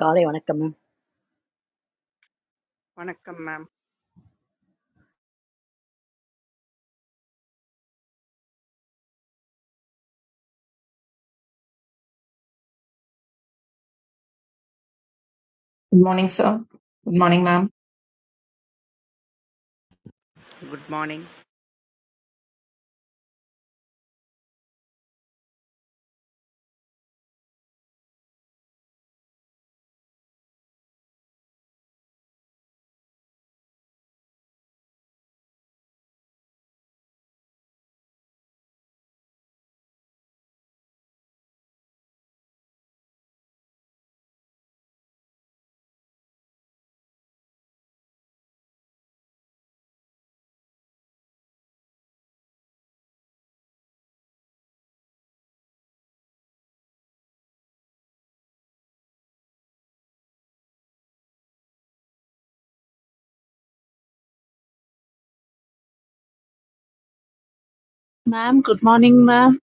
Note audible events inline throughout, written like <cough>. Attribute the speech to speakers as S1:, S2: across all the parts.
S1: Kaliywanekam,
S2: வணக்கம் ma'am
S3: Good morning, sir. Good morning, ma'am.
S2: Good morning
S4: ma'am good morning ma'am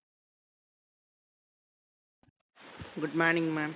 S2: good morning ma'am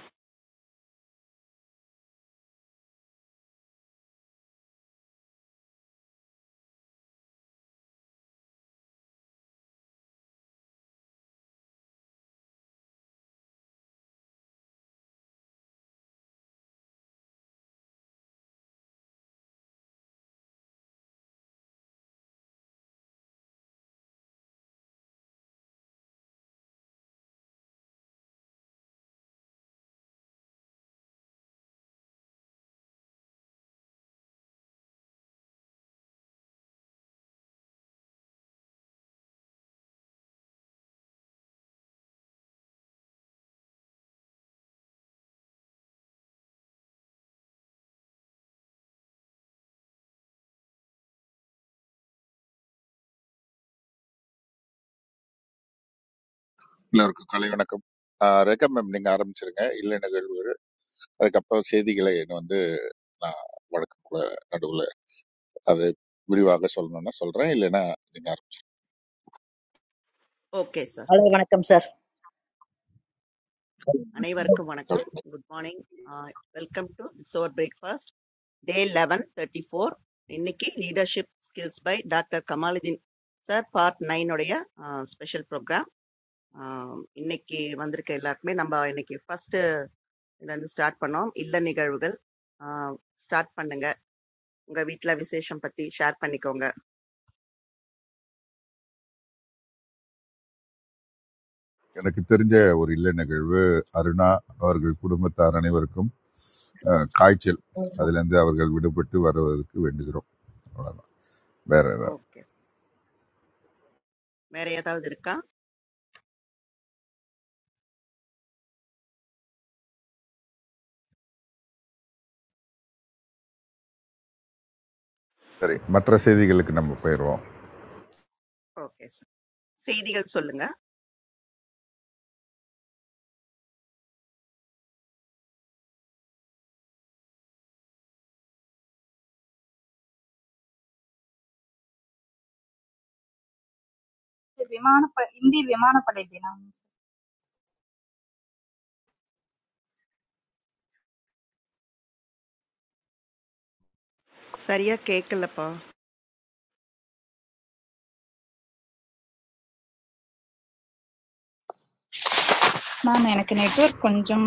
S5: எல்லோருக்கும் கலை வணக்கம் ஆஹ் Rekha ma'am நீங்க ஆரம்பிச்சிருங்க இல்லை நிகழ்வு அதுக்கப்புறம் செய்திகளை என்ன வந்து நான் வழக்கம் போல நடுவில் அது விரிவாக சொல்லணும்னா சொல்றேன் இல்லைன்னா நீங்க
S2: ஓகே சார்
S1: Alaywanekam, sir.
S2: அனைவருக்கும் வணக்கம்
S5: ஆரம்பிச்சு
S2: good morning welcome to store breakfast day eleven thirty four இன்னைக்கு leadership skills by doctor Kamaluddin sir part நைனுடைய ஸ்பெஷல் ப்ரோக்ராம் இன்னைக்கு வந்திருக்க எல்லாருக்குமே நம்ம இன்னைக்கு ஃபர்ஸ்ட் இதுலேருந்து ஸ்டார்ட் பண்ணோம் இல்ல நிகழ்வுகள் ஸ்டார்ட் பண்ணுங்க உங்க வீட்டில் விசேஷம் பத்தி ஷேர் பண்ணிக்கோங்க
S5: எனக்கு தெரிஞ்ச ஒரு இல்லை நிகழ்வு அருணா அவர்கள் குடும்பத்தார் அனைவருக்கும்
S6: Yes.
S5: அஹ், காய்ச்சல் அதிலிருந்து அவர்கள் விடுபட்டு வருவதற்கு வேண்டுகிறோம் அவ்வளவுதான் வேற ஏதாவது
S2: ஓகே வேற ஏதாவது இருக்கா
S5: சரி மற்ற செய்திகளுக்கு நம்ம போயிடுவோம்
S2: ஓகே சார் செய்திகள் சொல்லுங்க
S7: விமானப்ப இந்திய விமானப்படை தினம்
S2: சரியா கேட்கலப்பா.
S7: மேம் எனக்கு நெட்வொர்க் கொஞ்சம்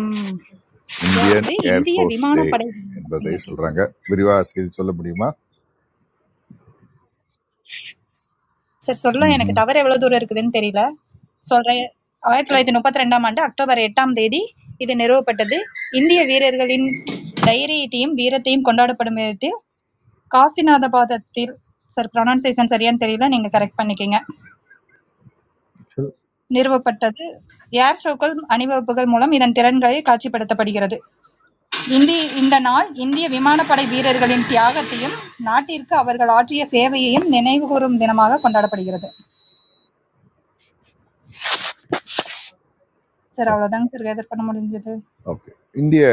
S7: இதா
S5: இந்தியன்
S7: இருக்குது இந்திய
S5: ஏர்ஃபோர்ஸ் டே
S7: விமானப்படை தினம்
S5: என்பதை
S7: இன்னைக்கு
S5: சொல்றாங்க விரிவாக செய்தி சொல்ல முடியுமா
S7: சார் சொல்ல எனக்கு
S5: ம்ஹும்.
S7: டவர் எவ்வளவு தூரம் இருக்குதுன்னு தெரியல சொல்றேன் ஆயிரத்தி தொள்ளாயிரத்தி முப்பத்தி ரெண்டாம் ஆண்டு அக்டோபர் எட்டாம் தேதி இது நிறுவப்பட்டது இந்திய வீரர்களின் தைரியத்தையும் வீரத்தையும் கொண்டாடப்படும் விதத்தில் காசிநாதபாதத்தில் சார் ப்ரொனன்சியேஷன் சரியான்னு தெரியல நீங்க கரெக்ட் பண்ணிக்கங்க
S5: சொல்
S7: நிறுவப்பட்டது ஏர் ஷோக்கள் அணிவகுப்புகள் மூலம் இதன் திறன்களை காட்சிப்படுத்தப்படுகிறது இந்திய இந்த நாள் இந்திய விமானப்படை வீரர்களின் தியாகத்தையும், நாட்டிற்கு அவர்கள் ஆற்றிய சேவையையும் நினைவுகூரும் தினமாகக் கொண்டாடப்படுகிறது. சார் அவ்வளவுதாங்க சார் கேதர் பண்ண முடிஞ்சது.
S5: ஓகே இந்திய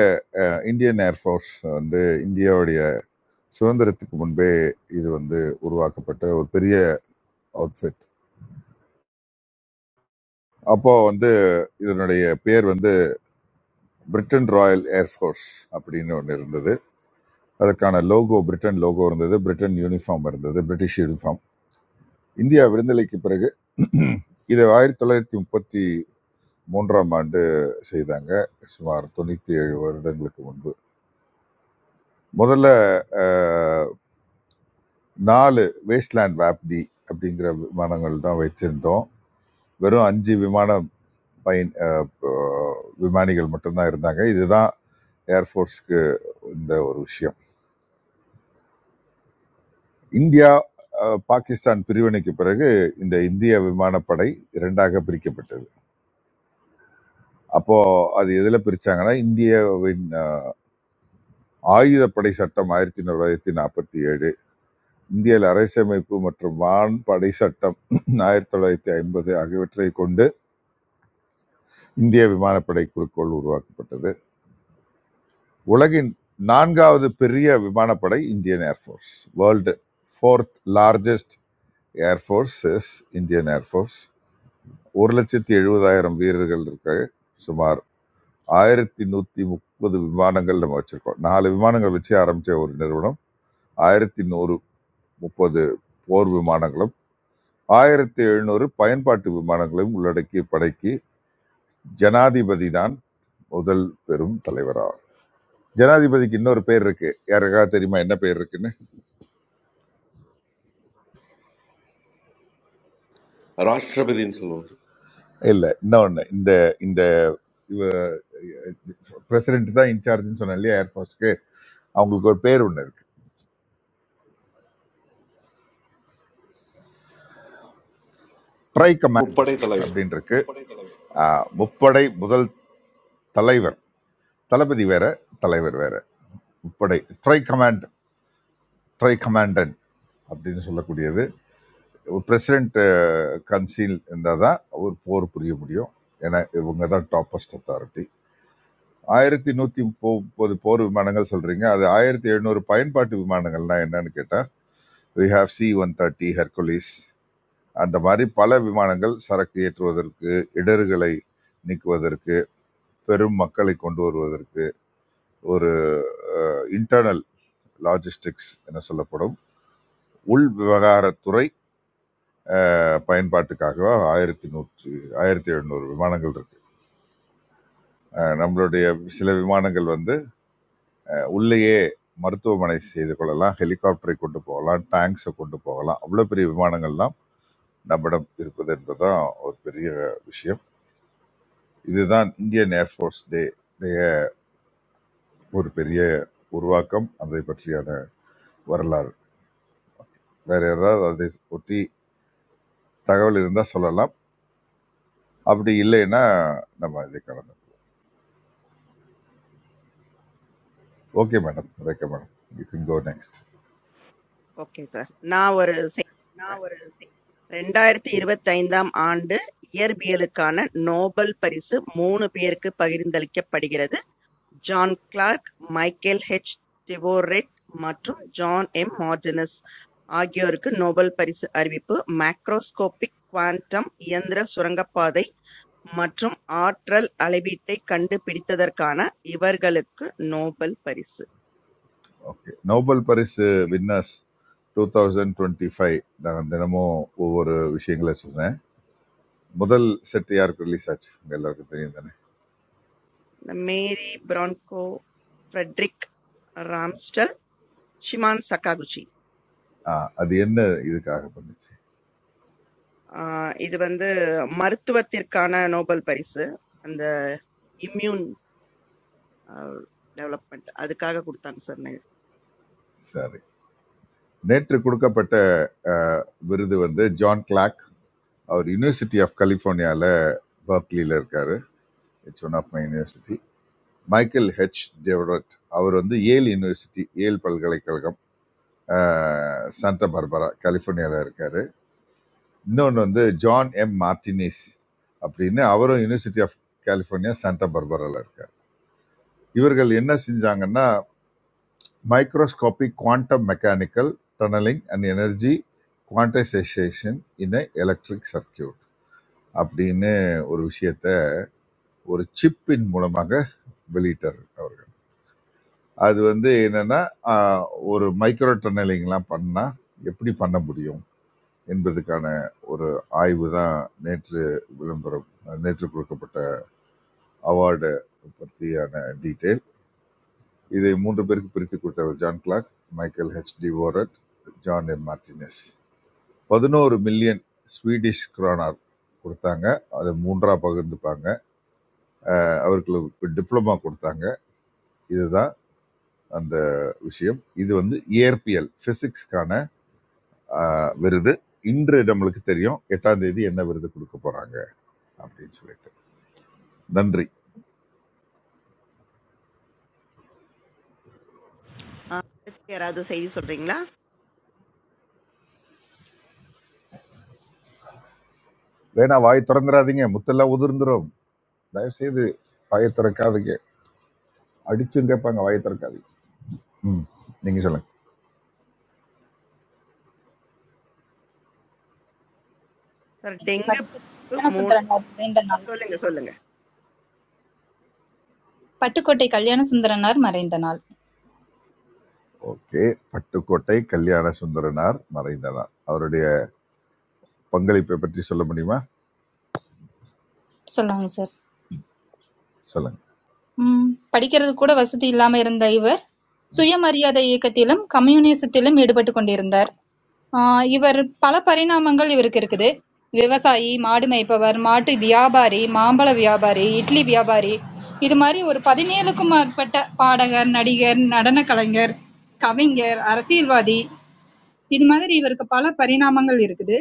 S5: இந்தியன் ஏர்ஃபோர்ஸ் வந்து இந்தியாவுடைய சுதந்திரத்துக்கு முன்பே இது வந்து உருவாக்கப்பட்ட ஒரு பெரிய அவுட்ஃபிட் அப்போ வந்து இதனுடைய பேர் வந்து பிரிட்டன் ராயல் ஏர்ஃபோர்ஸ் அப்படின்னு ஒன்று இருந்தது அதற்கான லோகோ பிரிட்டன் லோகோ இருந்தது பிரிட்டன் யூனிஃபார்ம் இருந்தது பிரிட்டிஷ் யூனிஃபார்ம் இந்தியா விடுதலைக்கு பிறகு இதை ஆயிரத்தி தொள்ளாயிரத்தி முப்பத்தி மூன்றாம் ஆண்டு செய்தாங்க சுமார் தொண்ணூத்தி ஏழு வருடங்களுக்கு முன்பு முதல்ல அஹ், நாலு வேஸ்ட்லேண்ட் வேப்டி அப்படிங்கிற விமானங்கள் தான் வச்சிருந்தோம் வெறும் அஞ்சு விமான பயன் அஹ், அஹ், விமானிகள் மட்டும்தான் இருந்தாங்க இதுதான் ஏர்ஃபோர்ஸ்க்கு இந்த ஒரு விஷயம் இந்தியா அஹ், பாகிஸ்தான் பிரிவினைக்கு பிறகு இந்த இந்திய விமானப்படை இரண்டாக பிரிக்கப்பட்டது அப்போ அது எதுல பிரிச்சாங்கன்னா இந்தியாவின் அஹ், ஆயுதப்படை சட்டம் ஆயிரத்தி தொள்ளாயிரத்தி நாற்பத்தி ஏழு இந்தியல் அரசமைப்பு மற்றும் வான் படை சட்டம் ஆயிரத்தி தொள்ளாயிரத்தி ஐம்பது ஆகியவற்றை கொண்டு இந்திய விமானப்படை குறிக்கோள் உருவாக்கப்பட்டது உலகின் நான்காவது பெரிய விமானப்படை Indian air force world fourth largest air force is Indian air force ஒரு லட்சத்தி எழுபதாயிரம் வீரர்கள் இருக்காங்க சுமார் ஆயிரத்தி நூற்றி முப்பது விமானங்கள் நம்ம வச்சுருக்கோம் நாலு விமானங்கள் வச்சு ஆரம்பித்த ஒரு நிறுவனம் ஆயிரத்தி நூறு முப்பது போர் விமானங்களும் ஆயிரத்தி எழுநூறு பயன்பாட்டு விமானங்களையும் உள்ளடக்கிய படைக்கு ஜனாதிபதி தான் முதல் பெரும் தலைவராகும் ஜனாதிபதிக்கு இன்னொரு பேர் இருக்கு யாருக்காவது தெரியுமா என்ன பேர் இருக்கு
S8: ராஷ்டிரபதின்னு சொல்லுவார்
S5: இல்ல இன்னொன்னு இந்த இந்த பிரசிடென்ட் தான் இன்சார்ஜ்னு சொன்னேன் இல்லையா ஏர்ஃபோர்ஸ்க்கு அவங்களுக்கு ஒரு பேர் ஒன்று இருக்கு ட்ரை கமாண்ட்
S8: முப்படை தலைவர்
S5: அப்படின்னு இருக்கு ஆஹ், முப்படை முதல் தலைவர் தளபதி வேற தலைவர் வேற முப்படை ட்ரை கமாண்ட் ட்ரை கமாண்டன்ட் அப்படின்னு சொல்லக்கூடியது ஒரு பிரசிடென்ட் கன்சீல் இருந்தால் தான் ஒரு போர் புரிய முடியும் ஏன்னா இவங்க தான் டாப்பஸ்ட் அத்தாரிட்டி ஆயிரத்தி நூற்றி முப்பது போர் விமானங்கள் சொல்கிறீங்க அது ஆயிரத்தி எழுநூறு பயன்பாட்டு விமானங்கள்லாம் என்னன்னு கேட்டால் we have C one thirty Hercules அந்த மாதிரி பல விமானங்கள் சரக்கு ஏற்றுவதற்கு இடர்களை நீக்குவதற்கு பெரும் மக்களை கொண்டு வருவதற்கு ஒரு இன்டர்னல் லாஜிஸ்டிக்ஸ் என சொல்லப்படும் உள் விவகாரத்துறை அஹ், பயன்பாட்டுக்காக ஆயிரத்தி நூற்றி ஆயிரத்தி எழுநூறு விமானங்கள் இருக்கு அஹ், நம்மளுடைய சில விமானங்கள் வந்து உள்ளேயே மருத்துவமனை செய்து கொள்ளலாம் ஹெலிகாப்டரை கொண்டு போகலாம் டேங்க்ஸை கொண்டு போகலாம் அவ்வளோ பெரிய விமானங்கள்லாம் நம்மிடம் இருப்பது என்பதுதான் ஒரு பெரிய விஷயம் இதுதான் இந்தியன் ஏர்ஃபோர்ஸ் டே ஒரு பெரிய உருவாக்கம் அதை பற்றியான வரலாறு வேற யாராவது அதை ஒட்டி தகவல் இருந்தால் சொல்லலாம் அப்படி இல்லைன்னா நம்ம இதை கடந்தோம் okay madam Rekha madam you can go next
S2: okay sir. நான் ஒரு செய்தி சொல்றேன். 2025ஆம் ஆண்டு இயற்பியலுக்கான நோபல் பரிசு 3 பேருக்கு பகிர்ந்தளிக்கப்படுகிறது. John Clarke, Michael H. Devoret மற்றும் ஜான் எம். மார்டினஸ் ஆகியோருக்கு நோபல் பரிசு அறிவிப்பு மேக்ரோஸ்கோபிக் குவாண்டம் இயந்திர சுரங்கப்பாதை மற்றும் ஆற்றல் அளவீட்டைக் கண்டுபிடித்ததற்கான இவர்களுக்கு நோபல் பரிசு.
S5: ஓகே நோபல் பரிசு winners two thousand twenty five நான் தினமும் ஒவ்வொரு விஷயங்களை சொன்னேன் முதல் செட் யாருக்கு ரிலீஸ் ஆச்சு உங்க எல்லாருக்கும் தெரியும் தானே
S2: மேரி பிரான்கோ, ஃபிரெடரிக் ராம்ஸ்டல், ஷிமான் சக்காகுச்சி.
S5: ஆ, அது என்ன இதுக்காக பண்ணுச்சு
S2: ஆ, இது வந்து மருத்துவத்திற்கான நோபல் பரிசு. அந்த இம்யூன் ஆ, டெவலப்மெண்ட் அதுக்காக கொடுத்தாங்க சார் நெ-
S5: சரி நேற்று கொடுக்கப்பட்ட அஹ், விருது வந்து ஜான் கிளாக் அவர் யுனிவர்சிட்டி ஆஃப் கலிஃபோர்னியால பர்க்லியில் இருக்காரு it's one of my university Michael H Devoret அவர் வந்து ஏல் யுனிவர்சிட்டி ஏல் பல்கலைக்கழகம் அஹ், சாண்டா பார்பரா கலிஃபோர்னியாவில் இருக்காரு இன்னொன்று வந்து ஜான் எம் மார்டினிஸ் அப்படின்னு அவரும் யுனிவர்சிட்டி ஆஃப் கலிஃபோர்னியா சாண்டா பார்பரால இருக்காரு இவர்கள் என்ன செஞ்சாங்கன்னா microscopic quantum mechanical tunneling and energy quantization in a electric circuit அப்படின்னு ஒரு விஷயத்த ஒரு சிப்பின் மூலமாக வெளியிட்டார் அவர்கள் அது வந்து என்னன்னா ஆஹ், ஒரு மைக்ரோ டன்னலிங்லாம் பண்ணா எப்படி பண்ண முடியும் என்பதற்கான ஒரு ஆய்வு தான் நேற்று விளம்பரம் நேற்று கொடுக்கப்பட்ட அவார்டு பற்றியான டீட்டெயில் இதை மூன்று பேருக்கு பிரித்து கொடுத்தவர் John Clarke Michael H Devoret John M Martinis பதினோரு மில்லியன் ஸ்வீடிஷ் கிரானார் கொடுத்தாங்க அதை மூன்றா பகிர்ந்துப்பாங்க அவர்களுக்கு டிப்ளமா கொடுத்தாங்க இதுதான் அந்த விஷயம் இது வந்து இயற்பியல் பிசிக்ஸ்க்கான விருது இன்று நம்மளுக்கு தெரியும் எட்டாம் தேதி என்ன விருது கொடுக்க போறாங்க அப்படின்னு சொல்லிட்டு நன்றி
S2: ஆ, அடுத்து யாராவது செய்தி சொல்றீங்களா
S5: வேணா வாய் திறந்துடாதீங்க முத்தெல்லாம் உதிர்ந்துரும் தயவு செய்து வாயை திறக்காதீங்க அடிச்சும் கேட்பாங்க வாயை திறக்காதீங்க ம் நீங்க சொல்லுங்க
S2: சார்
S7: இன்னைக்கு
S2: டெங்கு
S7: பட்டு
S2: பாதிப்பு
S7: கல்யாண
S2: மூணு
S7: சுந்தரனார் மறைந்த நாள்.
S2: சொல்லுங்க சொல்லுங்க
S7: பட்டுக்கோட்டை கல்யாண சுந்தரனார் மறைந்த நாள்.
S5: ஓகே பட்டுக்கோட்டை கல்யாண சுந்தரனார் மறைந்தனார் அவருடைய பங்களிப்பை பற்றி சொல்ல முடியுமா
S7: சொல்லாங்க சார்.
S5: சொல்லுங்க
S7: ம் படிக்கிறது கூட வசதி இல்லாம இருந்த இவர் சுயமரியாதை இயக்கத்திலும் கம்யூனிசத்திலும் ஈடுபட்டுக் கொண்டிருந்தார். ஆஹ் இவர் பல பரிணாமங்கள் இவருக்கு இருக்குது விவசாயி மாடு மேய்ப்பவர் மாட்டு வியாபாரி மாம்பழ வியாபாரி இட்லி வியாபாரி இது மாதிரி ஒரு பதினேழுக்கும் மேற்பட்ட பாடகர் நடிகர் நடன கலைஞர் கவிஞர் அரசியல்வாதி இது மாதிரி இவருக்கு பல பரிணாமங்கள் இருக்குது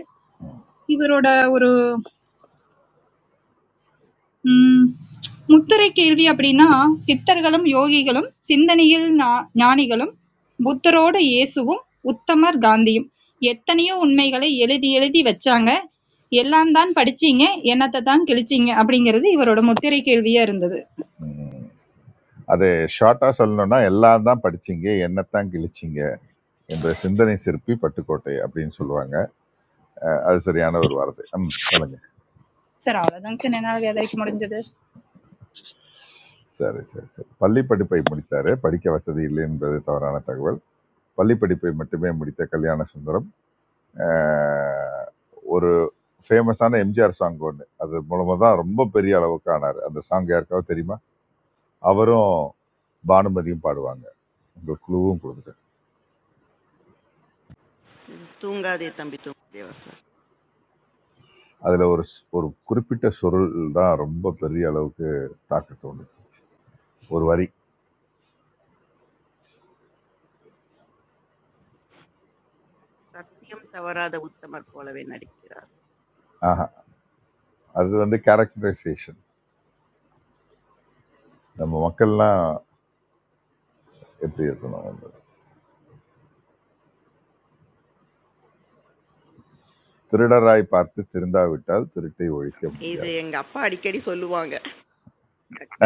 S7: இவரோட ஒரு ம். முத்திரை கேள்வி அப்படின்னா, சித்தர்களும், யோகிகளும், சிந்தனையில் ஞா ஞானிகளும், புத்தரோடு இயேசுவும், உத்தமர் காந்தியும். எத்தனையோ உண்மைகளை எழுதி எழுதி வச்சாங்க. எல்லாம் தான் படிச்சீங்க, என்னத்த தான் கிழிச்சீங்க அப்படிங்கிறது இவரோட முத்திரை கேள்வியா இருந்தது.
S5: ம். அது ஷார்ட்டா சொல்லணும்னா எல்லாம் தான் படிச்சீங்க என்னத்தான் கிழிச்சீங்க என்ற சிந்தனை சிற்பி பட்டுக்கோட்டை அப்படின்னு சொல்லுவாங்க அஹ் அது சரியான ஒரு வார்த்தை ம் சொல்லுங்க
S7: சார் அவ்வளவுதாங்க சார் என்னால விவரிக்க முடிஞ்சது.
S5: சரி சரி சரி பள்ளி படிப்பை முடித்தாரு படிக்க வசதி இல்லை என்பது தவறான தகவல் பள்ளி படிப்பை மட்டுமே முடித்த கல்யாண சுந்தரம் அஹ், ஒரு ஃபேமஸான எம்ஜிஆர் சாங் ஒன்று அது மூலமாக தான் ரொம்ப பெரிய அளவுக்கு ஆனார் அந்த சாங் யாருக்காவது தெரியுமா அவரும் பானுமதியும் பாடுவாங்க உங்களுக்கு குழுவும் கொடுத்துட்டேன்
S2: தூங்காதே தம்பி தூங்காதேவா சார்
S5: அதில் ஒரு ஸ்- ஒரு குறிப்பிட்ட சொருள் தான் ரொம்ப பெரிய அளவுக்கு தாக்கத்தை உண்டு ஒரு வரி
S2: சத்தியம் தவறாத உத்தமர் போலவே நடிக்கிறார்
S5: ஆஹா அது வந்து கேரக்டரைசேஷன் நம்ம மக்கள்லாம் எப்படி இருக்கணும் என்பது திருடராய் பார்த்து திருந்தாவிட்டால் திருட்டை ஒழிக்க
S2: இது
S5: முடியாது
S2: எங்க அப்பா அடிக்கடி சொல்லுவாங்க correct.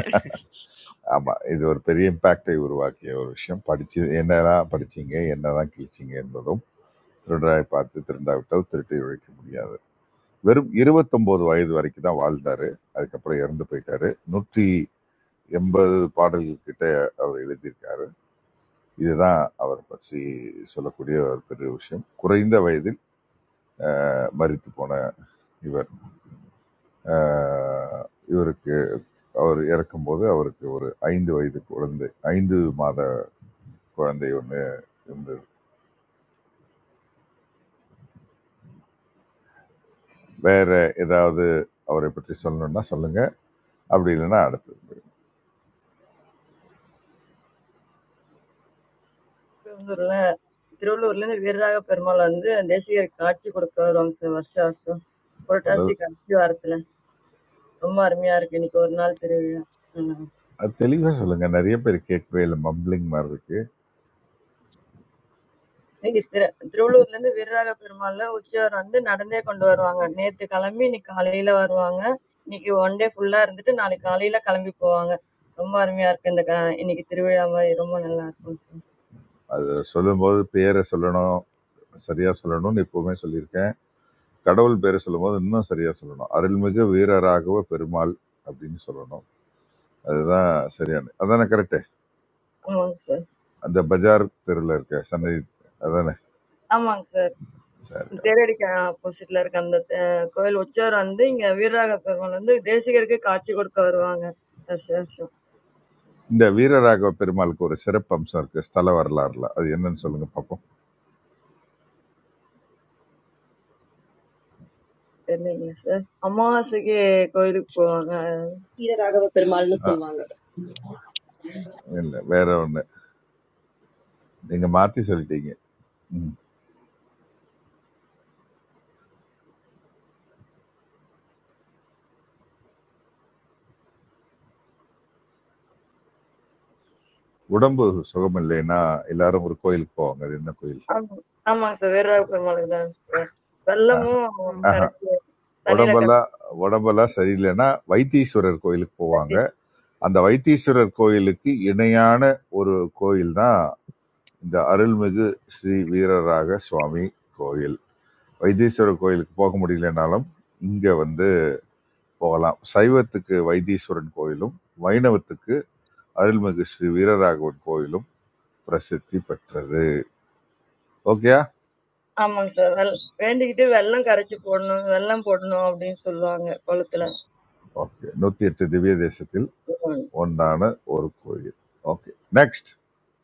S5: ஆமாம் இது ஒரு பெரிய இம்பேக்டை உருவாக்கிய ஒரு விஷயம் படிச்சு என்னதான் படிச்சீங்க என்னதான் கிழிச்சிங்க என்பதும் திருடராய் பார்த்து திருந்தாவிட்டால் திருட்டை ஒழிக்க முடியாது வெறும் 29 வயது வரைக்கும் தான் வாழ்ந்தாரு அதுக்கப்புறம் இறந்து போயிட்டாரு நூற்றி எண்பது பாடல்கள் கிட்ட அவர் எழுதியிருக்காரு இதுதான் அவர் பற்றி சொல்லக்கூடிய ஒரு பெரிய விஷயம் குறைந்த வயதில் அஹ், மரித்து போன இவர் அஹ், இவருக்கு அவர் இறக்கும்போது அவருக்கு ஒரு ஐந்து வயது குழந்தை ஐந்து மாத குழந்தை ஒன்று இருந்தது வேற ஏதாவது அவரை பற்றி சொல்லணும்னா சொல்லுங்க அப்படி இல்லைன்னா அடுத்தது
S6: So, that's why.
S5: முதல் அது தெளிவாக சொல்லுங்க நிறைய பேர் கேட்கவே இல்லை மம்பிளிங் மாதிரி இருக்கு அது சொல்லும்போது பேரை சொல்லணும் சரியா சொல்லணும்னு எப்பவுமே சொல்லியிருக்கேன் கடவுள் பேரை சொல்லும்போது இன்னும் சரியா சொல்லணும் அருள்மிகு வீரராகவ பெருமாள் அப்படின்னு சொல்லணும் அதுதான் சரியான அதானே கரெக்டு அந்த பஜார் தெருவில் இருக்க சன்னதி அதானே சரி okay.
S6: Tera di kya apu sitler kandhte koi locha randing ya virra kapan mande deshi ke katchi koit karvaanga asha asha
S5: இந்த வீரராகவ பெருமாளுக்கு ஒரு சிறப்பு அம்சம் இருக்கு ஸ்தல வரலாறுல அது என்னன்னு சொல்லுங்க பார்ப்போம்
S6: teriye asha amma se ke koi lo koit
S9: Raghava Perumalnu
S5: ஆ,
S9: சொல்லுவாங்க.
S5: இல்ல வேற ஒண்ணு நீங்க மாத்தி சொல்லிட்டீங்க ம். உடம்பு சுகம் இல்லைன்னா எல்லாரும் ஒரு கோயிலுக்கு போவாங்க அது என்ன கோயில்
S6: amam se virra kapan lekhaan
S5: ஆஹ்,
S6: bhalmo
S10: ஆ.
S5: ஆஹா.
S6: karachi tanila
S5: உடம்பெல்லாம் உடம்பெல்லாம் சரியில்லைன்னா வைத்தீஸ்வரர் கோயிலுக்கு போவாங்க
S6: karachi
S5: அந்த வைத்தீஸ்வரர் கோயிலுக்கு இணையான ஒரு கோயில் தான் இந்த அருள்மிகு ஸ்ரீ வீரராக சுவாமி கோயில் வைத்தீஸ்வரர் கோயிலுக்கு போக முடியலனாலும் இங்க வந்து போகலாம் சைவத்துக்கு வைத்தீஸ்வரன் கோயிலும் வைணவத்துக்கு அருள்மிகு ஸ்ரீ வீரராகவன் கோயிலும் பிரசித்தி பெற்றது ஓகேயா
S6: amam se well when dekhi bhalmo karachi pordan bhalmo pordan apnein suluanga kalutla
S5: okay நூத்தி எட்டு திவ்ய தேசத்தில் ஒன்றான ஒரு கோயில் okay next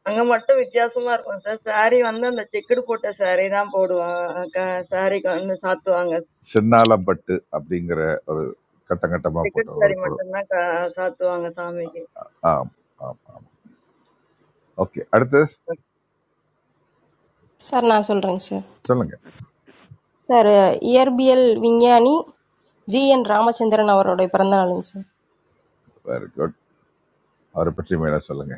S6: anga matto vidyasumar kosa saari andam da chekud pote saari naam pordu ka saari ka saato angas.
S5: Chinnalampattu அப்படிங்கிற ஒரு கட்டம் கட்டமா போட்ட ஒரு
S6: Secretary
S5: படம்
S6: Martin, na ka sa tuangan sa among.
S5: ஆம் ஆம் ஓகே அடுத்து
S11: சார் நான் சொல்கிறேங்க சார்
S5: சொல்லுங்க
S11: சார் இயற்பியல் விஞ்ஞானி ஜிஎன் ராமச்சந்திரன் அவருடைய பிறந்த நாளுங்க சார்
S5: வெரி குட் அவரை பற்றி மேலே சொல்லுங்க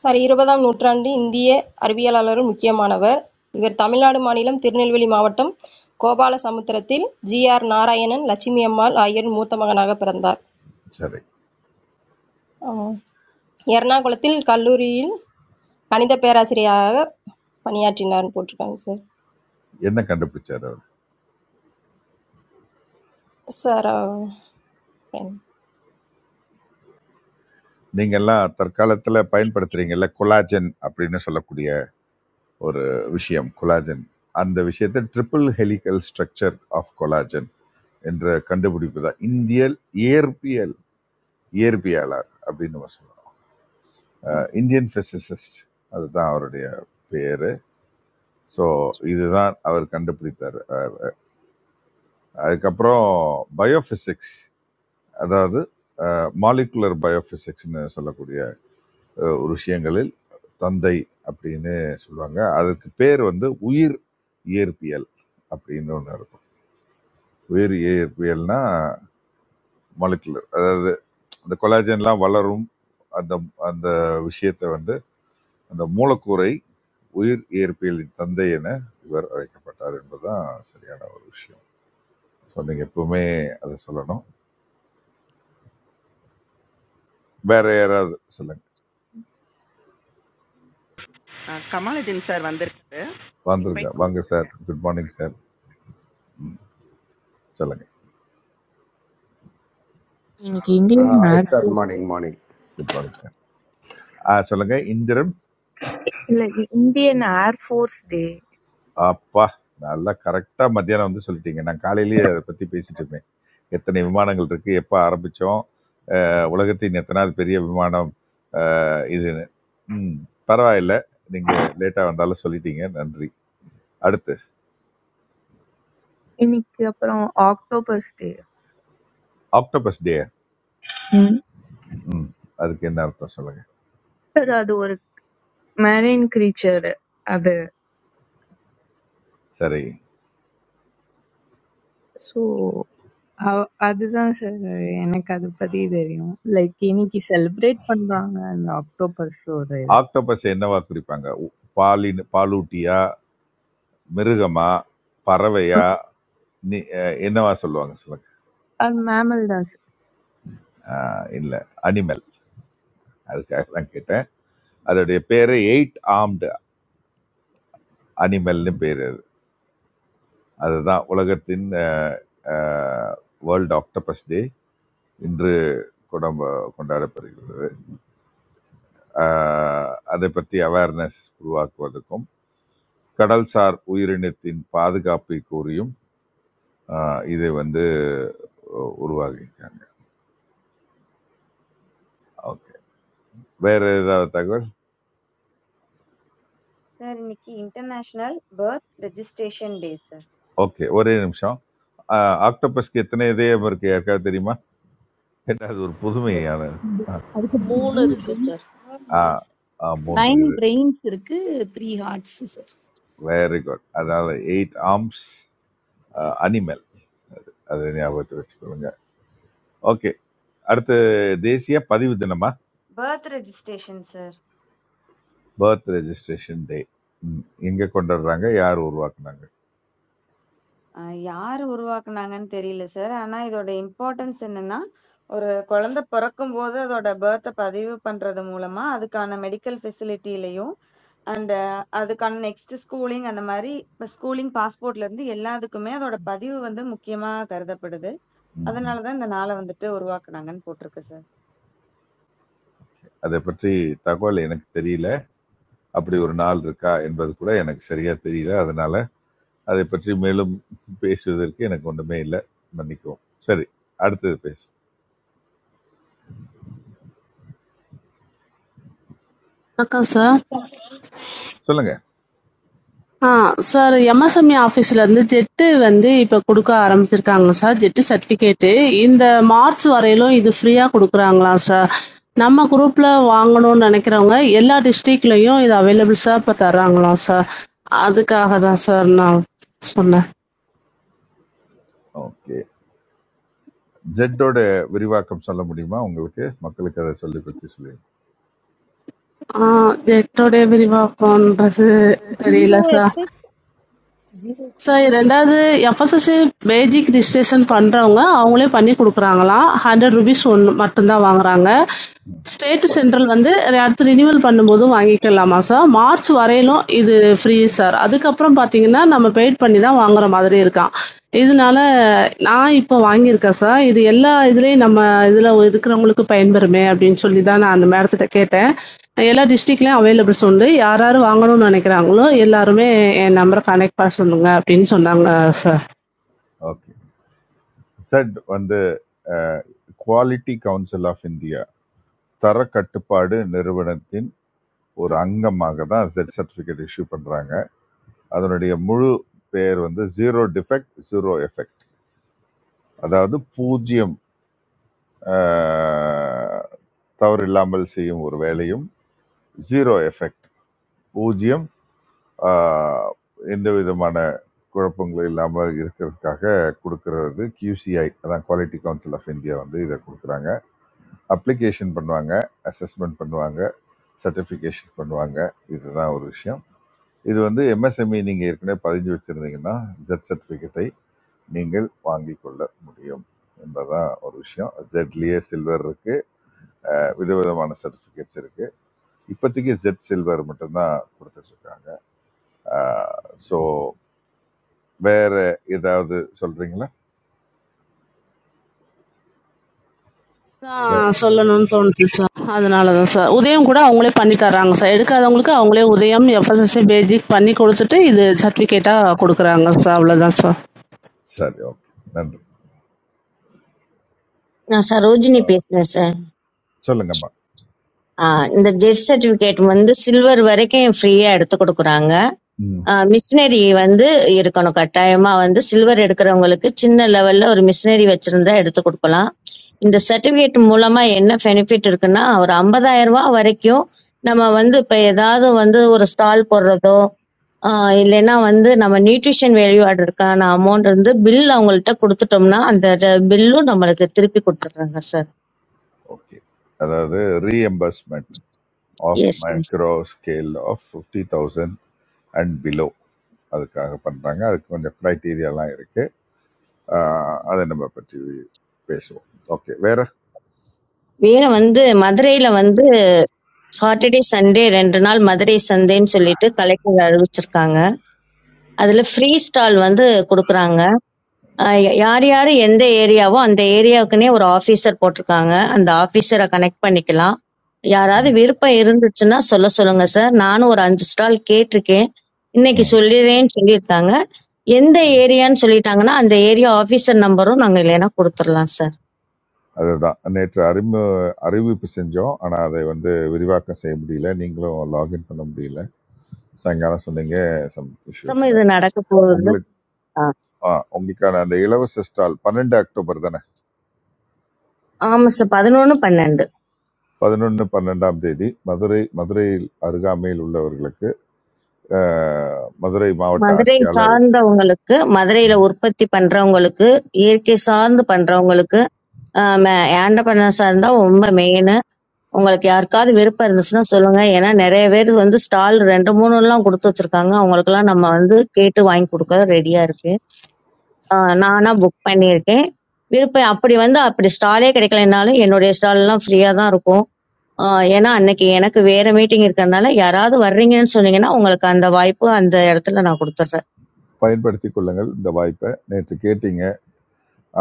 S11: சார் இருபதாம் நூற்றாண்டு இந்திய அறிவியலாளரும் முக்கியமானவர் இவர் தமிழ்நாடு மாநிலம் திருநெல்வேலி மாவட்டம் கோபாலசமுத்திரத்தில் ஜிஆர் நாராயணன் லட்சுமி அம்மாள் ஆகியோர் மூத்த மகனாக பிறந்தார்
S5: சரி
S11: ஆம். எர்ணாகுளத்தில் கல்லூரியில் கணித பேராசிரியராக பணியாற்றினார்னு போட்டிருக்காங்க சார்
S5: என்ன கண்டுபிடிச்சார் அவர்
S11: சார் ஆ,
S5: நீங்க எல்லாம் தற்காலத்துல பயன்படுத்துறீங்கல்ல கொலாஜன் அப்படின்னு சொல்லக்கூடிய ஒரு விஷயம் கொலாஜன் அந்த விஷயத்தை triple helical structure of collagen என்ற கண்டுபிடிப்பு தான் இந்தியல் இயற்பியல் இயற்பியலார் அப்படின்னு நம்ம சொல்லலாம் அஹ் இந்தியன் பிசிசிஸ்ட் அதுதான் அவருடைய பேரு ஸோ இதுதான் அவர் கண்டுபிடித்தார் அஹ் அதுக்கப்புறம் பயோபிசிக்ஸ் அதாவது மாலிகுலர் பயோபிசிக்ஸ்னு சொல்லக்கூடிய அஹ், ஒரு விஷயங்களில் தந்தை அப்படின்னு சொல்லுவாங்க அதுக்கு பேர் வந்து உயிர் இயற்பியல் அப்படின்னு ஒன்று இருக்கும் உயிர் இயற்பியல்னா மாலிகுலர் அதாவது அந்த கொலாஜன்லாம் வளரும் அந்த அந்த விஷயத்தை வந்து அந்த மூலக்கூறை உயிர் இயற்பியலின் தந்தை என இவர் அழைக்கப்பட்டார் என்பதுதான் சரியான ஒரு விஷயம் ஸோ நீங்கள் எப்பவுமே அதை சொல்லணும் வேற யாராவது சொல்லுங்க
S2: ஆ, கமாலுதீன் சார் வந்திருக்காரு
S5: வந்துருங்க
S2: இன்வைட்
S5: வாங்க சார்
S2: கொடுத்துருக்கேன்
S5: குட் மார்னிங் சார் சொல்லுங்க
S10: இன்னைக்கு Indian
S12: Uh,
S10: air
S12: it's that
S10: force day.
S12: morning, morning.
S5: Good morning sir ஆ சொல்லுங்க இந்திரன்
S10: இல்ல இ இந்தியன் ஏர் ஃபோர்ஸ் டே
S5: அப்பா! நல்லா கரெக்ட்டா மத்தியானம் வந்து சொல்லிட்டீங்க. நான் காலையிலேயே அத பத்தி பேசிட்டோமே. எத்தனை விமானங்கள் இருக்கு, எப்ப ஆரம்பிச்சோம், அ உலகத்தின் எத்தனாவது பெரிய விமானம் அ இதுன்னு. ம். பரவாயில்ல. நீங்க லேட்டா வந்தாலும் சொல்லிட்டீங்க. நன்றி. அடுத்து,
S10: இன்னைக்கு அப்புறம் ஆக்டோபஸ் டே
S5: ஆக்டோபஸ் டே.
S10: ம்.
S5: ம். அதுக்கு என்ன அர்த்தம் சொல்லுங்க.
S10: சார் அது ஒரு மெரைன் கிரீச்சர் அது
S5: சரி.
S10: ஸோ அதுதான் சார் எனக்கு அது பத்தி தெரியும் லைக் இன்னைக்கு செலிப்ரேட் பண்றாங்க அந்த அக்டோபஸோட இது
S5: ஆக்டோபஸ் என்னவா குறிப்பாங்க? உ பாலின் பாலூட்டியா? மிருகமா? பறவையா? நி அ என்னவா சொல்லுவாங்க சொல்லுங்க.
S10: அது மேமல் தான்
S5: ஆ இல்ல. அனிமல். அதுக்காக தான் கேட்டேன். அதோடைய பேரு எயிட் ஆர்ம்டு. அனிமல்னு பேர் அது அதுதான் உலகத்தின் வேர்ல்ட் ஆக்டோபஸ் டே இன்று கொடம்ப கொண்டாடப்படுகிறது அஹ், அதை பற்றி அவேர்னஸ் உருவாக்குவதற்கும் கடல்சார் உயிரினத்தின் பாதுகாப்பை கூறியும் அஹ், இதை வந்து உ- உருவாக்கியிருக்காங்க ஓகே வேற ஏதாவது தகவல்
S13: சார் இன்னைக்கு international birth registration day sir
S5: okay ஒரே நிமிஷம் அஹ், ஆக்டோபஸ்க்கு எத்தனை இதயம் இருக்கு யாருக்காவது தெரியுமா அது ஒரு புதுமையான
S14: More like sir.
S13: மூணு
S5: ஆ,
S13: மூணு சார்
S5: ஆ, மூன்று
S15: Nine
S5: இது
S15: brains, sir. Three hearts, sir.
S5: Very good அதாவது எயிட் ஆர்ம்ஸ் அனிமல். அதை ஞாபகத்தை வச்சுக்கொள்ளுங்க ஓகே அடுத்து தேசிய பதிவு தினமா
S13: birth registration sir
S5: birth registration day எங்க கொண்டாடுறாங்க யார் உருவாக்குனாங்க
S13: யார் உருவாக்குனாங்கன்னு தெரியல சார் ஆனா இதோட இம்பார்ட்டன்ஸ் என்னன்னா ஒரு குழந்தை பிறக்கும் போது அதோட பர்த்தை பதிவு பண்றது மூலமா அதுக்கான மெடிக்கல் ஃபெசிலிட்டிலையும் அண்ட் அதுக்கான நெக்ஸ்ட் ஸ்கூலிங் அந்த மாதிரி ஸ்கூலிங் பாஸ்போர்ட்ல இருந்து எல்லாத்துக்குமே அதோட பதிவு வந்து முக்கியமா கருதப்படுது
S5: ம்.
S13: அதனாலதான் இந்த நாளை வந்துட்டு உருவாக்குனாங்கன்னு போட்டிருக்கு சார்.
S5: அதை பற்றி தகவல் எனக்கு தெரியல அப்படி ஒரு நாள் இருக்கா என்பது கூட எனக்கு சரியா தெரியல அதனால அதை பற்றி மேலும் பேசுவதற்கு எனக்கு ஒண்ணுமே இல்லை மன்னிக்கவும் சரி அடுத்தது பேசு
S4: வணக்கம் சார்
S5: சொல்லுங்க
S4: ஆ சார் எம்எஸ்எம்இ ஆஃபீஸ்லேருந்து ஜெட்டு வந்து இப்போ கொடுக்க ஆரம்பிச்சிருக்காங்க சார் ஜெட்டு சர்டிஃபிகேட்டு இந்த மார்ச் வரையிலும் இது ஃப்ரீயாக கொடுக்குறாங்களாம் சார் நம்ம குரூப்பில் வாங்கணும்னு நினைக்கிறவங்க எல்லா டிஸ்ட்ரிக்ட்லேயும் இது அவைலபிள் சார் இப்போ தர்றாங்களாம் சார் அதுக்காக தான் சார் நான் சொன்னேன்
S5: ஓகே ஜெட்டோட விரிவாக்கம் சொல்ல முடியுமா உங்களுக்கு மக்களுக்கு அதை சொல்லி பற்றி சொல்லி
S4: ஆ ஜெட்டோடைய விரிவாக்கம்ன்றது தெரியல
S15: Zero
S4: சார்
S15: F.
S4: சார் 2வது எஃப்எஸ்எஸ்சி பேஜிக் ரிஜிஸ்ட்ரேஷன் பண்றவங்க, அவங்களே பண்ணி குடுக்குறாங்களாம். ₹100 ஒண்ணு மட்டும் தான் வாங்குறாங்க. ஸ்டேட் சென்ட்ரல் வந்து ரி- அடுத்து ரினிவல் பண்ணும்போது வாங்கிக்கலாமா சார்? மார்ச் வரையிலும் இது ஃப்ரீ சார். அதுக்கப்புறம் பார்த்தீங்கன்னா, நம்ம பெய்ட் பண்ணி தான் வாங்குற மாதிரி இருக்காம். இதனால நான் இப்போ வாங்கியிருக்கேன் சார். இது எல்லா இதுலயும் நம்ம இதுல இருக்கிறவங்களுக்கு பயன்பெறுமே அப்படின்னு சொல்லி தான் நான் அந்த மேடத்திட்ட கேட்டேன். எல்லா டிஸ்ட்ரிக்ட்லயும் அவைலபிள்ஸ் உண்டு. யார் யார் வாங்கணும்னு நெனைக்கிறாங்களோ, எல்லாருமே என் நம்பர கனெக்ட் பண்ண சொல்லுங்க அப்படின்னு சொன்னாங்க சார்.
S5: ஓகே ஜெட் வந்து குவாலிட்டி கவுன்சில் ஆஃப் இந்தியா தரக்கட்டுப்பாடு நிறுவனத்தின் ஒரு அங்கமாக தான் செட் சர்டிஃபிகேட் இஷ்யூ பண்றாங்க அதனுடைய முழு பெயர் வந்து ஜீரோ டிஃபெக்ட் ஜீரோ எஃபெக்ட் அதாவது பூஜ்ஜியம் ஆஹ், தவறு இல்லாமல் செய்யும் ஒரு வேலையும் ஜீரோ எஃபெக்ட் பூஜ்ஜியம் ஆஹ், எந்த விதமான குழப்பங்களும் இல்லாமல் இருக்கிறதுக்காக கொடுக்கறது QCI அதான் குவாலிட்டி கவுன்சில் ஆஃப் இந்தியா வந்து இதை கொடுக்குறாங்க அப்ளிகேஷன் பண்ணுவாங்க அசஸ்மெண்ட் பண்ணுவாங்க சர்டிஃபிகேஷன் பண்ணுவாங்க இதுதான் ஒரு விஷயம் இது வந்து எம்எஸ்எம்இ நீங்கள் ஏற்கனவே பதிஞ்சு வச்சுருந்தீங்கன்னா ஜெட் சர்டிஃபிகேட்டை நீங்கள் வாங்கிக் கொள்ள முடியும் என்பதுதான் ஒரு விஷயம் ஜெட்லேயே சில்வர் இருக்குது விதவிதமான சர்டிஃபிகேட்ஸ் இருக்குது இப்போதைக்கு ஜெட் சில்வர் மட்டும்தான் கொடுத்துட்ருக்காங்க ஸோ வேற ஏதாவது சொல்கிறீங்களா
S4: அதான் சொல்லணும்னு தோணுச்சு சார். அதனால தான் சார். உதயம் கூட அவங்களே பண்ணி தர்றாங்க சார். எடுக்காதவங்களுக்கு அவங்களே உதயம், எஃப்எஸ்எஸ்ஐ பேசிக் பண்ணி குடுத்துட்டு, இது சர்டிஃபிகேட்டா குடுக்குறாங்க சார். அவ்வளோதான் சார்.
S5: சரி ஓகே நன்றி
S16: நான் சரோஜினி
S5: அஹ்,
S16: பேசுறேன் சார்
S5: சொல்லுங்கம்மா
S16: ஆஹ் இந்த டெத் சர்டிபிகேட் வந்து சில்வர் வரைக்கும் ஃப்ரீயா எடுத்து கொடுக்குறாங்க
S5: ம்
S16: மிஷினரி வந்து இருக்கணும் கட்டாயமா வந்து சில்வர் எடுக்கிறவங்களுக்கு சின்ன லெவல்ல ஒரு மிஷினரி வச்சிருந்தா எடுத்து கொடுக்கலாம் இந்த சர்டிபிகேட் மூலமா என்ன பெனிஃபிட் இருக்குன்னா ஒரு 50000 ரூபாய் வரைக்கும் நம்ம வந்து இப்ப ஏதாவது வந்து ஒரு ஸ்டால் போடுறதோ ஆஹ் இல்லைன்னா வந்து நம்ம நியூட்ரிஷன் வேல்யூ ஆர்டருக்கான அமௌண்ட் வந்து பில் அவங்கள்ட்ட கொடுத்துட்டோம்னா அந்த பில்லும் நம்மளுக்கு திருப்பி கொடுத்துட்றாங்க சார்
S5: ஓகே அதாவது reimbursement of
S16: S
S5: micro scale of fifty thousand and below அதுக்காக பண்ணுறாங்க அதுக்கு கொஞ்சம் க்ரைட்டீரியாலாம் இருக்குது அதை நம்ம பற்றி பேசுவோம் ஓகே வேற
S16: வேற வந்து மதுரையில வந்து சாட்டர்டே சண்டே ரெண்டு நாள் மதுரை சந்தைன்னு சொல்லிட்டு கலெக்டர் அறிவிச்சிருக்காங்க அதுல ஃப்ரீ ஸ்டால் வந்து கொடுக்குறாங்க அஹ் யா- யார் யாரு எந்த ஏரியாவோ அந்த ஏரியாவுக்குன்னே ஒரு ஆபீசர் போட்டிருக்காங்க அந்த ஆபீசரை கனெக்ட் பண்ணிக்கலாம் யாராவது
S5: ம்
S16: விருப்பம் இருந்துச்சுன்னா சொல்ல சொல்லுங்க சார் நானும் ஒரு அஞ்சு ஸ்டால் கேட்டிருக்கேன் இன்னைக்கு
S5: ம்
S16: சொல்லிடுறேன்னு சொல்லியிருக்காங்க எந்த
S5: ம்.
S16: ஏரியான்னு சொல்லிட்டாங்கன்னா அந்த ஏரியா ஆபீசர் நம்பரும் நாங்க இல்லைன்னா கொடுத்துடலாம் சார்
S5: அதுதான் நேற்று அறிமு அறிவிப்பு செஞ்சோம் ஆனால் அதை வந்து விரிவாக்கம் செய்ய முடியல நீங்களும் லாகின் பண்ண முடியல சாயங்காலம் சொன்னீங்க சம்
S16: அப்புறமா
S5: இஷ்யூஸ்னு
S16: இது நடக்க போகுது
S5: உங்களுக்கு
S16: ஆ.
S5: ஆ உங்களுக்கான அந்த இலவச ஸ்டால் பன்னெண்டு அக்டோபர் தானே
S16: ஆமா சார் பதினொன்னு பன்னெண்டு
S5: பதினொன்று பன்னெண்டாம் தேதி மதுரை மதுரையில் அருகாமையில் உள்ளவர்களுக்கு ஆஹ், மதுரை மாவட்ட
S16: மதுரை
S5: ஆட்சியாளர்
S16: சார்ந்தவங்களுக்கு மதுரையில உற்பத்தி பண்றவங்களுக்கு இயற்கை சார்ந்து பண்றவங்களுக்கு ஆஹ் ம- ஆண்டபனார் சார் தான் ரொம்ப மெயின் உங்களுக்கு யாருக்காவது விருப்பம் இருந்துச்சுன்னா சொல்லுங்க ஏன்னா நிறைய பேர் வந்து ஸ்டால் ரெண்டு மூணு எல்லாம் கொடுத்து வச்சிருக்காங்க அவங்களுக்கு எல்லாம் நம்ம வந்து கேட்டு வாங்கி கொடுக்க ரெடியா இருக்கு ஆஹ் நானா புக் பண்ணியிருக்கேன் விருப்பம் அப்படி வந்து அப்படி ஸ்டாலே கிடைக்கலனாலும் என்னுடைய ஸ்டால் எல்லாம் ஃப்ரீயா தான் இருக்கும் ஆஹ் ஏன்னா அன்னைக்கு எனக்கு வேற மீட்டிங் இருக்கறனால யாராவது வர்றீங்கன்னு சொன்னீங்கன்னா உங்களுக்கு அந்த வாய்ப்பு அந்த இடத்துல நான் கொடுத்துட்றேன்
S5: பயன்படுத்தி கொள்ளுங்கள் இந்த வாய்ப்பை நேற்று கேட்டீங்க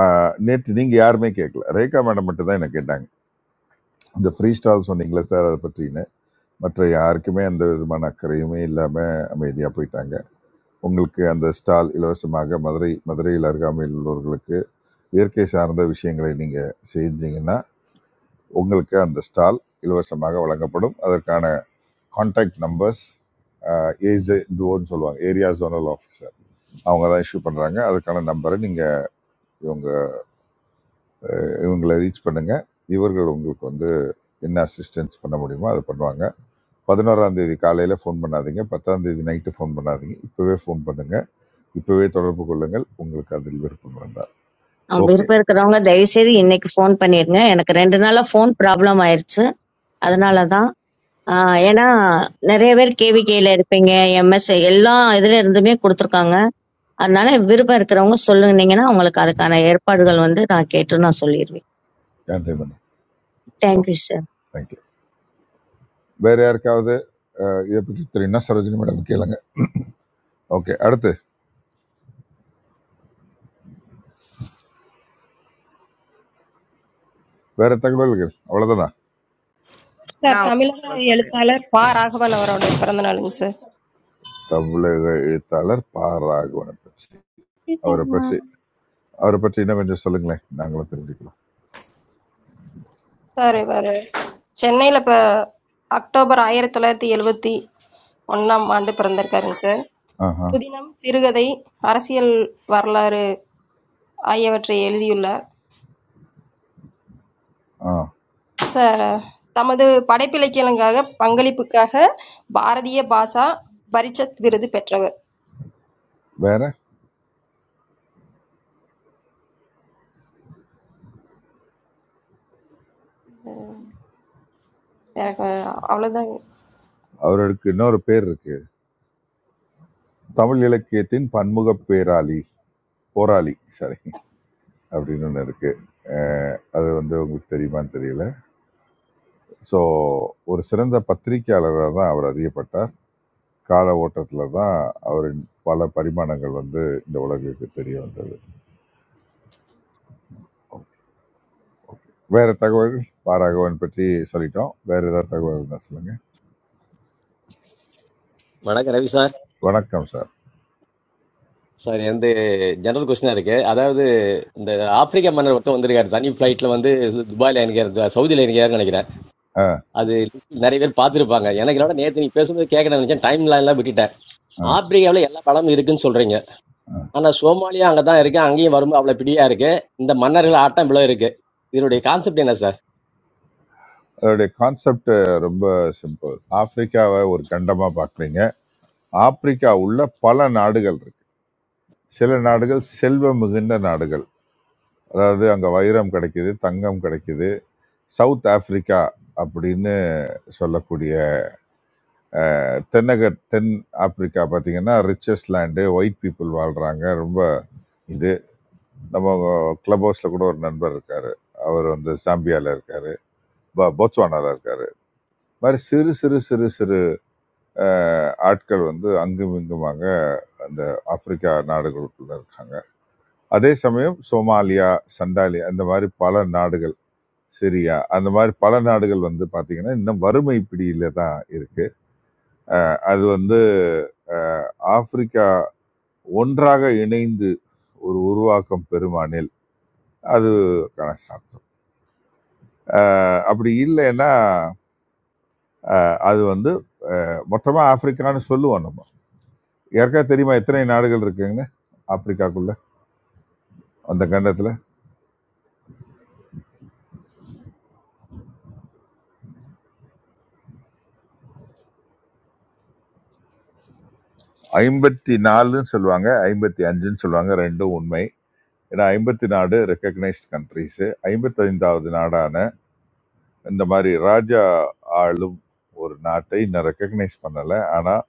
S5: ஆஹ் நேற்று நீங்கள் யாருமே கேட்கல ரேகா மேடம் மட்டும் தான் என்ன கேட்டாங்க இந்த ஃப்ரீ ஸ்டால் சொன்னீங்களே சார் அதை பற்றின மற்ற யாருக்குமே அந்த விதமான அக்கறையுமே இல்லாமல் அமைதியாக போயிட்டாங்க உங்களுக்கு அந்த ஸ்டால் இலவசமாக மதுரை மதுரையில் அருகாமையில் உள்ளவர்களுக்கு இயற்கை சார்ந்த விஷயங்களை நீங்கள் செஞ்சீங்கன்னா உங்களுக்கு அந்த ஸ்டால் இலவசமாக வழங்கப்படும் அதற்கான கான்டாக்ட் நம்பர்ஸ் ஏஜ் டோன்னு சொல்லுவாங்க ஏரியா ஜோனல் ஆஃபீஸர் அவங்க தான் இஷ்யூ பண்ணுறாங்க அதுக்கான நம்பரை நீங்கள் இவங்க இவங்களை ரீச் பண்ணுங்க இவர்கள் உங்களுக்கு வந்து என்ன அசிஸ்டன்ஸ் பண்ண முடியுமோ அதை பண்ணுவாங்க பதினோராம் தேதி காலையில் ஃபோன் பண்ணாதீங்க பத்தாம் தேதி நைட்டு ஃபோன் பண்ணாதீங்க இப்போவே ஃபோன் பண்ணுங்க இப்போவே தொடர்பு கொள்ளுங்கள் உங்களுக்கு அதில் விருப்பம் இருந்தால்
S16: அஹ்
S5: ஓகே
S16: விருப்பம் இருக்கிறவங்க தயவு செய்து இன்னைக்கு ஃபோன் பண்ணிருங்க எனக்கு ரெண்டு நாளா ஃபோன் ப்ராப்ளம் ஆயிருச்சு அதனாலதான் ஆஹ் ஏன்னா நிறைய பேர் கேவிகேல இருப்பீங்க எம்எஸ் எல்லா இதுல இருந்துமே கொடுத்துருக்காங்க அதனால விருப்பம் இருக்கிறவங்க சொல்லுனீங்கன்னா உங்களுக்கு அதுக்கான ஏற்பாடுகள் வந்து நான் கேட்டு நான் சொல்லிடுவேன்
S5: நன்றி madam
S16: thank you
S5: okay
S16: sir
S5: thank you வேற யாருக்காவது அஹ், இதை பற்றி தெரியும்னா சரோஜினி மேடம் கேளுங்க ஓகே அடுத்து வேற தகவல்கள் அவ்வளோதானா
S11: சார்
S2: நான் ஒரு
S11: தமிழக
S2: தகவல் சொல்றேன்
S11: எழுத்தாளர் பா ராகவன் அவருடைய பிறந்த நாளுங்க சார்
S5: தமிழக எழுத்தாளர் பா ராகவனை பற்றி அவரை
S11: சரிம்மா.
S5: பற்றி அவரை பற்றி இன்னும் கொஞ்சம் சொல்லுங்களேன் நாங்களும் தெரிஞ்சுக்கலாம்
S11: சார் இவர் சென்னையில் இப்போ அக்டோபர் ஆயிரத்தி தொள்ளாயிரத்தி எழுபத்தி ஒன்றாம் ஆண்டு பிறந்திருக்காருங்க சார்
S5: ஆஹா
S11: புதினம் சிறுகதை அரசியல் வரலாறு ஆகியவற்றை எழுதியுள்ளார்
S5: ஆ
S11: சார் தமது படைப்பிலக்கியங்களுக்காக பங்களிப்புக்காக பாரதிய பாஷா பரிஷத் விருது பெற்றவர்
S5: வேற
S11: எனக்கு அவ்வளோதான்
S5: அவருக்கு இன்னொரு பேர் இருக்கு தமிழ் இலக்கியத்தின் பன்முகப் பேராளி போராளி சாரி அப்படின்னு ஒன்று இருக்கு அஹ் அது வந்து உங்களுக்கு தெரியுமான்னு தெரியல ஸோ ஒரு சிறந்த பத்திரிகையாளராக தான் அவர் அறியப்பட்டார் கால ஓட்டத்தில் தான் அவரின் பல பரிமாணங்கள் வந்து இந்த உலகுக்கு தெரிய வந்தது வேற தகவல்கள் பாராகவன் பற்றி சொல்லிட்டோம் வேற ஏதாவது தகவல் இருந்தால் சொல்லுங்க
S17: வணக்கம் ரவி சார்
S5: வணக்கம் சார்
S17: சார் வந்து ஜெனரல் கொஸ்டினா இருக்கு அதாவது இந்த ஆப்பிரிக்க மன்னர் ஒருத்தர் வந்திருக்காரு தனி ஃபிளைட்ல வந்து துபாயில எனக்கு சவுதியில எனக்கு நினைக்கிறேன்
S5: ஆ
S17: அது நிறைய பேர் பார்த்திருப்பாங்க எனக்கு என்னோட நேத்து நீ பேசும்போது கேட்க நினைச்சேன் டைம் எல்லாம் விட்டுட்டேன்
S5: ஆ
S17: ஆப்பிரிக்காவில் எல்லா பழமும் இருக்குன்னு சொல்றீங்க ஆனா சோமாலியா அங்கதான் இருக்கு அங்கேயும் வரும்போது அவ்வளவு பிடியா இருக்கு இந்த மன்னர்கள் ஆட்டம் இவ்வளவு இருக்கு இதனுடைய கான்செப்ட் என்ன சார்
S5: அதோடைய கான்செப்ட் ரொம்ப சிம்பிள் ஆப்பிரிக்காவை ஒரு கண்டமா பாக்குறீங்க ஆப்பிரிக்கா உள்ள பல நாடுகள் சில நாடுகள் செல்வம் மிகுந்த நாடுகள் அதாவது அங்கே வைரம் கிடைக்குது தங்கம் கிடைக்குது சவுத் ஆப்பிரிக்கா அப்படின்னு சொல்லக்கூடிய தென்னக தென் ஆப்பிரிக்கா பார்த்தீங்கன்னா ரிச்சஸ் லேண்டு ஒயிட் பீப்புள் வாழ்கிறாங்க ரொம்ப இது நம்ம கிளப் ஹவுஸில் கூட ஒரு நண்பர் இருக்காரு அவர் வந்து சாம்பியாவில் இருக்காரு ப- போட்ஸ்வானால இருக்காரு இந்த மாதிரி சிறு சிறு சிறு சிறு அஹ், ஆட்கள் வந்து அங்கும் இங்குமாக அந்த ஆப்பிரிக்கா நாடுகளுக்குள்ள இருக்காங்க அதே சமயம் சோமாலியா சண்டாலியா இந்த மாதிரி பல நாடுகள் சரியா அந்த மாதிரி பல நாடுகள் வந்து பாத்தீங்கன்னா இன்னும் வறுமை பிடியில தான் இருக்கு அது வந்து அஹ், ஆப்பிரிக்கா ஒன்றாக இணைந்து ஒரு உருவாக்கம் பெருமானில் அது சாத்தியம் அஹ், அப்படி இல்லைன்னா அது வந்து மொத்தமா ஆப்பிரிக்கான்னு சொல்லுவோம் நம்ம யாருக்காவது தெரியுமா எத்தனை நாடுகள் இருக்குங்கன்னு ஆப்பிரிக்காக்குள்ள அந்த கண்டத்துல ஐம்பத்தி நாலுன்னு சொல்லுவாங்க ஐம்பத்தி அஞ்சுன்னு சொல்லுவாங்க ரெண்டும் உண்மை ஏன்னா ஐம்பத்தி நாடு ரெக்கக்னைஸ்ட் கண்ட்ரிஸ் ஐம்பத்தி ஐந்தாவது நாடான இந்த மாதிரி ராஜா ஆளும் ஒரு நாட்டை இன்னும் ரெக்கக்னைஸ் பண்ணலை ஆனால்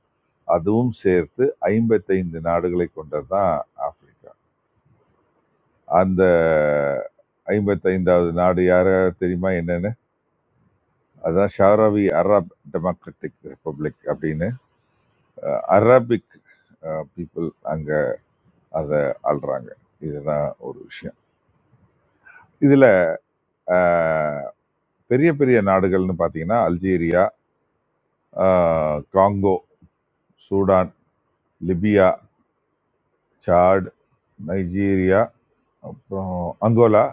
S5: அதுவும் சேர்த்து ஐம்பத்தைந்து நாடுகளை கொண்டது தான் ஆப்பிரிக்கா அந்த ஐம்பத்தைந்தாவது நாடு யார தெரியுமா என்னன்னு அதுதான் ஷாராவி அரப் டெமோக்ராட்டிக் ரிப்பப்ளிக் அப்படின்னு அரபிக் பீப்புள் அங்கே அதை ஆள்றாங்க இதுதான் ஒரு விஷயம் இதில் பெரிய பெரிய நாடுகள்னு பார்த்தீங்கன்னா அல்ஜீரியா ஆஹ் Congo Sudan Libya Chad Nigeria அப்புறம் அங்கோலா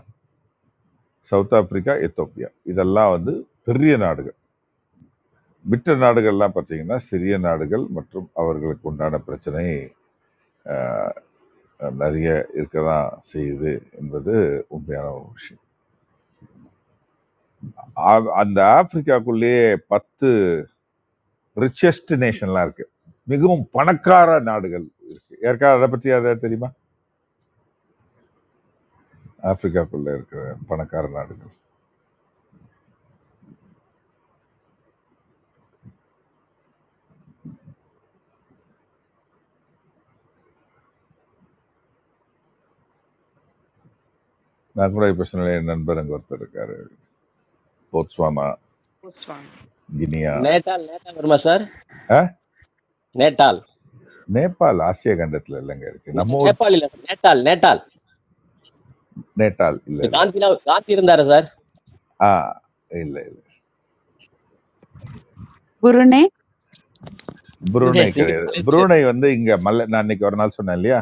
S5: சவுத் ஆப்பிரிக்கா எத்தோப்பியா இதெல்லாம் வந்து பெரிய நாடுகள் மற்ற நாடுகள்லாம் பார்த்தீங்கன்னா சிறிய நாடுகள் மற்றும் அவர்களுக்கு உண்டான பிரச்சனை அஹ், நிறைய இருக்க தான் செய்யுது என்பது உண்மையான ஒரு விஷயம் ஆ- அந்த ஆப்பிரிக்காக்குள்ளேயே பத்து ரிச்சஸ்ட் நேஷன்லாம் இருக்கு மிகவும் பணக்கார நாடுகள் இருக்கு ஏற்காவது அதை பற்றி அதை தெரியுமா ஆப்பிரிக்காக்குள்ள இருக்கிற பணக்கார நாடுகள் நான் கூட இப்போ சொன்னேன் என் நண்பர் அங்கே ஒருத்தர் இருக்காரு போட்ஸ்வானா
S2: போஸ்ட் வாங்க
S5: கினியா
S17: நேட்டால் நேட்டால் வருமா சார்
S5: ஆஹ்
S17: நேட்டால்
S5: நேபாள் ஆசிய கண்டத்துல இல்லைங்க இருக்கு
S17: நே-
S5: நம்ம ஊர்
S17: நேபாள் இல்ல நேட்டால் நேட்டால்
S5: நேட்டால் இல்ல
S17: இது
S5: இல்ல இல்ல.
S17: காந்திலாம் காந்தி இருந்தாரு சார்
S5: ஆ இல்ல இல்ல
S18: குருனே,
S17: குருநே
S5: புரூனை
S17: சிங்க
S5: கிடையாது
S17: மலேசியில
S5: புரூனை வந்து இங்க மலை நான் இன்னைக்கு ஒரு நாள் சொன்னேன் இல்லையா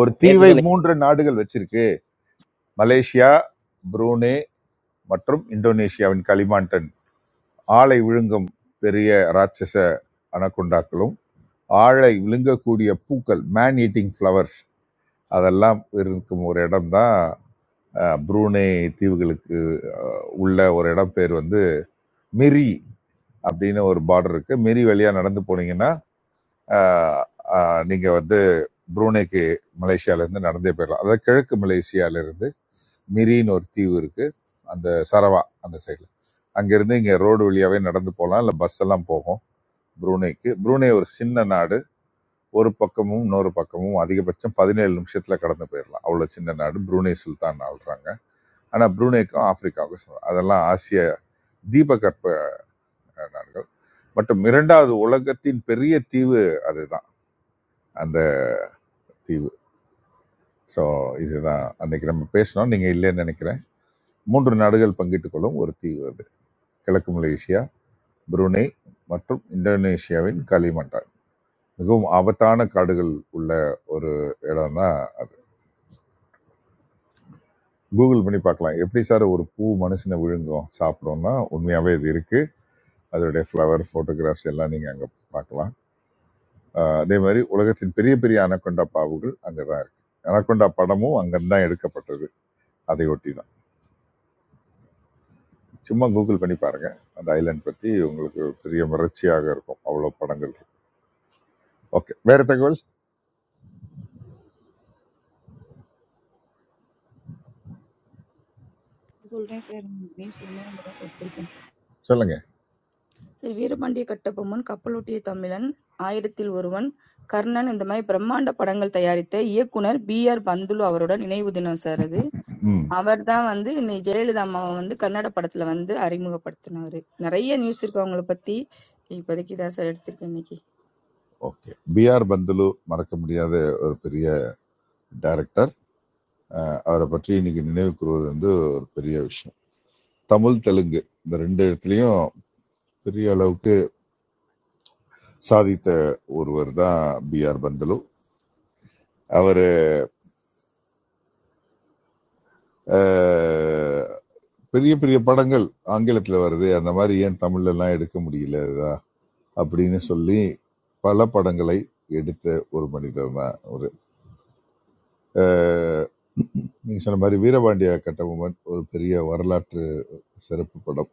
S5: ஒரு
S17: நேத்து
S5: தீவை
S17: சொன்ன
S5: மூன்று நாடுகள் வச்சிருக்கு மலேசியா புரூனே மற்றும் இந்தோனேசியாவின் களிமாண்டன் ஆளை விழுங்கும் பெரிய ராட்சச அனகொண்டாக்களும் ஆளை விழுங்கக்கூடிய பூக்கள் மேன் ஈட்டிங் ஃப்ளவர்ஸ் அதெல்லாம் இருக்கும் ஒரு இடம் தான் புரூனே தீவுகளுக்கு அஹ், உள்ள ஒரு இடம் பேர் வந்து மிரி அப்படின்னு ஒரு பார்டர் இருக்கு மீறி வழியா நடந்து போனீங்கன்னா ஆஹ், ஆஹ், நீங்க வந்து புரூனேக்கு மலேசியால இருந்து நடந்தே போயிடலாம் அதாவது கிழக்கு மலேசியால இருந்து மிரின்னு ஒரு தீவு இருக்கு அந்த சரவா அந்த சைடில் அங்கேருந்து இங்கே ரோடு வழியாகவே நடந்து போகலாம் இல்லை பஸ் எல்லாம் போகும் ப்ரூனேக்கு ப்ரூனே ஒரு சின்ன நாடு ஒரு பக்கமும் இன்னொரு பக்கமும் அதிகபட்சம் பதினேழு நிமிஷத்தில் கடந்து போயிடலாம் அவ்வளோ சின்ன நாடு ப்ரூனே சுல்தான் ஆள்றாங்க ஆனால் ப்ரூனேக்கும் ஆப்பிரிக்காவுக்கும் சமம். அதெல்லாம் ஆசிய தீபகற்ப நாடுகள் மற்றும் இரண்டாவது உலகத்தின் பெரிய தீவு அதுதான் அந்த தீவு ஸோ இதுதான் அன்னைக்கு நம்ம பேசினோம் நீங்கள் இல்லைன்னு நினைக்கிறேன் மூன்று நாடுகள் பங்கிட்டுக் கொள்ளும் ஒரு தீவு அது கிழக்கு மலேசியா புருனே மற்றும் இந்தோனேஷியாவின் களிமண்டான் மிகவும் ஆபத்தான காடுகள் உள்ள ஒரு இடம்னா கூகுள் பண்ணி பார்க்கலாம் எப்படி சார் ஒரு பூ மனுஷனை விழுங்கும் சாப்பிடும்னா உண்மையாவே இது இருக்கு அதோடைய ஃப்ளவர் ஃபோட்டோகிராஃப்ஸ் எல்லாம் நீங்க அங்க பார்க்கலாம் ஆஹ் அதே மாதிரி உலகத்தின் பெரிய பெரிய அனக்கொண்டா பாவுகள் அங்கே தான் இருக்கு அனக்கொண்டா படமும் அங்கேருந்து தான் எடுக்கப்பட்டது அதை ஒட்டி தான் சும்மா கூகுள் பண்ணி பாருங்க அந்த ஐலண்ட் பற்றி உங்களுக்கு பெரிய மிரட்சியாக இருக்கும் அவ்வளோ படங்கள் இருக்கு ஓகே வேற தகவல்
S19: சொல்றேன் சார். நீங்க சொன்னே தான் படிச்சிருக்கேன்.
S5: சொல்லுங்க
S19: சரி வீரபாண்டிய கட்டபொம்மன், கப்பலோட்டிய தமிழன், ஆயிரத்தில் ஒருவன், கர்ணன் இந்த மாதிரி பிரம்மாண்ட படங்கள் தயாரித்த இயக்குனர் பி ஆர் பந்துலு அவரோட நினைவு தினம் சார் அது.
S5: ம்
S19: அவர்தான் வந்து இன்னை ஜெயலலிதா அம்மாவை வந்து கன்னட படத்துல வந்து அறிமுகப்படுத்தினாரு. நிறைய நியூஸ் இருக்கு அவங்கள பத்தி. இப்போதைக்கு இதான் சார் எடுத்திருக்கேன் இன்னைக்கு.
S5: ஓகே பிஆர் பந்துலு மறக்க முடியாத ஒரு பெரிய டைரக்டர் அவரை பற்றி இன்னைக்கு நினைவு கூறுவது வந்து ஒரு பெரிய விஷயம் தமிழ் தெலுங்கு இந்த ரெண்டு இடத்துலையும் பெரிய அளவுக்கு சாதித்த ஒருவர் தான் பிஆர் பந்துலு அவர் பெரிய பெரிய படங்கள் ஆங்கிலத்துல வருது அந்த மாதிரி ஏன் தமிழ்ல எல்லாம் எடுக்க முடியல இதா? அப்படின்னு சொல்லி பல படங்களை எடுத்த ஒரு மனிதர் தான் ஒரு அஹ், நீங்க சொன்ன மாதிரி வீரபாண்டிய கட்டபொம்மன் ஒரு பெரிய வரலாற்று சிறப்பு படம்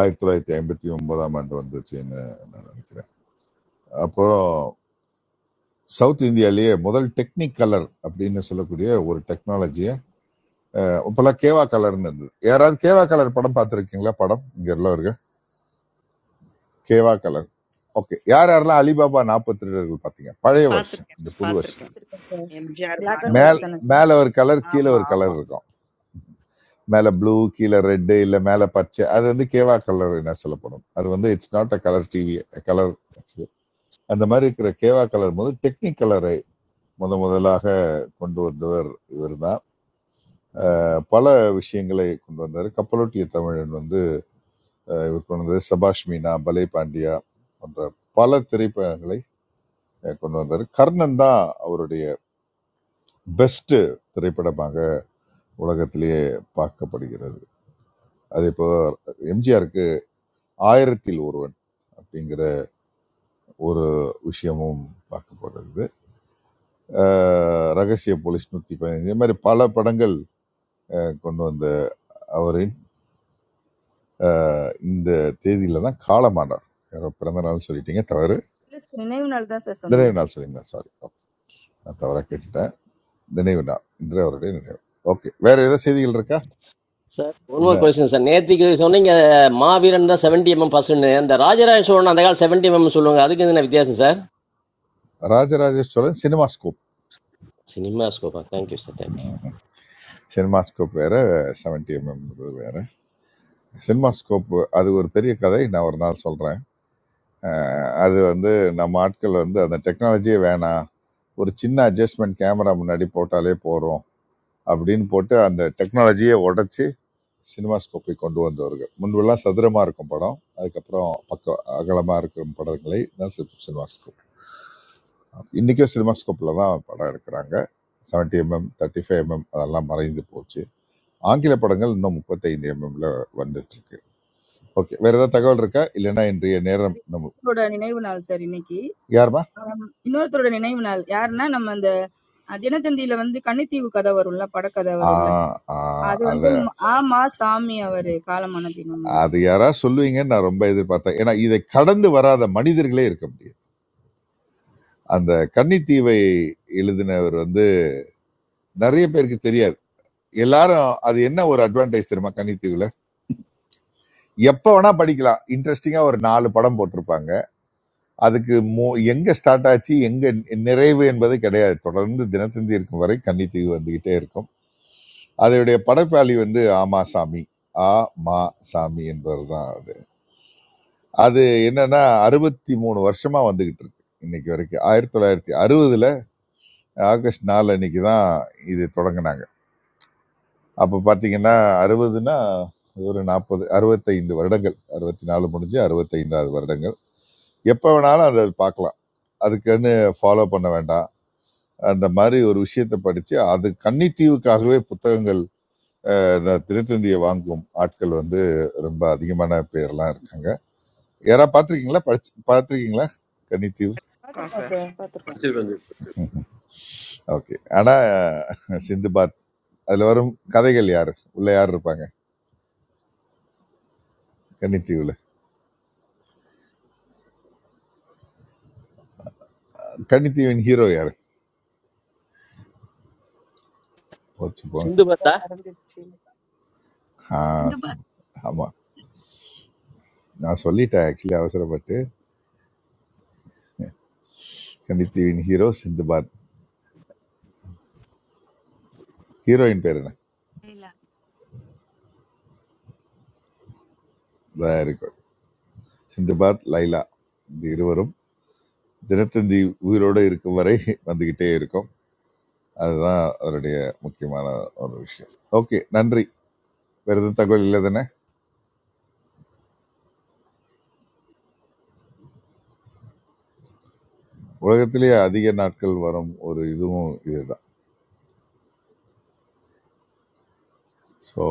S5: ஆயிரத்தி தொள்ளாயிரத்தி ஐம்பத்தி ஒன்பதாம் ஆண்டு வந்துச்சுன்னு நான் நினைக்கிறேன் அப்புறம் சவுத் இந்தியாலேயே முதல் டெக்னிக் கலர் அப்படின்னு சொல்லக்கூடிய ஒரு டெக்னாலஜியை இப்பெல்லாம் கேவா கலர்னு இருந்தது யாராவது கேவா கலர் படம் பார்த்துருக்கீங்களா படம் இங்க உள்ளவர்கள் கேவா கலர் ஓகே யார் யாரெல்லாம் அலிபாபா நாற்பத்தி ரெண்டு பார்த்தீங்க பழைய வருஷம்
S2: பார்த்துருக்கேன்
S5: இந்த
S2: சார்
S5: புது வருஷம்
S2: பார்த்துருக்கேன்
S19: எடுத்திருக்கேன் சார்.
S2: எம்ஜிஆர்
S19: பிளாக் அண்ட்
S5: மேல்
S19: ஒயிட்
S2: பானுமதி.
S19: தானே சார்?
S5: மேலே ஒரு கலர் கீழே
S2: ஆமா,
S5: ஒரு கலர்
S2: ஆமா.
S5: இருக்கும் மேலே ப்ளூ கீழே ரெட்டு இல்லை மேலே பச்சை அது வந்து கேவா கலர் என்ன சொல்லப்படும் அது வந்து it's not a colour TV colour அந்த மாதிரி இருக்கிற கேவா கலர் போது டெக்னிக் கலரை முத முதலாக கொண்டு வந்தவர் இவர் தான் பல விஷயங்களை கொண்டு வந்தார் கப்பலோட்டிய தமிழன் வந்து இவர் கொண்டு வந்தது சபாஷ் மீனா பலே பாண்டியா போன்ற பல திரைப்படங்களை அஹ், கொண்டு வந்தார் கர்ணன் தான் அவருடைய பெஸ்ட் திரைப்படமாக உலகத்திலேயே பார்க்கப்படுகிறது அதே இப்போ எம்ஜிஆருக்கு ஆயிரத்தில் ஒருவன் அப்படிங்கிற ஒரு விஷயமும் பார்க்கப்படுகிறது அஹ் ரகசிய போலீஸ் நூத்தி பதினைந்து இது மாதிரி பல படங்கள் அஹ், கொண்டு வந்த அவரின் அஹ், இந்த தேதியில தான் காலமானார் யாரோ பிறந்த நாள் சொல்லிட்டீங்க தவறு
S19: இல்ல சார் நினைவு நாள் தான் சார் சொன்னேன்.
S5: நினைவு நாள் சொல்லிங்க சாரி நான் தவறா கேட்டுட்டேன் நினைவு நாள் இன்று அவருடைய நினைவு ஓகே வேற ஏதாவது செய்திகள் இருக்கா
S17: சார் ஒன்
S5: இல்ல
S17: மோர் கொஸ்டின் சார் நேத்திக்கு சொன்னீங்க மாவீரன் தான் செவன்டி எம்எம் பர்சன்ட் அந்த ராஜராஜ சோழன் அந்த காலம் செவன்டி எம்எம் சொல்லுவாங்க அதுக்கு என்ன வித்தியாசம் sir
S5: Rajarajeswaran cinema scope
S17: cinema ஸ்கோப்பா thank you sir thank you
S5: cinema scope வேற செவன்டி எம்எம் வேற சினிமாஸ்கோப்பு அது ஒரு பெரிய கதை நான் ஒரு நாள் சொல்கிறேன் அது வந்து நம்ம ஆட்கள் வந்து அந்த டெக்னாலஜியே வேணாம் ஒரு சின்ன அட்ஜஸ்ட்மெண்ட் கேமரா முன்னாடி போட்டாலே போகிறோம் அப்படின்னு போட்டு அந்த டெக்னாலஜியை உடைச்சி சினிமாஸ்கோப்பை கொண்டு வந்தவர்கள் முன்பெல்லாம் சதுரமாக இருக்கும் படம் அதுக்கப்புறம் பக்கம் அகலமாக இருக்கும் படங்களை தான் சினிமாஸ்கோப் இன்றைக்கும் சினிமாஸ்கோப்பில் தான் படம் எடுக்கிறாங்க 70 எம்எம் தேர்ட்டி ஃபைவ் எம்எம் அதெல்லாம் மறைந்து போச்சு ஆங்கில படங்கள் இன்னும் முப்பத்தைந்து எம்எம்ல வந்துட்டு இருக்கு ஓகே வேற ஏதாவது தகவல் இருக்கா இல்லைன்னா இன்றைய நேரம்
S19: சார்
S5: நம்ம
S19: இன்னொருத்தரோட நினைவு நாள் சார் இன்னைக்கு.
S5: யாருமா
S19: ஆம், இன்னொருத்தரோட நினைவு நாள் யாருன்னா நம்ம அந்த அஹ் தினத்தந்தியில வந்து கன்னித்தீவு கதை வரும்ல படக்கதை
S5: ஆ
S19: வரும்ல
S5: ஆ,
S19: அது வந்து
S5: அது
S19: ம- ஆமா சாமி அவரு காலமான தினம் என்று
S5: அது
S19: சார்.
S5: யாரா சொல்லுவீங்கன்னு நான் ரொம்ப எதிர்பார்த்தேன் ஏன்னா இதை கடந்து வராத மனிதர்களே இருக்க முடியாது அந்த கன்னித்தீவை எழுதினவர் வந்து நிறைய பேருக்கு தெரியாது எல்லாரும் அது என்ன ஒரு அட்வான்டேஜ் தெரியுமா கன்னித்தீவுல எப்ப வேணா படிக்கலாம் இன்ட்ரெஸ்டிங்கா ஒரு நாலு படம் போட்டிருப்பாங்க அதுக்கு மோ- எங்க ஸ்டார்ட் ஆச்சு எங்க நிறைவு என்பது கிடையாது தொடர்ந்து தினத்தந்தி இருக்கும் வரை கன்னித்தீவு வந்துகிட்டே இருக்கும் அதனுடைய படைப்பாளி வந்து ஆமாசாமி ஆ மா சாமி என்பவர் தான் அது அது என்னன்னா அறுபத்தி மூணு வருஷமா வந்துகிட்டு இருக்கு இன்னைக்கு வரைக்கும் ஆயிரத்தி தொள்ளாயிரத்தி அறுபதுல ஆகஸ்ட் நாலு அன்னைக்கு தான் இது தொடங்கினாங்க அப்போ பார்த்தீங்கன்னா அறுபதுன்னா ஒரு நாற்பது அறுபத்தைந்து வருடங்கள் அறுபத்தி நாலு முடிஞ்சு அறுபத்தைந்தாவது வருடங்கள் எப்போ வேணாலும் அதை பார்க்கலாம் அதுக்குன்னு ஃபாலோ பண்ண வேண்டாம் அந்த மாதிரி ஒரு விஷயத்தை படித்து அது கன்னித்தீவுக்காகவே புத்தகங்கள் இந்த திருத்தந்தியை வாங்கும் ஆட்கள் வந்து ரொம்ப அதிகமான பேர்லாம் இருக்காங்க யாரா பார்த்துருக்கீங்களா படிச்சு பார்த்துருக்கீங்களா கன்னித்தீவு
S2: இருக்கோம்
S19: பாத்திருக்கோம்
S2: சார்
S19: சார் பாத்திருக்கோம்
S8: படிச்சிருக்காங்க
S5: <laughs> ஓகே ஆனா சிந்துபாத் அதுல வரும் கதைகள் யாரு உள்ள யார் இருப்பாங்க கன்னித்தீவுல கன்னித்தீவின் ஹீரோ யாரு போச்சு போ
S17: சிந்து பத்தா
S19: சார் மறந்துருச்சு
S5: ஆ, ஆமா நான் சொல்லிட்டேன் ஆக்சுவலி அவசரப்பட்டு கன்னித்தீவின் ஹீரோ சிந்துபாத் ஹீரோயின் பேர் என்ன இதா இருக்கும் சிந்துபாத் லைலா இந்த இருவரும் தினத்தந்தி உயிரோடு இருக்கும் வரை வந்துகிட்டே இருக்கும் அதுதான் அதனுடைய முக்கியமான ஒரு விஷயம் ஓகே நன்றி வேறு எதுவும் தகவல் இல்லை தானே உலகத்திலேயே அதிக நாட்கள் வரும் ஒரு இதுவும் இதுதான் ஸோ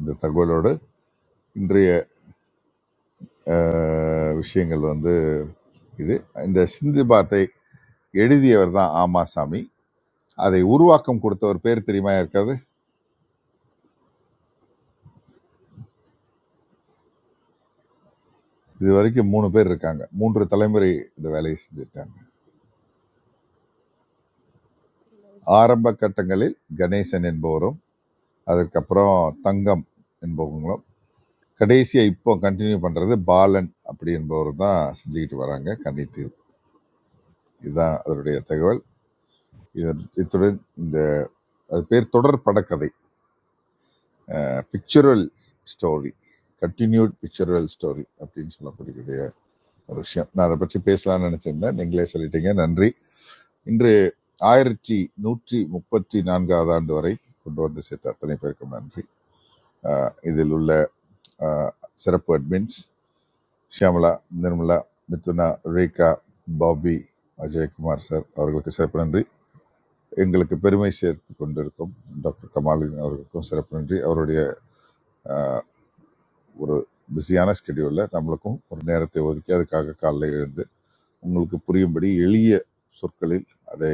S5: இந்த தகவலோடு இன்றைய அஹ், விஷயங்கள் வந்து இது இந்த சிந்து பாத்தை எழுதியவர் தான் ஆமாசாமி அதை உருவாக்கம் கொடுத்தவர் பேர் தெரியுமா இருக்காது இது வரைக்கும் மூணு பேர் இருக்காங்க மூன்று தலைமுறை இந்த வேலையை செஞ்சுருக்காங்க ஆரம்ப கட்டங்களில் கணேசன் என்பவரும் அதற்கப்புறம் தங்கம் என்பவங்களும் கடைசியாக இப்போ கண்டினியூ பண்ணுறது பாலன் அப்படி என்பவர் தான் செஞ்சுக்கிட்டு வராங்க கன்னித்தீவு இதுதான் அதனுடைய தகவல் இது இத்துடன் இந்த அது பேர் தொடர் படக்கதை pictorial story continued pictorial story அப்படின்னு சொல்லக்கூடிய ஒரு விஷயம் நான் அதை பற்றி பேசலாம்னு நினச்சிருந்தேன் நீங்களே சொல்லிட்டீங்க நன்றி இன்று ஆயிரத்தி நூற்றி முப்பத்தி நான்காவது ஆண்டு வரை கொண்டு வந்து சேர்த்த அத்தனை பேருக்கும் நன்றி அஹ் இதில் உள்ள ஆஹ் சிறப்பு அட்மின்ஸ் ஷியாமலா நிர்மலா மிதுனா ரேகா பாபி அஜயகுமார் சார் அவர்களுக்கு சிறப்பு நன்றி எங்களுக்கு பெருமை சேர்த்து கொண்டிருக்கும் டாக்டர் கமாலுதீன் அவர்களுக்கும் சிறப்பு நன்றி அவருடைய ஆஹ், ஒரு பிஸியான ஸ்கெடியூலில் நம்மளுக்கும் ஒரு நேரத்தை ஒதுக்கி அதுக்காக காலைல எழுந்து உங்களுக்கு புரியும்படி எளிய சொற்களில் அதை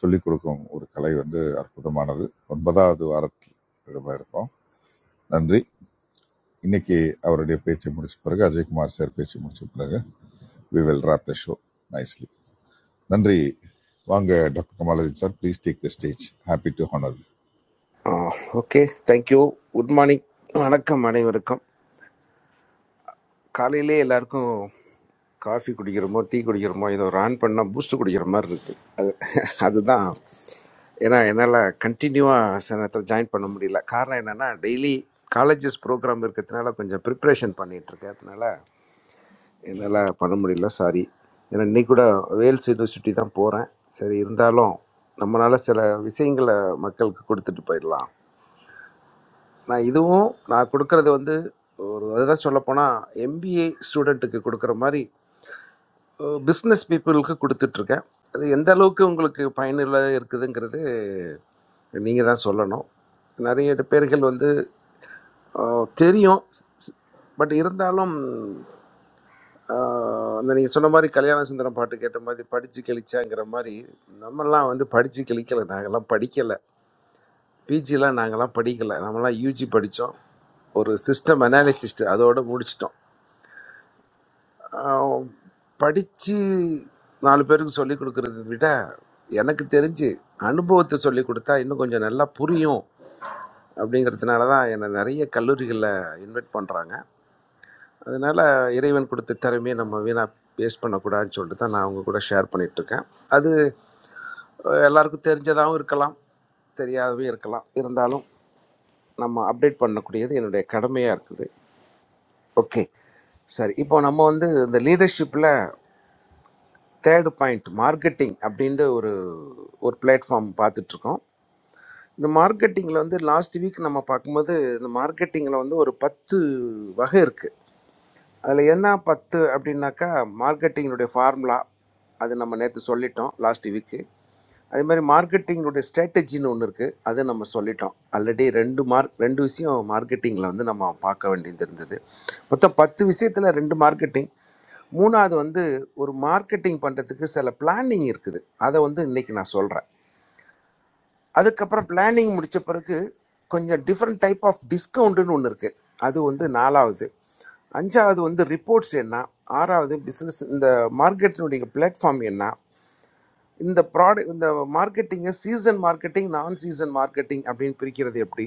S5: சொல்லிக் கொடுக்கும் ஒரு கலை வந்து அற்புதமானது ஒன்பதாவது வாரத்தில் திரும்ப இருக்கோம் நன்றி இன்னைக்கு அவருடைய பேச்சை முடிச்ச பிறகு அஜயகுமார் சார் பேச்சு முடிச்ச பிறகு we will wrap the show nicely. நன்றி வாங்க doctor Kamaldeen sir please take the stage happy to honour you.
S12: Uh, okay, thank you. Good morning. வணக்கம் அனைவருக்கும் காலையிலே எல்லாருக்கும் காஃபி குடிக்கிறோமோ டீ குடிக்கிறோமோ ஏதோ ரான் பண்ணால் பூஸ்ட் குடிக்கிற மாதிரி இருக்கு அது அதுதான் ஏன்னா என்னால் கண்டினியூவாக சில நேரத்தில் ஜாயின் பண்ண முடியல காரணம் என்னென்னா டெய்லி காலேஜஸ் ப்ரோக்ராம் இருக்கிறதுனால கொஞ்சம் ப்ரிப்ரேஷன் பண்ணிட்டு இருக்கேன் அதனால என்னால் பண்ண முடியல சாரி ஏன்னா இன்னைக்கு கூட வேல்ஸ் யூனிவர்சிட்டி தான் போகிறேன் சரி இருந்தாலும் நம்மளால் சில விஷயங்களை மக்களுக்கு கொடுத்துட்டு போயிடலாம் நான் இதுவும் நான் கொடுக்கறது வந்து ஒரு அதுதான் சொல்லப்போனால் எம்பிஏ ஸ்டூடெண்ட்டுக்கு கொடுக்குற மாதிரி பிஸ்னஸ் பீப்புளுக்கு கொடுத்துட்ருக்கேன் அது எந்த அளவுக்கு உங்களுக்கு பயனுள்ள இருக்குதுங்கிறது நீங்கள் தான் சொல்லணும் நிறைய பேர்கள் வந்து அஹ், தெரியும் பட் இருந்தாலும் அஹ், அந்த நீங்கள் சொன்ன மாதிரி கல்யாண சுந்தரம் பாட்டு கேட்ட மாதிரி படித்து கிழிச்சாங்கிற மாதிரி நம்மலாம் வந்து படித்து கிழிக்கலை நாங்கள்லாம் படிக்கலை பிஜிலாம் நாங்கள்லாம் படிக்கலை நம்மலாம் யூஜி படித்தோம் ஒரு சிஸ்டம் அனாலிசிஸ்ட் அதோட முடிச்சிட்டோம் ஆஹ் படிச்சு நாலு பேருக்கு சொல்லிக் கொடுக்கறத விட எனக்கு தெரிஞ்சு அனுபவத்தை சொல்லிக் கொடுத்தா இன்னும் கொஞ்சம் நல்லா புரியும் அப்படிங்கிறதுனால தான் என்னை நிறைய கல்லூரிகளில் இன்வைட் பண்ணுறாங்க அதனால இறைவன் கொடுத்த திறமையை நம்ம வீணாக வேஸ்ட் பண்ணக்கூடாதுன்னு சொல்லிட்டு தான் நான் அவங்க கூட ஷேர் இருக்கேன் அது அஹ், எல்லாருக்கும் தெரிஞ்சதாகவும் இருக்கலாம் தெரியாதவும் இருக்கலாம் இருந்தாலும் நம்ம அப்டேட் பண்ணக்கூடியது என்னுடைய கடமையாக இருக்குது ஓகே சரி இப்போ நம்ம வந்து இந்த லீடர்ஷிப்பில் தேர்டு பாயிண்ட் மார்க்கெட்டிங் அப்படின்ற ஒரு ஒரு பிளாட்ஃபார்ம் பார்த்துட்ருக்கோம் இந்த மார்க்கெட்டிங்கில் வந்து லாஸ்ட் வீக் நம்ம பார்க்கும்போது இந்த மார்க்கெட்டிங்கில் வந்து ஒரு பத்து வகை இருக்குது அதில் என்ன பத்து அப்படின்னாக்கா மார்க்கெட்டிங்கினுடைய ஃபார்முலா அது நம்ம நேற்று சொல்லிட்டோம் லாஸ்ட் வீக்கு அதே மாதிரி மார்க்கெட்டிங்கினுடைய ஸ்ட்ராட்டஜின்னு ஒன்று இருக்குது அது நம்ம சொல்லிட்டோம் ஆல்ரெடி ரெண்டு மார்க் ரெண்டு விஷயம் மார்க்கெட்டிங்கில் வந்து நம்ம பார்க்க வேண்டியது இருந்தது மொத்தம் பத்து விஷயத்தில் ரெண்டு மார்க்கெட்டிங் மூணாவது வந்து ஒரு மார்க்கெட்டிங் பண்ணுறதுக்கு சில பிளானிங் இருக்குது அதை வந்து இன்றைக்கி நான் சொல்கிறேன் அதுக்கப்புறம் பிளானிங் முடிச்ச பிறகு கொஞ்சம் டிஃப்ரெண்ட் டைப் ஆஃப் டிஸ்கவுண்ட்னு ஒன்று இருக்குது அது வந்து நாலாவது அஞ்சாவது வந்து ரிப்போர்ட்ஸ் என்ன ஆறாவது பிஸ்னஸ் இந்த மார்க்கெட்டினுடைய பிளாட்ஃபார்ம் என்ன இந்த ப்ராடக்ட் இந்த மார்க்கெட்டிங்கை சீசன் மார்க்கெட்டிங் நான் சீசன் மார்க்கெட்டிங் அப்படின்னு பிரிக்கிறது எப்படி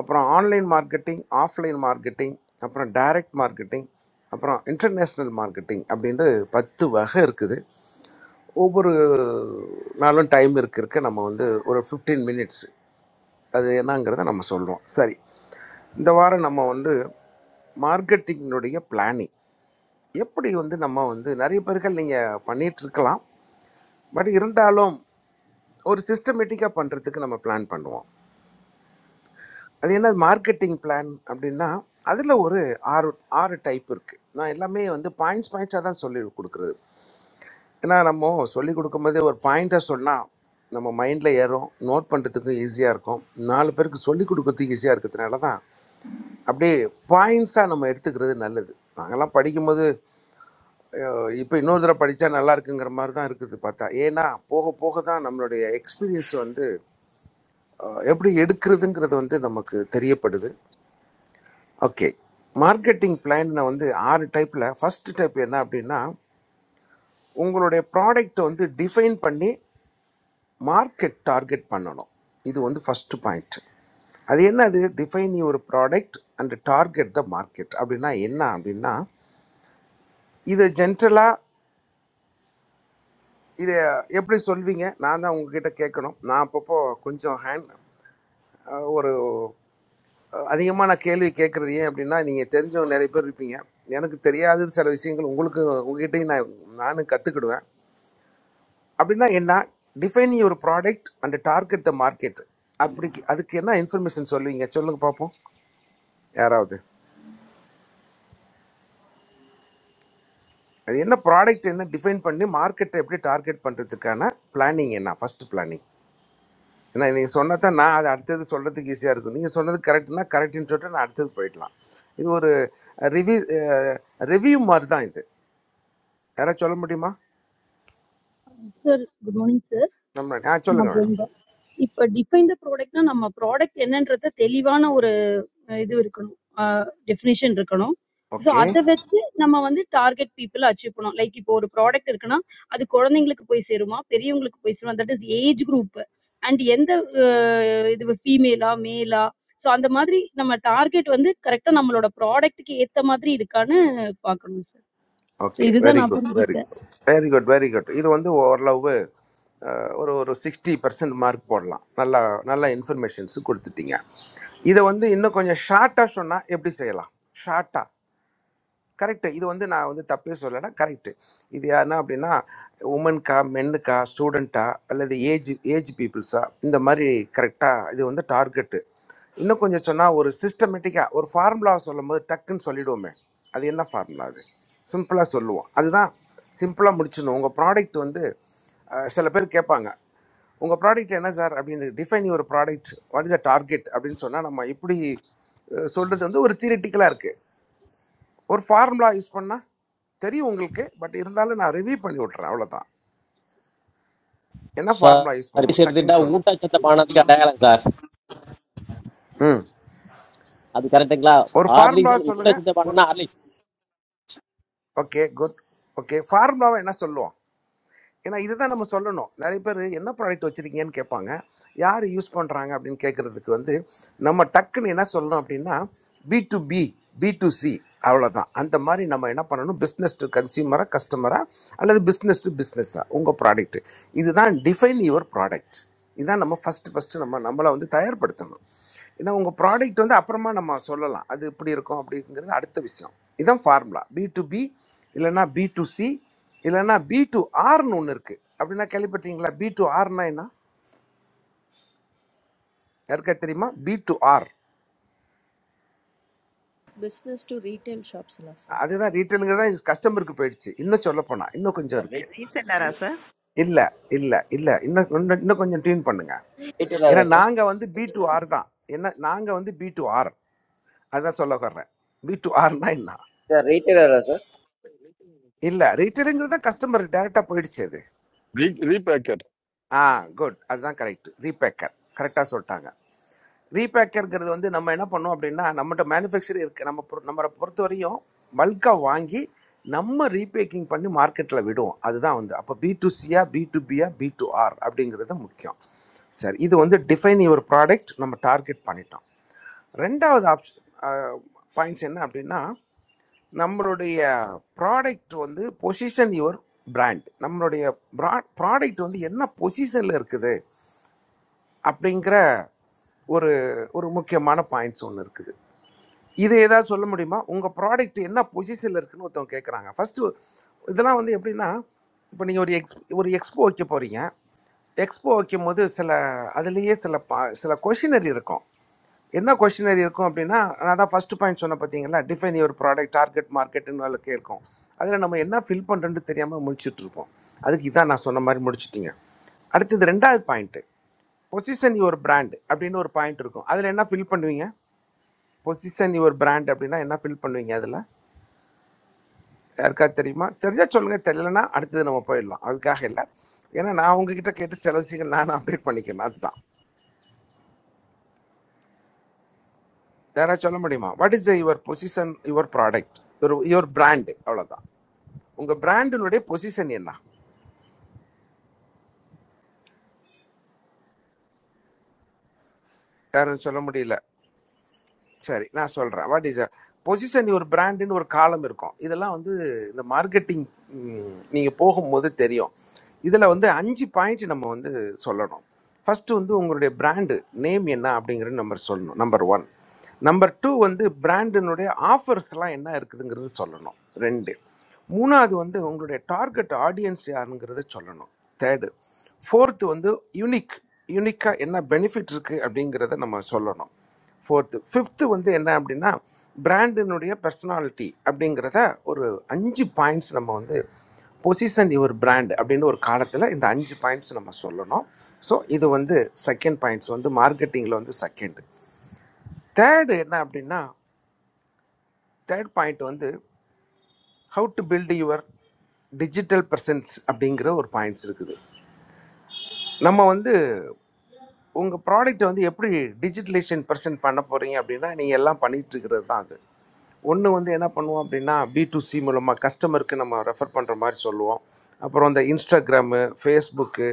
S12: அப்புறம் ஆன்லைன் மார்க்கெட்டிங் ஆஃப்லைன் மார்க்கெட்டிங் அப்புறம் டைரக்ட் மார்க்கெட்டிங் அப்புறம் இன்டர்நேஷ்னல் மார்க்கெட்டிங் அப்படின்ட்டு பத்து வகை இருக்குது ஒவ்வொரு நாளும் டைம் இருக்க இருக்க நம்ம வந்து ஒரு ஃபிஃப்டீன் மினிட்ஸ் அது என்னங்கிறத நம்ம சொல்கிறோம் சரி இந்த வாரம் நம்ம வந்து மார்க்கெட்டிங்கினுடைய பிளானிங் எப்படி வந்து நம்ம வந்து நிறைய பேர்கள் நீங்கள் பண்ணிகிட்டு இருக்கலாம் பட் இருந்தாலும் ஒரு சிஸ்டமேட்டிக்காக பண்ணுறதுக்கு நம்ம பிளான் பண்ணுவோம் அது என்ன மார்க்கெட்டிங் பிளான் அப்படின்னா அதில் ஒரு ஆறு ஆறு டைப் இருக்குது நான் எல்லாமே வந்து பாயிண்ட்ஸ் பாயிண்ட்ஸாக தான் சொல்லி கொடுக்குறது ஏன்னா நம்ம சொல்லி கொடுக்கும்போதே ஒரு பாயிண்ட்டாக சொன்னால் நம்ம மைண்டில் ஏறும் நோட் பண்ணுறதுக்கும் ஈஸியாக இருக்கும் நாலு பேருக்கு சொல்லி கொடுக்கறதுக்கு ஈஸியாக இருக்கிறதுனால தான் அப்படியே பாயிண்ட்ஸாக நம்ம எடுத்துக்கிறது நல்லது நாங்கெல்லாம் படிக்கும்போது இப்போ இன்னொரு தடவை படித்தா நல்லா இருக்குங்கிற மாதிரி தான் இருக்குது பார்த்தா ஏன்னா போக போக தான் நம்மளுடைய எக்ஸ்பீரியன்ஸ் வந்து அஹ், எப்படி எடுக்கிறதுங்கிறது வந்து நமக்கு தெரியப்படுது ஓகே மார்க்கெட்டிங் பிளான் வந்து ஆறு டைப்பில் ஃபர்ஸ்ட் டைப் என்ன அப்படின்னா உங்களுடைய ப்ராடக்ட் வந்து டிஃபைன் பண்ணி மார்க்கெட் டார்கெட் பண்ணணும் இது வந்து ஃபஸ்ட்டு பாயிண்ட் அது என்னது define your product and target the market அப்படின்னா என்ன அப்படின்னா இதை ஜென்ரலாக இதை எப்படி சொல்வீங்க நான் தான் உங்ககிட்ட கேட்கணும் நான் அப்பப்போ கொஞ்சம் ஹேண்ட் ஒரு அதிகமான கேள்வி கேட்குறது ஏன் அப்படின்னா நீங்கள் தெரிஞ்சவங்க நிறைய பேர் இருப்பீங்க எனக்கு தெரியாத சில விஷயங்கள் உங்களுக்கு உங்ககிட்டயும் நான் நானும் கற்றுக்கிடுவேன் அப்படின்னா என்ன define your product and target the market அப்படி அதுக்கு என்ன இன்ஃபர்மேஷன் சொல்லுவீங்க சொல்லுங்க பார்ப்போம் யாராவது அது என்ன ப்ராடக்ட் என்ன டிஃபைன் பண்ணி மார்க்கெட்டை எப்படி டார்கெட் பண்ணுறதுக்கான பிளானிங் என்ன ஃபர்ஸ்ட் பிளானிங் ஏன்னா நீங்கள் சொன்னால் தான் நான் அது அடுத்தது சொல்கிறதுக்கு ஈஸியாக இருக்கும் நீங்கள் சொன்னது கரெக்ட்னா கரெக்டுன்னு சொல்லிட்டு நான் அடுத்தது போயிடலாம் இது ஒரு ரிவ்யூ ரிவ்யூ மாதிரி தான் இது யாராவது சொல்ல முடியுமா
S15: Sir, good morning, sir.
S12: நம்ம ஆ சொல்லுங்கள் madam
S15: Welcome. Sir, define the product. Sir, our product. Sir, what is the Telivana? இது இருக்கணும் டெஃபினேஷன் இருக்கணும் ஸோ
S12: ஓகே
S15: அதை வச்சு நம்ம வந்து டார்கெட் பீப்புள் அச்சீவ் பண்ணோம் லைக் இப்போ ஒரு ப்ராடக்ட் இருக்குன்னா அது குழந்தைங்களுக்கு போய் சேருமா பெரியவங்களுக்கு போய் சேருமா that is age group and எந்த அஹ், இது ஃபீமேலா மேலா ஸோ அந்த மாதிரி நம்ம டார்கெட் வந்து கரெக்டாக நம்மளோட ப்ராடக்ட்டுக்கு ஏற்ற மாதிரி இருக்கான்னு பார்க்கணும் சார் ஸோ
S12: ஓகே
S15: இதுதான்
S12: வெரி
S15: நான்
S12: குட் வெரி
S15: புரிஞ்சுக்கிட்டேன்
S12: good very good very good இது வந்து ஓரளவு அஹ், ஒரு ஒரு சிக்ஸ்டி பர்சன்ட் மார்க் போடலாம் நல்லா நல்ல இன்ஃபர்மேஷன்ஸு கொடுத்துட்டீங்க இதை வந்து இன்னும் கொஞ்சம் ஷார்ட்டாக சொன்னால் எப்படி செய்யலாம் ஷார்ட்டாக கரெக்டு இது வந்து நான் வந்து தப்பே சொல்லலை கரெக்டு இது யாருன்னா அப்படின்னா உமன்கா மென்னுக்கா ஸ்டூடெண்ட்டா அல்லது ஏஜ் ஏஜ் பீப்புள்ஸா இந்த மாதிரி கரெக்டாக இது வந்து டார்கெட்டு இன்னும் கொஞ்சம் சொன்னால் ஒரு சிஸ்டமேட்டிக்காக ஒரு ஃபார்முலாவை சொல்லும் போது டக்குன்னு சொல்லிடுவோமே அது என்ன ஃபார்முலா அது சிம்பிளாக சொல்லுவோம் அதுதான் சிம்பிளாக முடிச்சிடணும் உங்கள் ப்ராடக்ட் வந்து அஹ், சில பேர் கேட்பாங்க உங்கள் ப்ராடக்ட் என்ன சார் அப்படின்னு define your product what is a target அப்படின்னு சொன்னால் நம்ம இப்படி அஹ், சொல்கிறது வந்து ஒரு தியரிட்டிக்கலாக இருக்குது ஒரு ஃபார்முலா யூஸ் பண்ணால் தெரியும் உங்களுக்கு பட் இருந்தாலும் நான் ரிவ்யூ பண்ணி விட்றேன் அவ்வளோதான் என்ன ஃபார்முலா யூஸ்
S17: சார்
S12: பண்ணுவோம்
S17: எடுத்துட்டா
S12: டக்குன்னு சொல்லுவோம்
S17: ஊட்டச்சத்த பானத்துக்கு அடையாளம் சார்
S12: ம்
S17: அது கரெக்டுங்களா
S12: ஒரு
S17: ஆர்லிஸ்
S12: ஃபார்முலா சொல்லுங்கள்
S17: ஊட்டச்சத்த
S12: ஒரு
S17: பானம்னா ஆர்லி
S12: ஓகே குட் ஓகே ஃபார்முலாவை என்ன சொல்லுவோம் ஏன்னா இதுதான் நம்ம சொல்லணும் நிறைய பேர் என்ன ப்ராடக்ட் வச்சுருக்கீங்கன்னு கேட்பாங்க யார் யூஸ் பண்ணுறாங்க அப்படின்னு கேட்குறதுக்கு வந்து நம்ம டக்குன்னு என்ன சொல்லணும் அப்படின்னா B to B B to C அவ்வளோதான் அந்த மாதிரி நம்ம என்ன பண்ணணும் பிஸ்னஸ் டு கன்சியூமரா கஸ்டமரா அல்லது பிஸ்னஸ் டு பிஸ்னஸ்ஸா உங்கள் ப்ராடக்ட் இதுதான் டிஃபைன் யுவர் ப்ராடக்ட் இதுதான் நம்ம ஃபஸ்ட்டு ஃபஸ்ட்டு நம்ம நம்மளை வந்து தயார்படுத்தணும் ஏன்னா உங்கள் ப்ராடக்ட் வந்து அப்புறமா நம்ம சொல்லலாம் அது இப்படி இருக்கும் அப்படிங்கிறது அடுத்த விஷயம் இதான் ஃபார்முலா பி டு பி இல்லைன்னா பி டு சி இல்லைன்னா பி டு ஆர்னு ஒன்று இருக்குது அப்படின்னா கேள்விப்பட்டீங்களா பி டு ஆர்னா என்ன யாருக்கா தெரியுமா B to R
S14: Business to retail shops, sir.
S12: அதுதான் ரீட்டைலுங்க தான் கஸ்டமருக்கு போயிடுச்சு இன்னும் சொல்லப் போனா இன்னும் கொஞ்சம்
S20: The
S12: இருக்குது
S20: Rate.
S2: ரீசெல்லரா சார்
S12: இல்லை இல்லை இல்லை இன்னும் இன்னும் இன்னும் கொஞ்சம் டியூன் பண்ணுங்க
S20: Rate
S12: ஏன்னா
S20: another sir.
S12: நாங்கள் வந்து பி டு ஆர் தான் என்ன நாங்கள் வந்து பி டு ஆர் அதான் சொல்ல வர்றேன் பி டு ஆர்னா என்ன
S20: The Rate another sir.
S12: இல்லை ரீட்டைலுங்கிறது தான் கஸ்டமருக்கு டேரெக்டாக போயிடுச்சு அது
S21: Re- Rebecca
S12: ஆ குட் அதுதான் கரெக்ட் ரீபேக்கர் கரெக்டாக சொல்லிட்டாங்க ரீபேக்கருங்கிறது வந்து நம்ம என்ன பண்ணோம் அப்படின்னா நம்மகிட்ட மேனுஃபேக்சர் இருக்கு நம்ம பொறு- நம்மளை பொறுத்த வரையும் பல்காக வாங்கி நம்ம ரீபேக்கிங் பண்ணி மார்க்கெட்டில் விடுவோம் அதுதான் வந்து அப்போ பி டு சியா பி டு பியா பி டு ஆர் அப்படிங்கிறது முக்கியம் சரி இது வந்து டிஃபைன் யுவர் ப்ராடக்ட் நம்ம டார்கெட் பண்ணிட்டோம் ரெண்டாவது ஆப்ஷன் பாயிண்ட்ஸ் என்ன அப்படின்னா நம்மளுடைய ப்ராடக்ட் வந்து பொசிஷன் யுவர் பிராண்ட் நம்மளுடைய ப்ரா ப்ராடக்ட் வந்து என்ன பொசிஷனில் இருக்குது அப்படிங்கிற ஒரு ஒரு முக்கியமான பாயிண்ட்ஸ் ஒன்று இருக்குது இது ஏதாவது சொல்ல முடியுமா உங்கள் ப்ராடக்ட் என்ன பொசிஷனில் இருக்குன்னு ஒருத்தவங்க கேட்குறாங்க ஃபஸ்ட்டு இதெல்லாம் வந்து எப்படின்னா இப்போ நீங்கள் ஒரு எக்ஸ் ஒரு எக்ஸ்போ வைக்க போகிறீங்க எக்ஸ்போ வைக்கும் போது சில அதுலேயே சில பா சில கொஷினரி இருக்கும் என்ன கொஷினரி இருக்கும் அப்படின்னா நான் தான் ஃபஸ்ட்டு பாயிண்ட் சொன்ன பார்த்தீங்களா டிஃபைன் யுவர் ப்ராடக்ட் டார்கெட் மார்க்கெட்டுன்னு அதில் கேட்கும் அதில் நம்ம என்ன ஃபில் பண்ணுறேன்னு தெரியாமல் முடிச்சுட்டு இருப்போம் அதுக்கு இதான் நான் சொன்ன மாதிரி முடிச்சிட்டிங்க அடுத்தது ரெண்டாவது பாயிண்ட்டு பொசிஷன் யுவர் பிராண்ட் அப்படின்னு ஒரு பாயிண்ட் இருக்கும் அதில் என்ன ஃபில் பண்ணுவீங்க பொசிஷன் யுவர் பிராண்ட் அப்படின்னா என்ன ஃபில் பண்ணுவீங்க அதில் யாருக்காவது தெரியுமா தெரிஞ்சால் சொல்லுங்கள் தெரியலனா அடுத்தது நம்ம போயிடலாம் அதுக்காக இல்லை ஏன்னா நான் உங்ககிட்ட கேட்டு சில விஷயங்கள் நான் அப்டேட் பண்ணிக்கிறேன் அதுதான் யாராவது சொல்ல முடியுமா what is the your position your product your your brand அவ்வளோதான் உங்கள் பிராண்டினுடைய பொசிஷன் என்ன யாரும் சொல்ல முடியல சரி நான் சொல்றேன் வாட் இஸ் பொசிஷன் ஒரு பிராண்டுன்னு ஒரு காலம் இருக்கும் இதெல்லாம் வந்து இந்த மார்க்கெட்டிங் நீங்க போகும்போது தெரியும் இதுல வந்து அஞ்சு பாயிண்ட் நம்ம வந்து சொல்லணும் ஃபர்ஸ்ட் வந்து உங்களுடைய பிராண்டு நேம் என்ன அப்படிங்கிறது நம்ம சொல்லணும் நம்பர் ஒன் நம்பர் டூ வந்து பிராண்டினுடைய ஆஃபர்ஸ்லாம் என்ன இருக்குதுங்கிறது சொல்லணும் ரெண்டு மூணாவது வந்து உங்களுடைய டார்கெட் ஆடியன்ஸ் யாருங்கிறத சொல்லணும் தேர்டு ஃபோர்த்து வந்து யூனிக் யூனிக்காக என்ன பெனிஃபிட் இருக்குது அப்படிங்கிறத நம்ம சொல்லணும் ஃபோர்த்து ஃபிஃப்த்து வந்து என்ன அப்படின்னா பிராண்டினுடைய பர்சனாலிட்டி அப்படிங்கிறத ஒரு அஞ்சு பாயிண்ட்ஸ் நம்ம வந்து பொசிஷன் யுவர் பிராண்ட் அப்படின்னு ஒரு காலத்தில் இந்த அஞ்சு பாயிண்ட்ஸ் நம்ம சொல்லணும் ஸோ இது வந்து செகண்ட் பாயிண்ட்ஸ் வந்து மார்க்கெட்டிங்கில் வந்து செகண்ட் தேர்டு என்ன அப்படின்னா தேர்ட் பாயிண்ட் வந்து how to build your digital presence அப்படிங்கிற ஒரு பாயிண்ட்ஸ் இருக்குது நம்ம வந்து உங்கள் ப்ராடக்ட்டை வந்து எப்படி டிஜிட்டலைசேஷன் பர்சன்ட் பண்ண போகிறீங்க அப்படின்னா நீங்கள் எல்லாம் பண்ணிட்டு இருக்கிறது தான் அது ஒன்று வந்து என்ன பண்ணுவோம் அப்படின்னா பி டு சி மூலமாக கஸ்டமருக்கு நம்ம ரெஃபர் பண்ணுற மாதிரி சொல்லுவோம் அப்புறம் இந்த இன்ஸ்டாகிராமு ஃபேஸ்புக்கு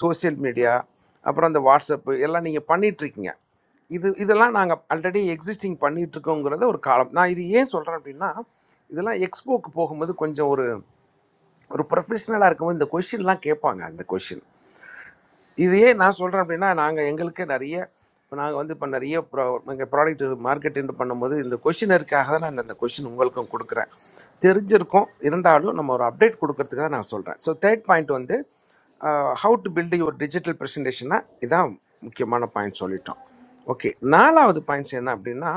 S12: சோஷியல் மீடியா அப்புறம் இந்த வாட்ஸ்அப்பு எல்லாம் நீங்கள் பண்ணிகிட்ருக்கீங்க இது இதெல்லாம் நாங்கள் ஆல்ரெடி எக்ஸிஸ்டிங் பண்ணிகிட்ருக்கோங்கிறது ஒரு காலம் நான் இது ஏன் சொல்கிறேன் அப்படின்னா இதெல்லாம் எக்ஸ்போக்கு போகும்போது கொஞ்சம் ஒரு ஒரு ப்ரொஃபஷனலாக இருக்கும்போது இந்த கொஷின்லாம் கேட்பாங்க அந்த கொஷின் இதையே நான் சொல்கிறேன் அப்படின்னா நாங்கள் எங்களுக்கு நிறைய இப்போ நாங்கள் வந்து இப்போ நிறைய ப்ரா எங்கள் ப்ராடக்ட் மார்க்கெட்டிங் பண்ணும்போது இந்த கொஷினருக்காக தான் நான் இந்த கொஷின் உங்களுக்கும் கொடுக்குறேன் தெரிஞ்சிருக்கும் இருந்தாலும் நம்ம ஒரு அப்டேட் கொடுக்கறதுக்கு தான் நான் சொல்கிறேன் ஸோ தேர்ட் பாயிண்ட் வந்து how to build your digital ப்ரெசன்டேஷன்னா இதான் முக்கியமான பாயிண்ட் சொல்லிட்டோம் ஓகே நாலாவது பாயிண்ட்ஸ் என்ன அப்படின்னா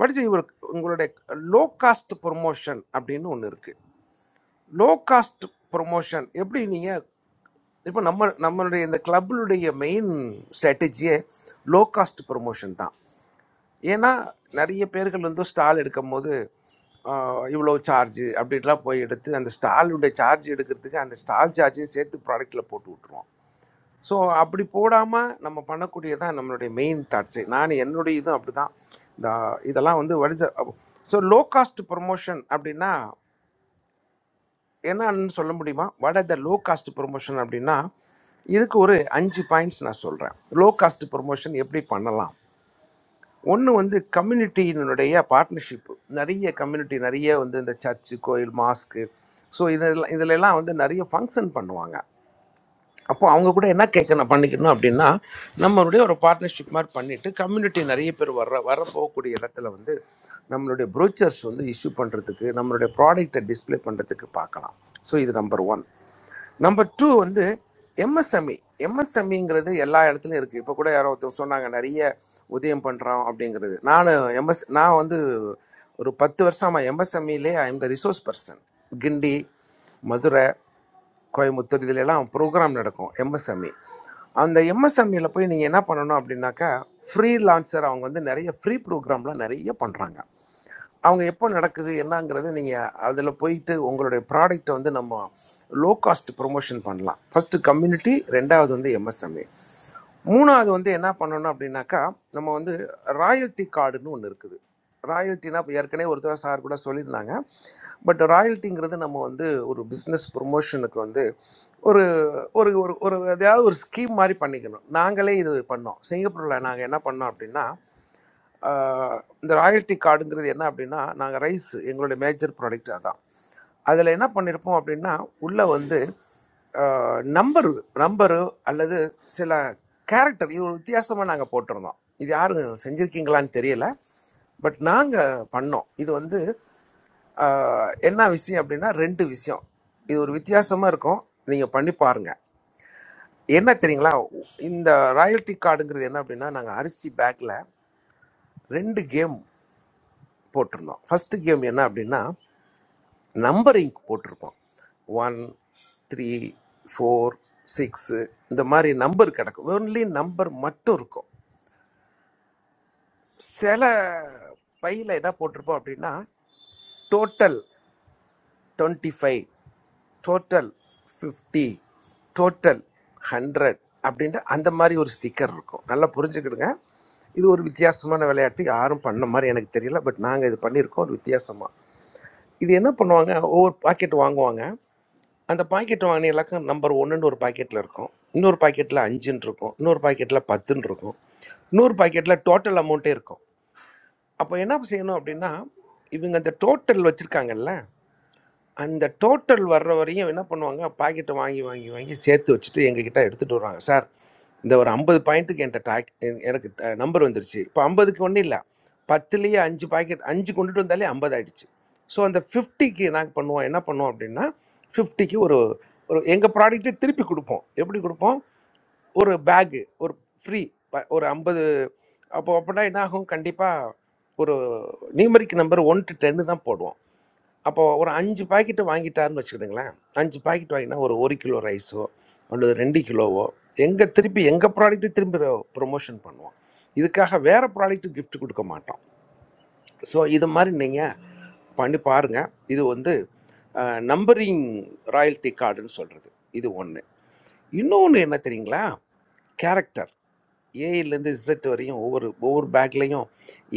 S12: வாட் இஸ் யுவர் உங்களுடைய லோ காஸ்ட் ப்ரொமோஷன் அப்படின்னு ஒன்று இருக்குது லோ காஸ்ட் ப்ரொமோஷன் எப்படி நீங்கள் இப்போ நம்ம நம்மளுடைய இந்த கிளப்ளுடைய மெயின் ஸ்ட்ராட்டஜியே லோ காஸ்ட் ப்ரொமோஷன் தான் ஏன்னா நிறைய பேர்கள் வந்து ஸ்டால் எடுக்கும் போது ஆஹ், இவ்வளோ சார்ஜ் அப்படின்லாம் போய் எடுத்து அந்த ஸ்டாலுடைய சார்ஜ் எடுக்கிறதுக்கு அந்த ஸ்டால் சார்ஜையும் சேர்த்து ப்ராடக்ட்டில் போட்டு விட்ருவோம் ஸோ அப்படி போடாமல் நம்ம பண்ணக்கூடியதான் நம்மளுடைய மெயின் தாட்ஸு நான் என்னுடைய இதுவும் அப்படி தான் இந்த இதெல்லாம் வந்து வடிச ஸோ லோ காஸ்ட் ப்ரொமோஷன் அப்படின்னா என்னன்னு சொல்ல முடியுமா what are the low cost promotion அப்படின்னா இதுக்கு ஒரு அஞ்சு பாயிண்ட்ஸ் நான் சொல்கிறேன் லோ காஸ்ட் ப்ரொமோஷன் எப்படி பண்ணலாம் ஒன்று வந்து கம்யூனிட்டியினுடைய பார்ட்னர்ஷிப் நிறைய கம்யூனிட்டி நிறைய வந்து இந்த சர்ச்சு கோயில் மாஸ்க்கு ஸோ இதெல்லாம் இதிலெல்லாம் வந்து நிறைய ஃபங்க்ஷன் பண்ணுவாங்க அப்போ அவங்க கூட என்ன கேட்கணும் பண்ணிக்கணும் அப்படின்னா நம்மளுடைய ஒரு பார்ட்னர்ஷிப் மாதிரி பண்ணிவிட்டு கம்யூனிட்டி நிறைய பேர் வர்ற வர போகக்கூடிய இடத்துல வந்து நம்மளுடைய ப்ரோச்சர்ஸ் வந்து இஷ்யூ பண்ணுறதுக்கு நம்மளுடைய ப்ராடக்டை டிஸ்ப்ளே பண்ணுறதுக்கு பார்க்கலாம் ஸோ இது நம்பர் ஒன் நம்பர் டூ வந்து எம்எஸ்எம்இ எம்எஸ்எம்இங்கிறது எல்லா இடத்துலையும் இருக்குது இப்போ கூட யாரோ ஒருத்தர் சொன்னாங்க நிறைய உதயம் பண்ணுறோம் அப்படிங்கிறது நான் எம்எஸ் நான் வந்து ஒரு பத்து வருஷமா எம்எஸ்எம்இலே I am the resource person Guindy Madurai Coimbatore இதுல எல்லாம் ப்ரோக்ராம் நடக்கும் எம்எஸ்எம்இ அந்த எம்எஸ்எம்இல போய் நீங்கள் என்ன பண்ணணும் அப்படின்னாக்கா ஃப்ரீ லான்சர் அவங்க வந்து நிறைய ஃப்ரீ ப்ரோக்ராம்லாம் நிறைய பண்ணுறாங்க அவங்க எப்போ நடக்குது என்னங்கிறது நீங்கள் அதில் போயிட்டு உங்களுடைய ப்ராடக்ட்டை வந்து நம்ம லோ காஸ்ட் ப்ரொமோஷன் பண்ணலாம் ஃபஸ்ட்டு கம்யூனிட்டி ரெண்டாவது வந்து எம்எஸ்எம்ஏ மூணாவது வந்து என்ன பண்ணணும் அப்படின்னாக்கா நம்ம வந்து ராயல்ட்டி கார்டுன்னு ஒன்று இருக்குது ராயல்ட்டினா இப்போ ஏற்கனவே ஒருத்தர் சார் கூட சொல்லியிருந்தாங்க பட் ராயல்ட்டிங்கிறது நம்ம வந்து ஒரு பிஸ்னஸ் ப்ரொமோஷனுக்கு வந்து ஒரு ஒரு ஒரு ஒரு எதாவது ஒரு ஸ்கீம் மாதிரி பண்ணிக்கணும் நாங்களே இது பண்ணோம் சிங்கப்பூரில் நாங்கள் என்ன பண்ணோம் அப்படின்னா ஆஹ் இந்த ராயல்ட்டி கார்டுங்கிறது என்ன அப்படின்னா நாங்கள் ரைஸ் எங்களுடைய மேஜர் ப்ராடக்ட் அதான் அதில் என்ன பண்ணியிருப்போம் அப்படின்னா உள்ளே வந்து நம்பர் நம்பரு அல்லது சில கேரக்டர் இது ஒரு வித்தியாசமாக நாங்கள் போட்டிருந்தோம் இது யாரும் செஞ்சுருக்கீங்களான்னு தெரியல பட் நாங்கள் பண்ணோம் இது வந்து ஆஹ், என்ன விஷயம் அப்படின்னா ரெண்டு விஷயம் இது ஒரு வித்தியாசமாக இருக்கும் நீங்கள் பண்ணி பாருங்கள் என்ன தெரியுங்களா இந்த ராயல்ட்டி கார்டுங்கிறது என்ன அப்படின்னா நாங்கள் அரிசி பேக்கில் ரெண்டு கேம் போட்டிருந்தோம் ஃபஸ்ட்டு கேம் என்ன அப்படின்னா நம்பரிங் போட்டிருப்போம் ஒன் த்ரீ ஃபோர் சிக்ஸு இந்த மாதிரி நம்பர் கிடக்கும் ஒன்லி நம்பர் மட்டும் இருக்கும் சில பையில் என்ன போட்டிருப்போம் அப்படின்னா total twenty five total fifty total hundred அப்படின்ட்டு அந்த மாதிரி ஒரு ஸ்டிக்கர் இருக்கும் நல்லா புரிஞ்சுக்கிடுங்க இது ஒரு வித்தியாசமான விளையாட்டு யாரும் பண்ண மாதிரி எனக்கு தெரியல பட் நாங்கள் இது பண்ணியிருக்கோம் ஒரு வித்தியாசமாக இது என்ன பண்ணுவாங்க ஒவ்வொரு பாக்கெட் வாங்குவாங்க அந்த பாக்கெட் வாங்கின எல்லாக்கும் நம்பர் ஒன்றுன்னு ஒரு பாக்கெட்டில் இருக்கும் இன்னொரு பாக்கெட்டில் அஞ்சுன்னு இருக்கும் இன்னொரு பாக்கெட்டில் பத்துன்னு இருக்கும் இன்னொரு பாக்கெட்டில் டோட்டல் அமௌண்ட்டே இருக்கும் அப்போ என்ன செய்யணும் அப்படின்னா இவங்க அந்த டோட்டல் வச்சுருக்காங்கல்ல அந்த டோட்டல் வர்ற வரையும் என்ன பண்ணுவாங்க பாக்கெட்டை வாங்கி வாங்கி வாங்கி சேர்த்து வச்சுட்டு எங்ககிட்ட எடுத்துகிட்டு வருவாங்க சார் இந்த ஒரு ஐம்பது பாயிண்ட்டுக்கு என்கிட்ட டாக் எ- எனக்கு நம்பர் வந்துருச்சு இப்போ ஐம்பதுக்கு ஒன்றும் இல்லை பத்துலேயே அஞ்சு பாக்கெட் அஞ்சு கொண்டுட்டு வந்தாலே ஐம்பது ஆயிடுச்சு ஸோ அந்த ஃபிஃப்டிக்கு நாங்கள் பண்ணுவோம் என்ன பண்ணுவோம் அப்படின்னா ஃபிஃப்டிக்கு ஒரு ஒரு எங்கள் ப்ராடக்ட்டை திருப்பி கொடுப்போம் எப்படி கொடுப்போம் ஒரு பேகு ஒரு ஃப்ரீ ஒரு ஐம்பது அப்போ அப்படின்னா என்ன ஆகும் கண்டிப்பாக ஒரு நியூமரிக் நம்பர் ஒன் டு டென்னு தான் போடுவோம் அப்போ ஒரு அஞ்சு பாக்கெட்டு வாங்கிட்டாருன்னு வச்சுக்கிடுங்களேன் அஞ்சு பாக்கெட் வாங்கினா ஒரு ஒரு கிலோ ரைஸோ அல்லது ரெண்டு கிலோவோ எங்கே திருப்பி எங்கள் ப்ராடக்ட்டு திரும்பி ப்ரொமோஷன் பண்ணுவோம் இதுக்காக வேறு ப்ராடக்ட்டு gift கொடுக்க மாட்டோம் ஸோ இது மாதிரி நீங்கள் பண்ணி பாருங்கள் இது வந்து நம்பரிங் ராயல்ட்டி கார்டுன்னு சொல்கிறது இது ஒன்று இன்னொன்று என்ன தெரியுங்களா கேரக்டர் ஏலேருந்து இசட் வரையும் ஒவ்வொரு ஒவ்வொரு பேக்லேயும்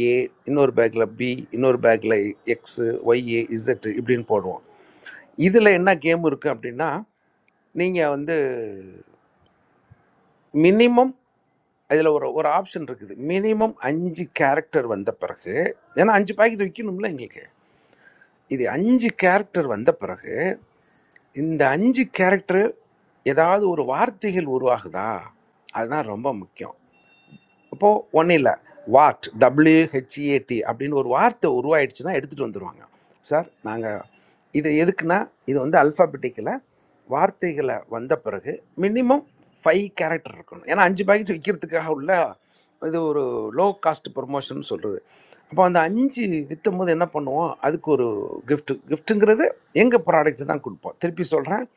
S12: ஏ இன்னொரு பேக்கில் பி இன்னொரு பேக்கில் எக்ஸு ஒய்ஏ இசட் இப்படின்னு போடுவோம் இதில் என்ன கேம் இருக்குது அப்படின்னா நீங்கள் வந்து மினிமம் இதில் ஒரு ஒரு ஆப்ஷன் இருக்குது மினிமம் அஞ்சு கேரக்டர் வந்த பிறகு ஏன்னா அஞ்சு பாக்கெட் விற்கணும்ல எங்களுக்கு இது அஞ்சு கேரக்டர் வந்த பிறகு இந்த அஞ்சு கேரக்டர் ஏதாவது ஒரு வார்த்தைகள் உருவாகுதா அதுதான் ரொம்ப முக்கியம் அப்போது ஒன்றும் இல்லை வாட் டபிள்யூஹெச்ஏடி அப்படின்னு ஒரு வார்த்தை உருவாயிடுச்சுன்னா எடுத்துகிட்டு வந்துடுவாங்க சார் நாங்கள் இது எதுக்குன்னா இது வந்து அல்ஃபாபெட்டிக்கில் வார்த்தைகளை வந்த பிறகு மினிமம் ஃபைவ் கேரக்டர் இருக்கணும் ஏன்னா அஞ்சு பாக்கெட் விற்கிறதுக்காக உள்ள இது ஒரு லோ காஸ்ட் ப்ரொமோஷன் சொல்கிறது அப்போ அந்த அஞ்சு விற்கும் போது என்ன பண்ணுவோம் அதுக்கு ஒரு gift giftங்கிறது எங்கள் ப்ராடக்ட் தான் கொடுப்போம் திருப்பி சொல்கிறேன்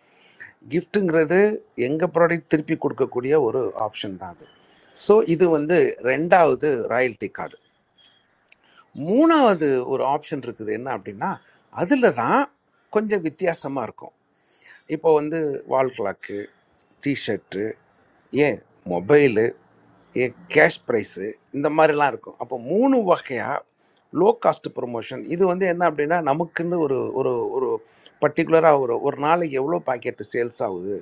S12: கிஃப்ட்டுங்கிறது எங்கள் ப்ராடக்ட் திருப்பி கொடுக்கக்கூடிய ஒரு ஆப்ஷன் தான் அது ஸோ இது வந்து ரெண்டாவது ராயல்ட்டி கார்டு மூணாவது ஒரு ஆப்ஷன் இருக்குது என்ன அப்படின்னா அதில் தான் கொஞ்சம் வித்தியாசமாக இருக்கும் இப்போ வந்து வால் கிளாக்கு டிஷர்ட்டு ஏன் மொபைலு ஏன் கேஷ் ப்ரைஸு இந்த மாதிரிலாம் இருக்கும் அப்போ மூணு வகையாக லோ காஸ்ட் ப்ரொமோஷன் இது வந்து என்ன அப்படின்னா நமக்குன்னு ஒரு ஒரு ஒரு பர்டிகுலராக ஒரு ஒரு நாளைக்கு எவ்வளோ பாக்கெட்டு சேல்ஸ் ஆகுது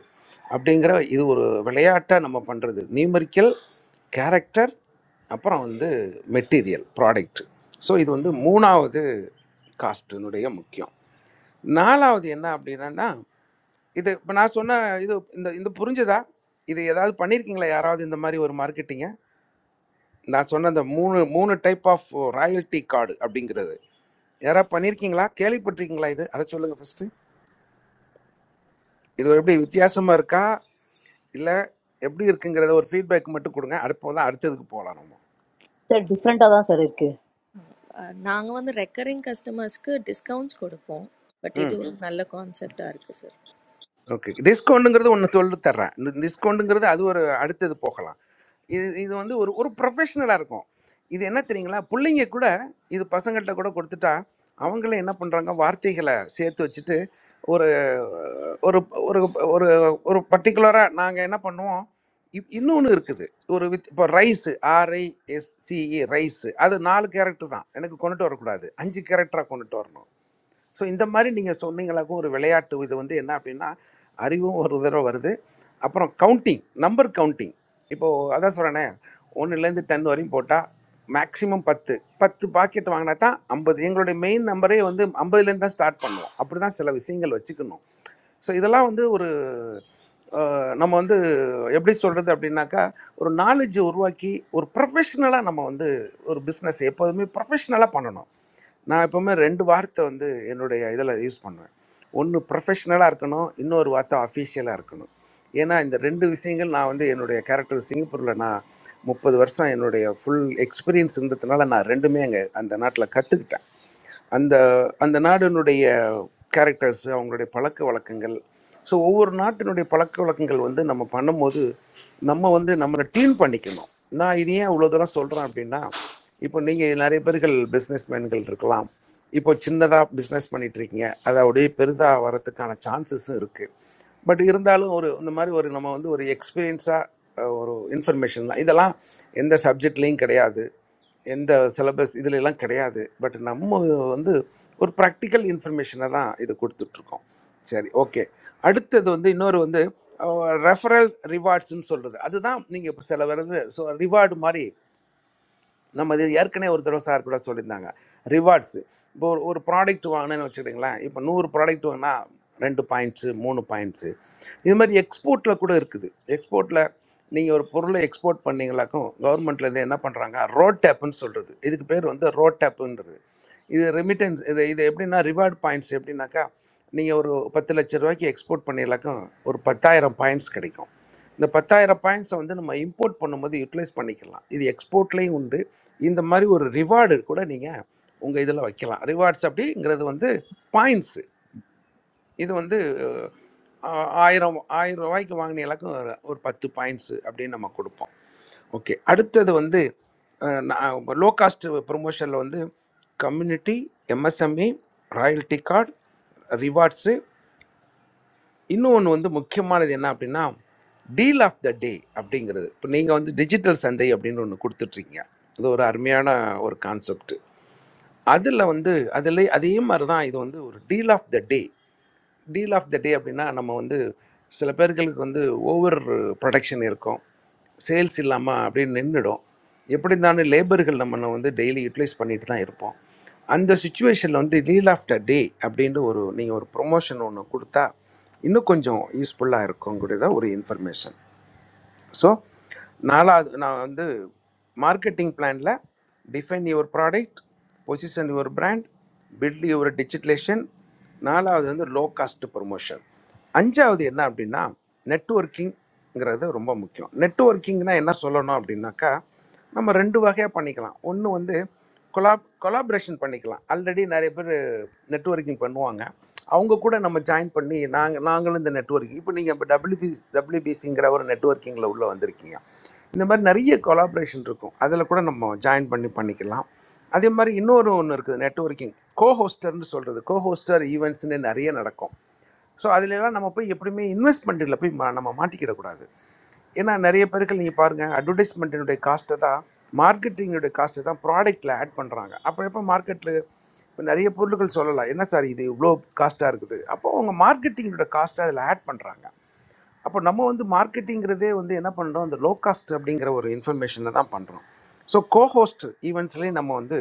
S12: அப்படிங்கிற இது ஒரு விளையாட்டாக நம்ம பண்ணுறது நியூமரிக்கல் கேரக்டர் அப்புறம் வந்து மெட்டீரியல் ப்ராடக்ட் ஸோ இது வந்து மூணாவது காஸ்ட்டினுடைய முக்கியம் நாலாவது என்ன அப்படின்னா இது இப்போ நான் சொன்ன இது இந்த இந்த புரிஞ்சுதா இது ஏதாவது பண்ணியிருக்கீங்களா யாராவது இந்த மாதிரி ஒரு மார்க்கெட்டிங்க நான் சொன்ன அந்த மூணு மூணு டைப் ஆஃப் ராயல்ட்டி கார்டு அப்படிங்கிறது யாராவது பண்ணியிருக்கீங்களா கேள்விப்பட்டிருக்கீங்களா இது அதை சொல்லுங்கள் ஃபஸ்ட்டு இது எப்படி வித்தியாசமாக இருக்கா இல்லை எப்படி இருக்குங்கிறத ஒரு ஃபீட்பேக் மட்டும் கொடுங்க அடுப்போம் தான் அடுத்ததுக்கு போகலாம் நம்ம
S1: Sir, different a da sir irki.
S14: Ah, naangwande recurring customers ko discounts kora po. Buti
S12: ம்
S14: the one nalla concept arko sir.
S12: Okay டிஸ்கவுண்ட்டுங்கிறது ஒன்று சொல்லி தர்றேன் இந்த டிஸ்கவுண்ட்டுங்கிறது அது ஒரு அடுத்தது போகலாம் இது இது வந்து ஒரு ஒரு ப்ரொஃபஷ்னலாக இருக்கும் இது என்ன தெரியுங்களா பிள்ளைங்க கூட இது பசங்கள்கிட்ட கூட கொடுத்துட்டா அவங்களே என்ன பண்ணுறாங்க வார்த்தைகளை சேர்த்து வச்சுட்டு ஒரு ஒரு ஒரு ஒரு ஒரு பர்டிகுலராக நாங்கள் என்ன பண்ணுவோம் இன்னொன்று இருக்குது ஒரு வித் இப்போ ரைஸு ஆர்ஐஎஸ்சிஇ ரைஸு அது நாலு கேரக்டர் தான் எனக்கு கொண்டுட்டு வரக்கூடாது அஞ்சு கேரக்டராக கொண்டுட்டு வரணும் ஸோ இந்த மாதிரி நீங்கள் சொன்னீங்களாக்கும் ஒரு விளையாட்டு இது வந்து என்ன அப்படின்னா அறிவும் ஒரு தடவை வருது அப்புறம் கவுண்டிங் நம்பர் கவுண்டிங் இப்போது அதான் சொல்கிறேனே ஒன்றுலேருந்து டென் வரையும் போட்டால் மேக்ஸிமம் பத்து பத்து பாக்கெட் வாங்கினா தான் ஐம்பது எங்களுடைய மெயின் நம்பரே வந்து ஐம்பதுலேருந்து தான் ஸ்டார்ட் பண்ணுவோம் அப்படி தான் சில விஷயங்கள் வச்சுக்கணும் ஸோ இதெல்லாம் வந்து ஒரு அஹ், நம்ம வந்து எப்படி சொல்கிறது அப்படின்னாக்கா ஒரு நாலேஜை உருவாக்கி ஒரு ப்ரொஃபஷ்னலாக நம்ம வந்து ஒரு பிஸ்னஸ் எப்போதுமே ப்ரொஃபஷ்னலாக பண்ணணும் நான் எப்போவுமே ரெண்டு வார்த்தை வந்து என்னுடைய இதில் யூஸ் பண்ணுவேன் ஒன்று ப்ரொஃபஷ்னலாக இருக்கணும் இன்னொரு வார்த்தை அஃபீஷியலாக இருக்கணும் ஏன்னா இந்த ரெண்டு விஷயங்கள் நான் வந்து என்னுடைய கேரக்டர் சிங்கப்பூரில் நான் முப்பது வருஷம் என்னுடைய ஃபுல் எக்ஸ்பீரியன்ஸ்ன்றதுனால நான் ரெண்டுமே அங்கே அந்த நாட்டில் கற்றுக்கிட்டேன் அந்த அந்த நாடினுடைய கேரக்டர்ஸ் அவங்களுடைய பழக்க வழக்கங்கள் ஸோ ஒவ்வொரு நாட்டினுடைய பழக்க வழக்கங்கள் வந்து நம்ம பண்ணும்போது நம்ம வந்து நம்மளை டியூன் பண்ணிக்கணும் நான் இது ஏன் இவ்வளோ தூரம் சொல்கிறேன் அப்படின்னா இப்போ நீங்கள் நிறைய பேர்கள் பிஸ்னஸ் மேன்கள் இருக்கலாம் இப்போ சின்னதாக பிஸ்னஸ் பண்ணிட்டு இருக்கீங்க அது அப்படியே பெரிதாக வரத்துக்கான சான்சஸும் இருக்குது பட் இருந்தாலும் ஒரு இந்த மாதிரி ஒரு நம்ம வந்து ஒரு எக்ஸ்பீரியன்ஸாக ஒரு இன்ஃபர்மேஷன்லாம் இதெல்லாம் எந்த சப்ஜெக்ட்லேயும் கிடையாது எந்த சிலபஸ் இதுலெல்லாம் கிடையாது பட் நம்ம வந்து ஒரு ப்ராக்டிக்கல் இன்ஃபர்மேஷனை தான் இது கொடுத்துட்ருக்கோம் சரி ஓகே அடுத்தது வந்து இன்னொரு வந்து ரெஃபரல் ரிவார்ட்ஸ்னு சொல்கிறது அதுதான் நீங்கள் இப்போ சில வருது ஸோ ரிவார்டு மாதிரி நம்ம இது ஏற்கனவே ஒரு தடவை சார் கூட சொல்லியிருந்தாங்க ரிவார்ட்ஸு இப்போ ஒரு ஒரு ப்ராடக்ட் வாங்கினேன்னு வச்சுக்கிங்களேன் இப்போ நூறு ப்ராடக்ட் வாங்கினா ரெண்டு பாயிண்ட்ஸு மூணு பாயிண்ட்ஸு இது மாதிரி எக்ஸ்போர்ட்டில் கூட இருக்குது எக்ஸ்போர்ட்டில் நீங்கள் ஒரு பொருளை எக்ஸ்போர்ட் பண்ணீங்களாக்கும் கவர்மெண்ட்லேருந்து என்ன பண்ணுறாங்க ரோட் டேப்புன்னு சொல்கிறது இதுக்கு பேர் வந்து ரோட் டேப்புன்றது இது ரெமிட்டன்ஸ் இது இது எப்படின்னா ரிவார்ட் பாயிண்ட்ஸ் எப்படின்னாக்கா நீங்கள் ஒரு பத்து லட்ச ரூபாய்க்கு எக்ஸ்போர்ட் பண்ணிங்களாக்கும் ஒரு பத்தாயிரம் பாயிண்ட்ஸ் கிடைக்கும் இந்த பத்தாயிரம் பாயிண்ட்ஸை வந்து நம்ம இம்போர்ட் பண்ணும்போது யூட்டிலைஸ் பண்ணிக்கலாம் இது எக்ஸ்போர்ட்லேயும் உண்டு இந்த மாதிரி ஒரு ரிவார்டு கூட நீங்கள் உங்கள் இதில் வைக்கலாம் ரிவார்ட்ஸ் அப்படிங்கிறது வந்து பாயிண்ட்ஸு இது வந்து அஹ், ஆயிரம் ஆயிரம் ரூபாய்க்கு வாங்கின எல்லாக்கும் ஒரு ஒரு பத்து பாயிண்ட்ஸு அப்படின்னு நம்ம கொடுப்போம் ஓகே அடுத்தது வந்து லோ காஸ்ட் ப்ரொமோஷனில் வந்து community MSME royalty card rewards இன்னொன்று வந்து முக்கியமானது என்ன அப்படின்னா டீல் ஆஃப் த டே அப்படிங்கிறது இப்போ நீங்கள் வந்து டிஜிட்டல் சண்டே அப்படின்னு ஒன்று கொடுத்துட்ருக்கீங்க இது ஒரு அருமையான ஒரு கான்செப்ட் அதில் வந்து அதில் அதே மாதிரி தான் இது வந்து ஒரு deal of the day deal of the day அப்படின்னா நம்ம வந்து சில பேர்களுக்கு வந்து ஓவர் ப்ரொடக்ஷன் இருக்கும் சேல்ஸ் இல்லாமல் அப்படியே நின்றுடும் எப்படி இருந்தாலும் லேபர்கள் நம்ம வந்து டெய்லி யூட்டிலைஸ் பண்ணிட்டு தான் இருப்போம் அந்த சுச்சுவேஷனில் வந்து டீல் ஆஃப் த டே அப்படின்ட்டு ஒரு நீங்கள் ஒரு ப்ரொமோஷன் ஒன்று கொடுத்தா இன்னும் கொஞ்சம் யூஸ்ஃபுல்லாக இருக்குங்கிறத ஒரு இன்ஃபர்மேஷன் ஸோ நாலாவது நான் வந்து மார்க்கெட்டிங் பிளானில் define your product position your brand build your digitalisation நாலாவது வந்து லோ காஸ்ட் ப்ரொமோஷன் அஞ்சாவது என்ன அப்படின்னா நெட்வொர்க்கிங்கிறது ரொம்ப முக்கியம் நெட்வொர்க்கிங்னா என்ன சொல்லணும் அப்படின்னாக்கா நம்ம ரெண்டு வகையாக பண்ணிக்கலாம் ஒன்று வந்து கொலாப் கொலாபரேஷன் பண்ணிக்கலாம் ஆல்ரெடி நிறைய பேர் நெட்வொர்க்கிங் பண்ணுவாங்க அவங்க கூட நம்ம ஜாயின் பண்ணி நாங்கள் நாங்களும் இந்த நெட்வொர்க்கிங் இப்போ நீங்கள் இப்போ டபிள்யூபி டபிள்யூபிசிங்கிற ஒரு நெட்வொர்க்கிங்கில் உள்ளே வந்திருக்கீங்க இந்த மாதிரி நிறைய கொலாபரேஷன் இருக்கும் அதில் கூட நம்ம ஜாயின் பண்ணி பண்ணிக்கலாம் அதே மாதிரி இன்னொரு ஒன்று இருக்குது நெட்வொர்க்கிங் கோஹோஸ்டர்னு சொல்கிறது கோஹோஸ்டர் ஈவெண்ட்ஸ்னு நிறைய நடக்கும் ஸோ அதிலெல்லாம் நம்ம போய் எப்படியுமே இன்வெஸ்ட்மெண்ட்டில் போய் மா- நம்ம மாட்டிக்கிடக்கூடாது ஏன்னா நிறைய பேருக்கு நீங்கள் பாருங்கள் அட்வர்டைஸ்மெண்ட்டினுடைய காஸ்ட்டை தான் மார்க்கெட்டிங்கினுடைய காஸ்ட்டை தான் ப்ராடக்ட்டில் ஆட் பண்ணுறாங்க அப்போ எப்போ மார்க்கெட்டில் இப்போ நிறைய பொருட்கள் சொல்லலாம் என்ன சார் இது இவ்வளோ காஸ்ட்டாக இருக்குது அப்போ அவங்க மார்க்கெட்டிங்கோட காஸ்ட்டை அதில் ஆட் பண்ணுறாங்க அப்போ நம்ம வந்து மார்க்கெட்டிங்கிறதே வந்து என்ன பண்ணுறோம் அந்த லோ காஸ்ட் அப்படிங்கிற ஒரு இன்ஃபர்மேஷனை தான் பண்ணுறோம் ஸோ கோஹோஸ்ட் ஈவெண்ட்ஸ்லேயும் நம்ம வந்து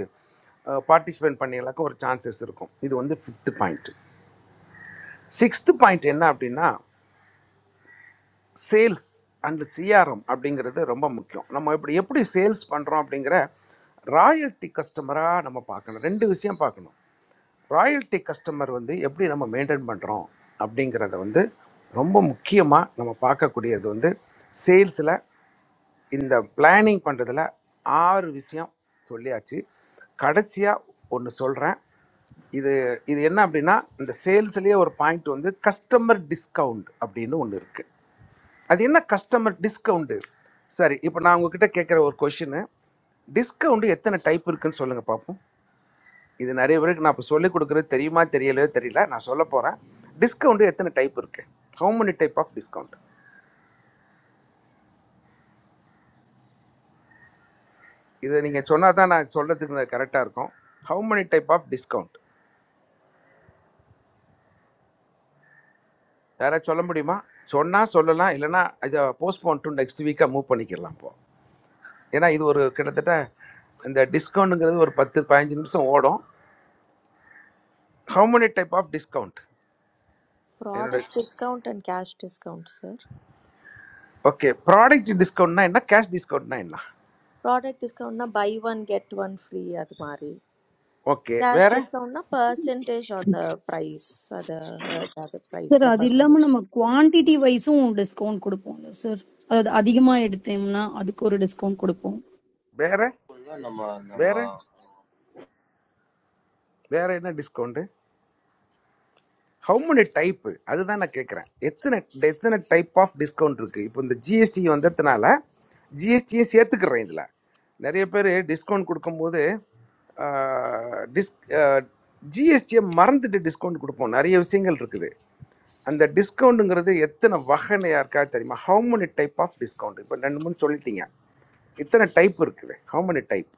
S12: பார்ட்டிசிபேட் பண்ணியலாக்க ஒரு சான்சஸ் இருக்கும் இது வந்து ஃபிஃப்த் பாயிண்ட் சிக்ஸ்த்து பாயிண்ட் என்ன அப்படின்னா சேல்ஸ் அண்டு சிஆர்எம் அப்படிங்கிறது ரொம்ப முக்கியம் நம்ம இப்படி எப்படி சேல்ஸ் பண்ணுறோம் அப்படிங்கிற ராயல்ட்டி கஸ்டமராக நம்ம பார்க்கணும் ரெண்டு விஷயம் பார்க்கணும் ராயல்ட்டி கஸ்டமர் வந்து எப்படி நம்ம மெயின்டைன் பண்ணுறோம் அப்படிங்கிறத வந்து ரொம்ப முக்கியமாக நம்ம பார்க்கக்கூடியது வந்து சேல்ஸில் இந்த பிளானிங் பண்ணுறதுல ஆறு விஷயம் சொல்லியாச்சு கடைசியாக ஒன்று சொல்கிறேன் இது இது என்ன அப்படின்னா இந்த சேல்ஸ்லேயே ஒரு பாயிண்ட் வந்து கஸ்டமர் டிஸ்கவுண்ட் அப்படின்னு ஒன்று இருக்குது அது என்ன கஸ்டமர் டிஸ்கவுண்ட்டு சரி இப்போ நான் உங்ககிட்ட கேட்குற ஒரு கொஷினு டிஸ்கவுண்ட் எத்தனை டைப் இருக்குன்னு சொல்லுங்கள் பார்ப்போம் இது நிறைய பேருக்கு நான் இப்போ சொல்லிக் கொடுக்குறது தெரியுமா தெரியலையோ தெரியல நான் சொல்ல போகிறேன் டிஸ்கவுண்ட் எத்தனை டைப் இருக்குது how many type of discount இதை நீங்கள் சொன்னால் தான் நான் சொல்கிறதுக்கு கரெக்டாக இருக்கும் how many type of discount யாராவது சொல்ல முடியுமா சொன்னால் சொல்லலாம் இல்லைன்னா இதை போஸ்ட்போன் டு நெக்ஸ்ட் வீக்காக மூவ் பண்ணிக்கலாம் இப்போ ஏன்னா இது ஒரு கிட்டத்தட்ட இந்த டிஸ்கவுண்ட்டுங்கிறது ஒரு பத்து பதினஞ்சு நிமிஷம் ஓடும் how many type of discount என்னுடைய
S14: Product discount and cash discount, sir.
S12: Okay product டிஸ்கவுண்ட்னா என்ன கேஷ் டிஸ்கவுண்ட்னா என்ன
S14: Product discount na buy one get one free adhmari.
S12: Okay
S14: Cash
S12: வேறு
S14: discount na percentage on the price, adha jabe price
S15: sir
S14: la
S15: அது
S14: percentage.
S15: இல்லாமல் நம்ம quantity வைஸும் discount கொடுப்போம்ல sir அதாவது அதிகமாக எடுத்தோம்னா அதுக்கு ஒரு டிஸ்கவுண்ட் கொடுப்போம்
S12: வேறு
S20: No, no,
S12: வேறு
S20: no.
S12: வேறு என்ன டிஸ்கவுண்ட்டு ஹவு many டைப் அதுதான் நான் கேட்குறேன் எத்தனை எத்தனை டைப் ஆஃப் டிஸ்கவுண்ட் இருக்கு இப்போ இந்த ஜிஎஸ்டி வந்ததுனால ஜிஎஸ்டியும் சேர்த்துக்கிறேன் இதில் நிறைய பேர் டிஸ்கவுண்ட் கொடுக்கும்போது டிஸ் ஜிஎஸ்டியை மறந்துட்டு டிஸ்கவுண்ட் கொடுப்போம் நிறைய விஷயங்கள் இருக்குது அந்த டிஸ்கவுண்ட்டுங்கிறது எத்தனை வகைனையா இருக்கா தெரியுமா how many type of discount இப்போ ரெண்டு மூணு சொல்லிட்டீங்க இத்தனை டைப் இருக்குது how many type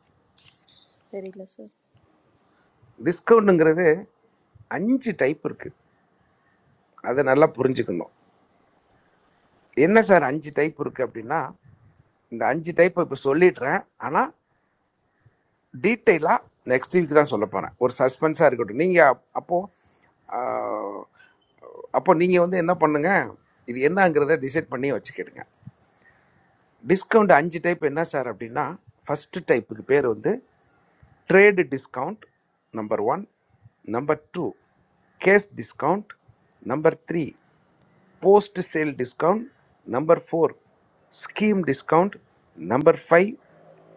S14: Teri gula sir.
S12: டிஸ்கவுண்ட்டுங்கிறது அஞ்சு டைப் இருக்குது அதை நல்லா புரிஞ்சுக்கணும் என்ன சார் அஞ்சு டைப் இருக்குது அப்படின்னா இந்த அஞ்சு டைப் இப்போ சொல்லிடுறேன் ஆனால் டீட்டெயிலாக நெக்ஸ்ட் வீக் தான் சொல்ல போகிறேன் ஒரு சஸ்பென்ஸாக இருக்கட்டும் நீங்கள் அப்போது அப்போ நீங்கள் வந்து என்ன பண்ணுங்க இது என்னங்கிறத டிசைட் பண்ணி வச்சுக்கிடுங்க டிஸ்கவுண்ட் அஞ்சு டைப் என்ன சார் அப்படின்னா ஃபஸ்ட்டு டைப்புக்கு பேர் வந்து trade discount number one number two cash discount number three post sale discount number four scheme discount number five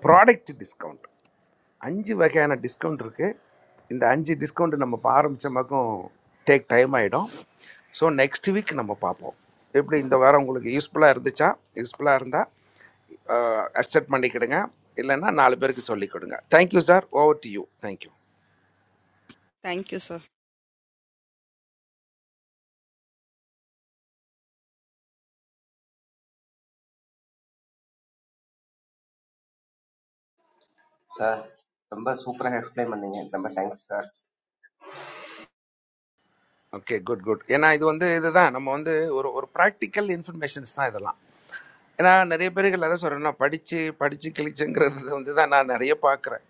S12: product discount அஞ்சு வகையான டிஸ்கவுண்ட் இருக்குது இந்த அஞ்சு டிஸ்கவுண்ட் நம்ம இப்போ ஆரம்பிச்ச பக்கம் டேக் டைம் ஆகிடும் ஸோ நெக்ஸ்ட் வீக் நம்ம பார்ப்போம் எப்படி இந்த வாரம் உங்களுக்கு யூஸ்ஃபுல்லாக இருந்துச்சா யூஸ்ஃபுல்லாக இருந்தால் அக்செப்ட் பண்ணிக்கிடுங்க இல்லைன்னா நாலு பேருக்கு சொல்லிக் கொடுங்க thank you sir over to you thank you
S2: thank you sir
S12: okay good good ஏன்னா இது வந்து இதுதான் நம்ம வந்து ஒரு ஒரு ப்ராக்டிக்கல் இன்ஃபர்மேஷன்ஸ் தான் இதெல்லாம் நான் நிறைய பேர்கள் அதான் சொல்கிறேன் நான் படித்து படித்து கிழிச்சங்கிறது வந்து தான் நான் நிறைய பார்க்குறேன்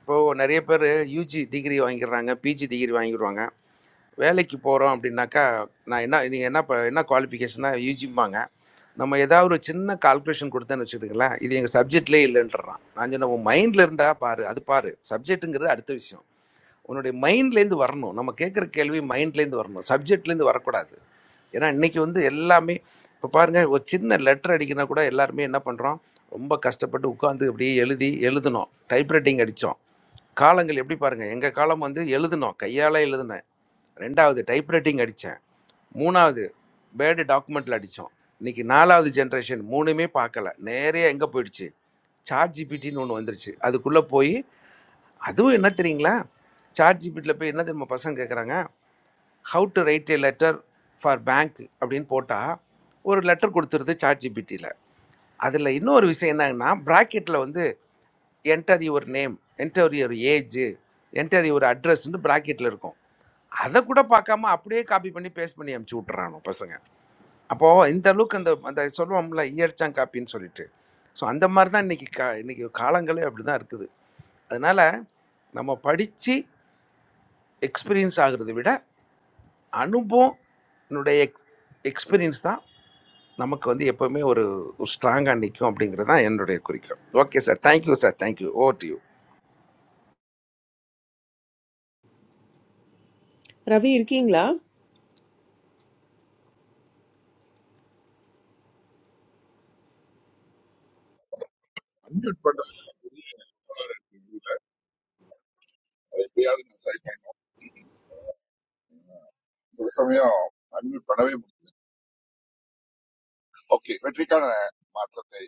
S12: இப்போது நிறைய பேர் யூஜி டிகிரி வாங்கிடுறாங்க பிஜி டிகிரி வாங்கிடுவாங்க வேலைக்கு போகிறோம் அப்படின்னாக்கா நான் என்ன நீங்கள் என்ன ப- என்ன குவாலிஃபிகேஷனாக யூஜிம்பாங்க நம்ம ஏதாவது ஒரு சின்ன கால்குலேஷன் கொடுத்தேன்னு வச்சுக்கிட்டுங்களேன் இது எங்கள் சப்ஜெக்ட்லேயே இல்லைன்றான் நான் சொன்ன உன் மைண்டில் இருந்தால் பாரு அது பாரு சப்ஜெக்ட்டுங்கிறது அடுத்த விஷயம் உன்னுடைய மைண்ட்லேருந்து வரணும் நம்ம கேட்குற கேள்வி மைண்ட்லேருந்து வரணும் சப்ஜெக்ட்லேருந்து வரக்கூடாது ஏன்னா இன்னைக்கு வந்து எல்லாமே இப்போ பாருங்கள் ஒரு சின்ன லெட்டர் அடிக்கினா கூட எல்லாருமே என்ன பண்ணுறோம் ரொம்ப கஷ்டப்பட்டு உட்காந்து அப்படியே எழுதி எழுதணும் டைப்ரைட்டிங் அடித்தோம் காலங்கள் எப்படி பாருங்கள் எங்கள் காலம் வந்து எழுதணும் கையால் எழுதினேன் ரெண்டாவது டைப்ரைட்டிங் அடித்தேன் மூணாவது பேர்டு டாக்குமெண்ட்டில் அடித்தோம் இன்னைக்கு நாலாவது ஜென்ரேஷன் மூணுமே பார்க்கல நேரே எங்கே போயிடுச்சு சாட் ஜிபிடின்னு ஒன்று வந்துருச்சு அதுக்குள்ளே போய் அதுவும் என்ன தெரியுங்களா சாட் ஜிபிட்டியில் போய் என்ன தெரியுமா பசங்க கேட்குறாங்க how to write a letter for bank அப்படின்னு போட்டால் ஒரு லெட்டர் கொடுத்துருது சாட் ஜிபிட்டியில் அதில் இன்னொரு விஷயம் என்னன்னா ப்ராக்கெட்டில் வந்து enter your name enter your age enter your அட்ரஸ்ன்னு ப்ராக்கெட்டில் இருக்கும் அதை கூட பார்க்காம அப்படியே காப்பி பண்ணி பேஸ்ட் பண்ணி அமுச்சு விட்றானோ பசங்க அப்போது இந்த அளவுக்கு அந்த அந்த சொல்லுவோம்ல ஈயடிச்சான் காப்பின்னு சொல்லிட்டு ஸோ அந்த மாதிரி தான் இன்றைக்கி கா இன்றைக்கி காலங்களே அப்படி தான் இருக்குது அதனால் நம்ம படித்து எக்ஸ்பீரியன்ஸ் ஆகுறதை விட அனுபவம் என்னுடைய எக்ஸ் எக்ஸ்பீரியன்ஸ் தான் நமக்கு வந்து எப்போவுமே ஒரு ஸ்ட்ராங்காக நிற்கும் அப்படிங்கிறது தான் என்னுடைய குறிக்கோள் okay sir thank you sir thank you oh to you.
S22: Ravir Kingla.
S5: Unmute பண்றதுல பெரிய தவறு இருக்கு இதுல. அது எப்படியாவது நான் சரி பண்ணணும் ஒரு சமயம் அன்மியூட் பண்ணவே முடியல ஓகே வெற்றிக்கான மாற்றத்தை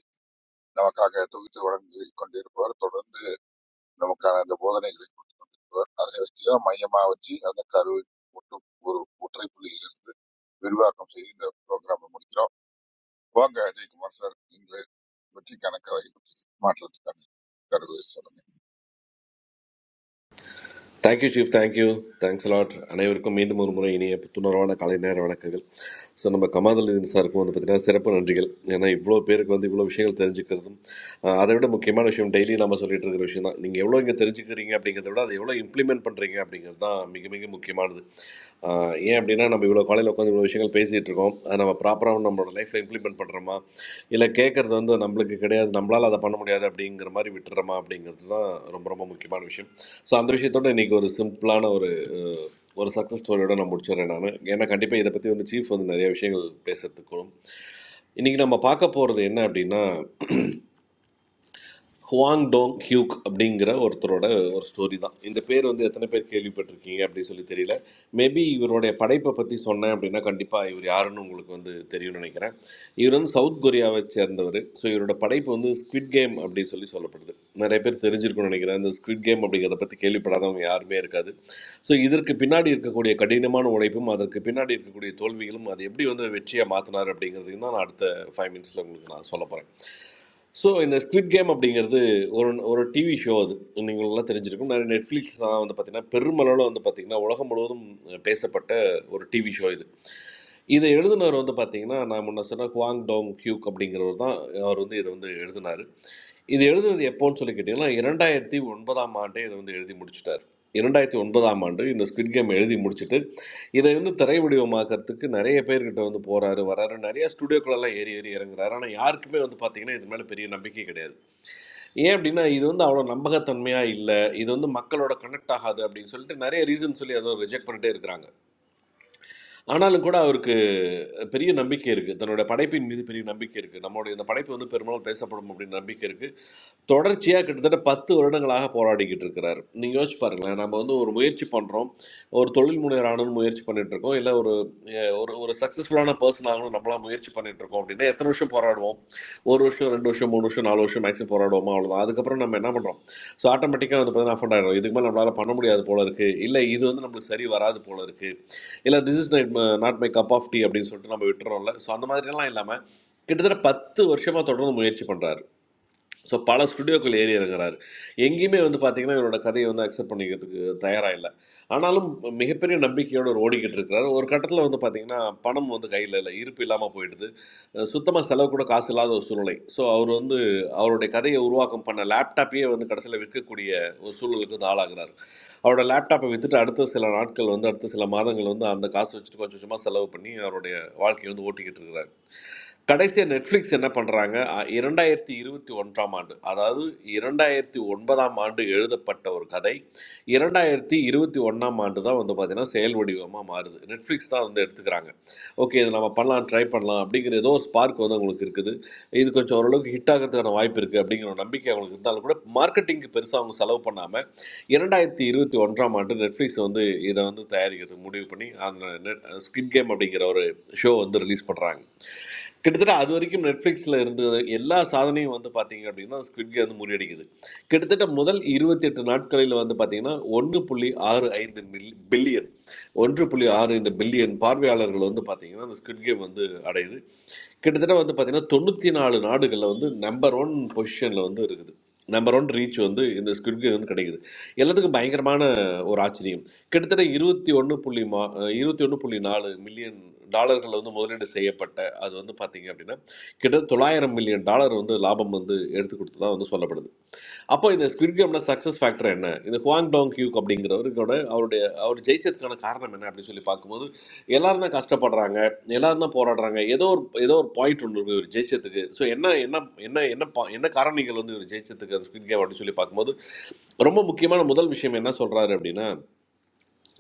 S5: நமக்காக தொகுத்து வழங்கி கொண்டிருப்பவர் தொடர்ந்து நமக்கான அந்த போதனைகளை கொடுத்து கொண்டிருப்பவர் அதை வச்சுதான் மையமா வச்சு அந்த கருவை மட்டும் ஒரு ஒற்றை புள்ளியிலிருந்து விரிவாக்கம் செய்து இந்த ப்ரோக்ராமை முடிக்கிறோம் வாங்க அஜய்குமார் சார் இன்று வெற்றிக்கான கதை பற்றி மாற்றத்துக்கான கருவை சொல்லுங்க
S8: thank you chief thank you thanks lot அனைவருக்கும் மீண்டும் ஒரு முறை இனிய புத்துணர்வான காலை நேர வணக்கங்கள் ஸோ நம்ம கமாதலின் சாருக்கும் வந்து பார்த்தீங்கன்னா சிறப்பு நன்றிகள் ஏன்னா இவ்வளோ பேருக்கு வந்து இவ்வளோ விஷயங்கள் தெரிஞ்சுக்கிறதும் அஹ், அதை விட முக்கியமான விஷயம் டெய்லி நம்ம சொல்லிட்டு இருக்கிற விஷயம் தான் நீங்கள் எவ்வளோ இங்கே தெரிஞ்சுக்கிறீங்க அப்படிங்கிறத விட அதை எவ்வளோ இம்ப்ளிமெண்ட் பண்ணுறீங்க அப்படிங்கிறது தான் மிக மிக முக்கியமானது ஆஹ் ஏன் அப்படின்னா நம்ம இவ்வளோ காலையில் உட்காந்து இவ்வளோ விஷயங்கள் பேசிகிட்டு இருக்கோம் அது நம்ம ப்ராப்பராக நம்மளோட லைஃப்பில் இம்ப்ளிமெண்ட் பண்ணுறோமா இல்லை கேட்குறது வந்து நம்மளுக்கு கிடையாது நம்மளால் அதை பண்ண முடியாது அப்படிங்கிற மாதிரி விட்டுறோமா அப்படிங்கிறது தான் ரொம்ப ரொம்ப முக்கியமான விஷயம் ஸோ அந்த விஷயத்தோட இன்றைக்கி ஒரு சிம்பிளான ஒரு அஹ், ஒரு சக்ஸஸ் ஸ்டோரியோட நான் முடிச்சிடுறேன் நான் ஏன்னா கண்டிப்பாக இதை பற்றி வந்து சீஃப் வந்து நிறைய விஷயங்கள் பேசுறதுக்கும் இன்றைக்கி நம்ம பார்க்க போகிறது என்ன அப்படின்னா ஹுவாங் டோங் கியூக் அப்படிங்கிற ஒருத்தரோட ஒரு ஸ்டோரி தான் இந்த பேர் வந்து எத்தனை பேர் கேள்விப்பட்டிருக்கீங்க அப்படின்னு சொல்லி தெரியல மேபி இவருடைய படைப்பை பற்றி சொன்னேன் அப்படின்னா கண்டிப்பாக இவர் யாருன்னு உங்களுக்கு வந்து தெரியும்னு நினைக்கிறேன் இவர் வந்து சவுத் கொரியாவை சேர்ந்தவர் ஸோ இவரோட படைப்பு வந்து ஸ்குவிட் கேம் அப்படின்னு சொல்லி சொல்லப்படுது நிறைய பேர் தெரிஞ்சிருக்கும்னு நினைக்கிறேன் இந்த ஸ்குவிட் கேம் அப்படிங்கிறத பற்றி கேள்விப்படாதவங்க யாருமே இருக்காது ஸோ இதற்கு பின்னாடி இருக்கக்கூடிய கடினமான உழைப்பும் அதற்கு பின்னாடி இருக்கக்கூடிய தோல்விகளும் அது எப்படி வந்து வெற்றியை மாற்றினார் அப்படிங்கிறதையும் தான் நான் அடுத்த ஃபைவ் மினிட்ஸில் உங்களுக்கு நான் சொல்ல போகிறேன் ஸோ இந்த ஸ்குவிட் கேம் அப்படிங்கிறது ஒரு ஒரு டிவி ஷோ அது நீங்கள் நல்லா தெரிஞ்சிருக்கும் நிறைய நெட்ஃப்ளிக்ஸ் தான் வந்து பார்த்திங்கன்னா பெருமளவில் வந்து பார்த்திங்கன்னா உலகம் முழுவதும் பேசப்பட்ட ஒரு டிவி ஷோ இது இதை எழுதினவர் வந்து பார்த்திங்கன்னா நான் முன்ன சொன்ன குவாங் டோங் கியூக் அப்படிங்கிறவர் தான் அவர் வந்து இதை வந்து எழுதினார் இது எழுதுனது எப்போன்னு சொல்லி கேட்டிங்கன்னா இரண்டாயிரத்தி ஒன்பதாம் ஆண்டே இதை வந்து எழுதி முடிச்சிட்டார் இரண்டாயிரத்தி ஒன்பதாம் ஆண்டு இந்த ஸ்குவிட் கேம் எழுதி முடிச்சிட்டு இதை வந்து திரை வடிவமாக்கறதுக்கு நிறைய பேர்கிட்ட வந்து போறாரு வராரு நிறைய ஸ்டுடியோக்குள்ளெல்லாம் ஏறி ஏறி இறங்குறாரு ஆனால் யாருக்குமே வந்து பார்த்தீங்கன்னா இது மேலே பெரிய நம்பிக்கை கிடையாது ஏன் அப்படின்னா இது வந்து அவ்வளோ நம்பகத்தன்மையா இல்லை இது வந்து மக்களோட கனெக்ட் ஆகாது அப்படின்னு சொல்லிட்டு நிறைய ரீசன் சொல்லி அதை ரிஜெக்ட் பண்ணிட்டே இருக்கிறாங்க ஆனாலும் கூட அவருக்கு பெரிய நம்பிக்கை இருக்கு தன்னோட படைப்பின் மீது பெரிய நம்பிக்கை இருக்கு நம்மளுடைய இந்த படைப்பு வந்து பெரும்பாலும் பேசப்படும் அப்படின்னு நம்பிக்கை இருக்கு தொடர்ச்சியாக கிட்டத்தட்ட பத்து வருடங்களாக போராடிக்கிட்டு இருக்கிறார் நீங்கள் யோசிச்சு பாருங்களேன் நம்ம வந்து ஒரு முயற்சி பண்ணுறோம் ஒரு தொழில் முனைவர் ஆகணும்னு முயற்சி பண்ணிட்டு இருக்கோம் இல்லை ஒரு அஹ், ஒரு ஒரு சக்ஸஸ்ஃபுல்லான பர்சன் ஆகணும் நம்மளாம் முயற்சி பண்ணிட்டு இருக்கோம் அப்படின்னா எத்தனை வருஷம் போராடுவோம் ஒரு வருஷம் ரெண்டு வருஷம் மூணு வருஷம் நாலு வருஷம் மேக்ஸிமம் போராடுவோமா அவ்வளோதான் அதுக்கப்புறம் நம்ம என்ன பண்ணுறோம் ஸோ ஆட்டோமேட்டிக்காக வந்து பார்த்தீங்கன்னா அஃபண்ட் ஆகிடும் இதுக்கு மேலே நம்மளால் பண்ண முடியாது போல இருக்குது இல்லை இது வந்து நம்மளுக்கு சரி வராது போல இருக்குது இல்லை this is not my cup of tea அப்படின்னு சொல்லிட்டு நம்ம விட்டுறோம்ல ஸோ அந்த மாதிரியெல்லாம் இல்லாமல் கிட்டத்தட்ட பத்து வருஷமாக தொடர்ந்து முயற்சி பண்ணுறாரு ஸோ பல ஸ்டுடியோக்கள் ஏறி இறங்குறாரு எங்கேயுமே வந்து பார்த்தீங்கன்னா இவரோட கதையை வந்து அக்செப்ட் பண்ணிக்கிறதுக்கு தயாராக இல்லை ஆனாலும் மிகப்பெரிய நம்பிக்கையோடு ஒரு ஓடிக்கிட்டு இருக்கிறாரு ஒரு கட்டத்தில் வந்து பார்த்தீங்கன்னா பணம் வந்து கையில் இல்லை இருப்பு இல்லாமல் போயிடுது சுத்தமாக செலவு கூட காசு இல்லாத ஒரு சூழ்நிலை ஸோ அவர் வந்து அவருடைய கதையை உருவாக்கம் பண்ண லேப்டாப்பையே வந்து கடைசியில் விற்கக்கூடிய ஒரு சூழலுக்கு வந்து ஆளாகிறார் அவரோட லேப்டாப்பை விற்றுட்டு அடுத்த சில நாட்கள் வந்து அடுத்த சில மாதங்கள் வந்து அந்த காசு வச்சுட்டு கொஞ்சம் கொஞ்சமாக செலவு பண்ணி அவருடைய வாழ்க்கையை வந்து ஓட்டிக்கிட்டு இருக்கிறார் கடைசியாக நெட்ஃப்ளிக்ஸ் என்ன பண்ணுறாங்க இரண்டாயிரத்தி இருபத்தி ஒன்றாம் ஆண்டு அதாவது இரண்டாயிரத்தி ஒன்பதாம் ஆண்டு எழுதப்பட்ட ஒரு கதை இரண்டாயிரத்தி இருபத்தி ஒன்றாம் ஆண்டு தான் வந்து பார்த்திங்கன்னா செயல் வடிவமாக மாறுது நெட்ஃப்ளிக்ஸ் தான் வந்து எடுத்துக்கிறாங்க ஓகே இது நம்ம பண்ணலாம் ட்ரை பண்ணலாம் அப்படிங்கிற ஏதோ ஒரு ஸ்பார்க் வந்து அவங்களுக்கு இருக்குது இது கொஞ்சம் ஓரளவுக்கு ஹிட் ஆகிறதுக்கான வாய்ப்பு இருக்குது அப்படிங்கிற ஒரு நம்பிக்கை அவங்களுக்கு இருந்தாலும் கூட மார்க்கெட்டிங்க்கு பெருசாக அவங்க செலவு பண்ணாமல் இரண்டாயிரத்தி இருபத்தி ஒன்றாம் ஆண்டு நெட்ஃப்ளிக்ஸ் வந்து இதை வந்து தயாரிக்கிறது முடிவு பண்ணி அந்த ஸ்கிட் கேம் அப்படிங்கிற ஒரு ஷோ வந்து ரிலீஸ் பண்ணுறாங்க கிட்டத்தட்ட அது வரைக்கும் நெட்ஃப்ளிக்ஸில் இருந்த எல்லா சாதனையும் வந்து பார்த்தீங்க அப்படின்னா ஸ்குவிட் கேம் வந்து முறியடிக்குது கிட்டத்தட்ட முதல் இருபத்தி எட்டு நாட்களில் வந்து பார்த்தீங்கன்னா ஒன்று புள்ளி ஆறு ஐந்து மில் பில்லியன் ஒன்று புள்ளி ஆறு ஐந்து பில்லியன் பார்வையாளர்கள் வந்து பார்த்தீங்கன்னா அந்த ஸ்குவிட் கேம் வந்து அடையுது கிட்டத்தட்ட வந்து பார்த்தீங்கன்னா தொண்ணூற்றி நாலு நாடுகளில் வந்து நம்பர் ஒன் பொசிஷனில் வந்து இருக்குது நம்பர் ஒன் ரீச் வந்து இந்த ஸ்குவிட் கேம் வந்து கிடைக்குது எல்லாத்துக்கும் பயங்கரமான ஒரு ஆச்சரியம் கிட்டத்தட்ட இருபத்தி ஒன்று புள்ளி மா இருபத்தி ஒன்று புள்ளி நாலு மில்லியன் டாலர்கள் வந்து முதலீடு செய்யப்பட்ட அது வந்து பார்த்தீங்க அப்படின்னா கிட்டத்தட்ட தொள்ளாயிரம் மில்லியன் டாலர் வந்து லாபம் வந்து எடுத்து கொடுத்ததா வந்து சொல்லப்படுது அப்போ இந்த ஸ்குவிட் கேம்ல சக்ஸஸ் ஃபேக்டர் என்ன இந்த ஹுவாங் டாங் கியூக் அப்படிங்கிறவருக்கோட அவருடைய அவர் ஜெயிச்சதுக்கான காரணம் என்ன அப்படின்னு சொல்லி பார்க்கும்போது எல்லாரும் தான் கஷ்டப்படுறாங்க எல்லாரும் தான் போராடுறாங்க ஏதோ ஒரு ஏதோ ஒரு பாயிண்ட் ஒன்று இருக்கு இவர் ஜெயிச்சதுக்கு ஸோ என்ன என்ன என்ன என்ன பா- என்ன காரணிகள் வந்து இவர் ஜெயிச்சதுக்கு அந்த ஸ்குவிட் கேம் அப்படின்னு சொல்லி பார்க்கும்போது ரொம்ப முக்கியமான முதல் விஷயம் என்ன சொல்றாரு அப்படின்னா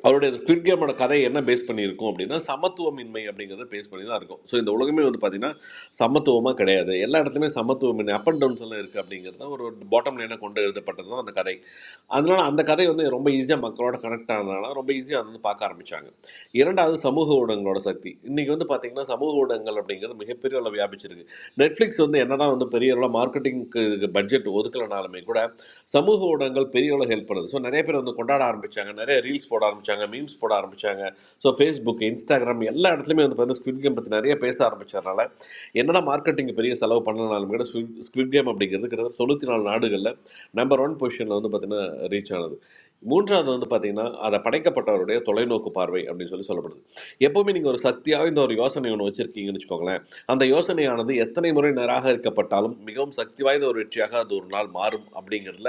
S8: அவருடைய ஸ்குவிட் கேமோட கதை என்ன பேஸ் பண்ணியிருக்கும் அப்படின்னா சமத்துவமின்மை அப்படிங்கிறத பேஸ் பண்ணி தான் இருக்கும் ஸோ இந்த உலகமே வந்து பார்த்தீங்கன்னா சமத்துவமாக கிடையாது எல்லா இடத்துலையுமே சமத்துவமின்மை அப் அண்ட் டவுன்ஸ் எல்லாம் இருக்குது அப்படிங்கிறது தான் ஒரு பாட்டம் லைனாக கொண்டு எழுதப்பட்டது தான் அந்த கதை அதனால அந்த கதை வந்து ரொம்ப ஈஸியாக மக்களோட கனெக்ட் ஆனதுனால ரொம்ப ஈஸியாக வந்து பார்க்க ஆரம்பித்தாங்க இரண்டாவது சமூக ஊடகங்களோட சக்தி இன்றைக்கி வந்து பார்த்தீங்கன்னா சமூக ஊடகங்கள் அப்படிங்கிறது மிகப்பெரிய அளவு வியாபிச்சிருக்கு நெட்ஃப்ளிக்ஸ் வந்து என்னதான் வந்து பெரிய அளவில் மார்க்கெட்டிங்க்கு இதுக்கு பட்ஜெட் ஒதுக்கலனாலுமே கூட சமூக ஊடகங்கள் பெரிய அளவு ஹெல்ப் பண்ணுது ஸோ நிறைய பேர் வந்து கொண்டாட ஆரம்பிச்சாங்க நிறைய ரீல்ஸ் போட ஆரம்பிச்சாங்க மீம்ஸ் போட ஆரம்பிச்சாங்க ஸோ ஃபேஸ்புக் இன்ஸ்டாகிராம் எல்லா இடத்துலையுமே வந்து பார்த்தீங்கன்னா ஸ்குவிட் கேம் பற்றி நிறைய பேச ஆரம்பிச்சதுனால என்னதான் மார்க்கெட்டிங் பெரிய செலவு பண்ணனாலும் கூட ஸ்குவிட் ஸ்குவிட் கேம் அப்படிங்கிறது கிட்டத்தட்ட தொண்ணூற்றி நாலு நாடுகளில் நம்பர் ஒன் பொசிஷனில் வந்து பார்த்தீங்கன்னா ரீச் ஆனது மூன்றாவது வந்து பார்த்தீங்கன்னா அதை படைக்கப்பட்டவருடைய தொலைநோக்கு பார்வை அப்படின்னு சொல்லி சொல்லப்படுது எப்போவுமே நீங்கள் ஒரு சக்தியாக இந்த ஒரு யோசனை ஒன்று வச்சுருக்கீங்கன்னு வச்சுக்கோங்களேன் அந்த யோசனையானது எத்தனை முறை நிராகரிக்கப்பட்டாலும் மிகவும் சக்தி வாய்ந்த ஒரு வெற்றியாக அது ஒரு நாள் மாறும் அப்படிங்கிறதுல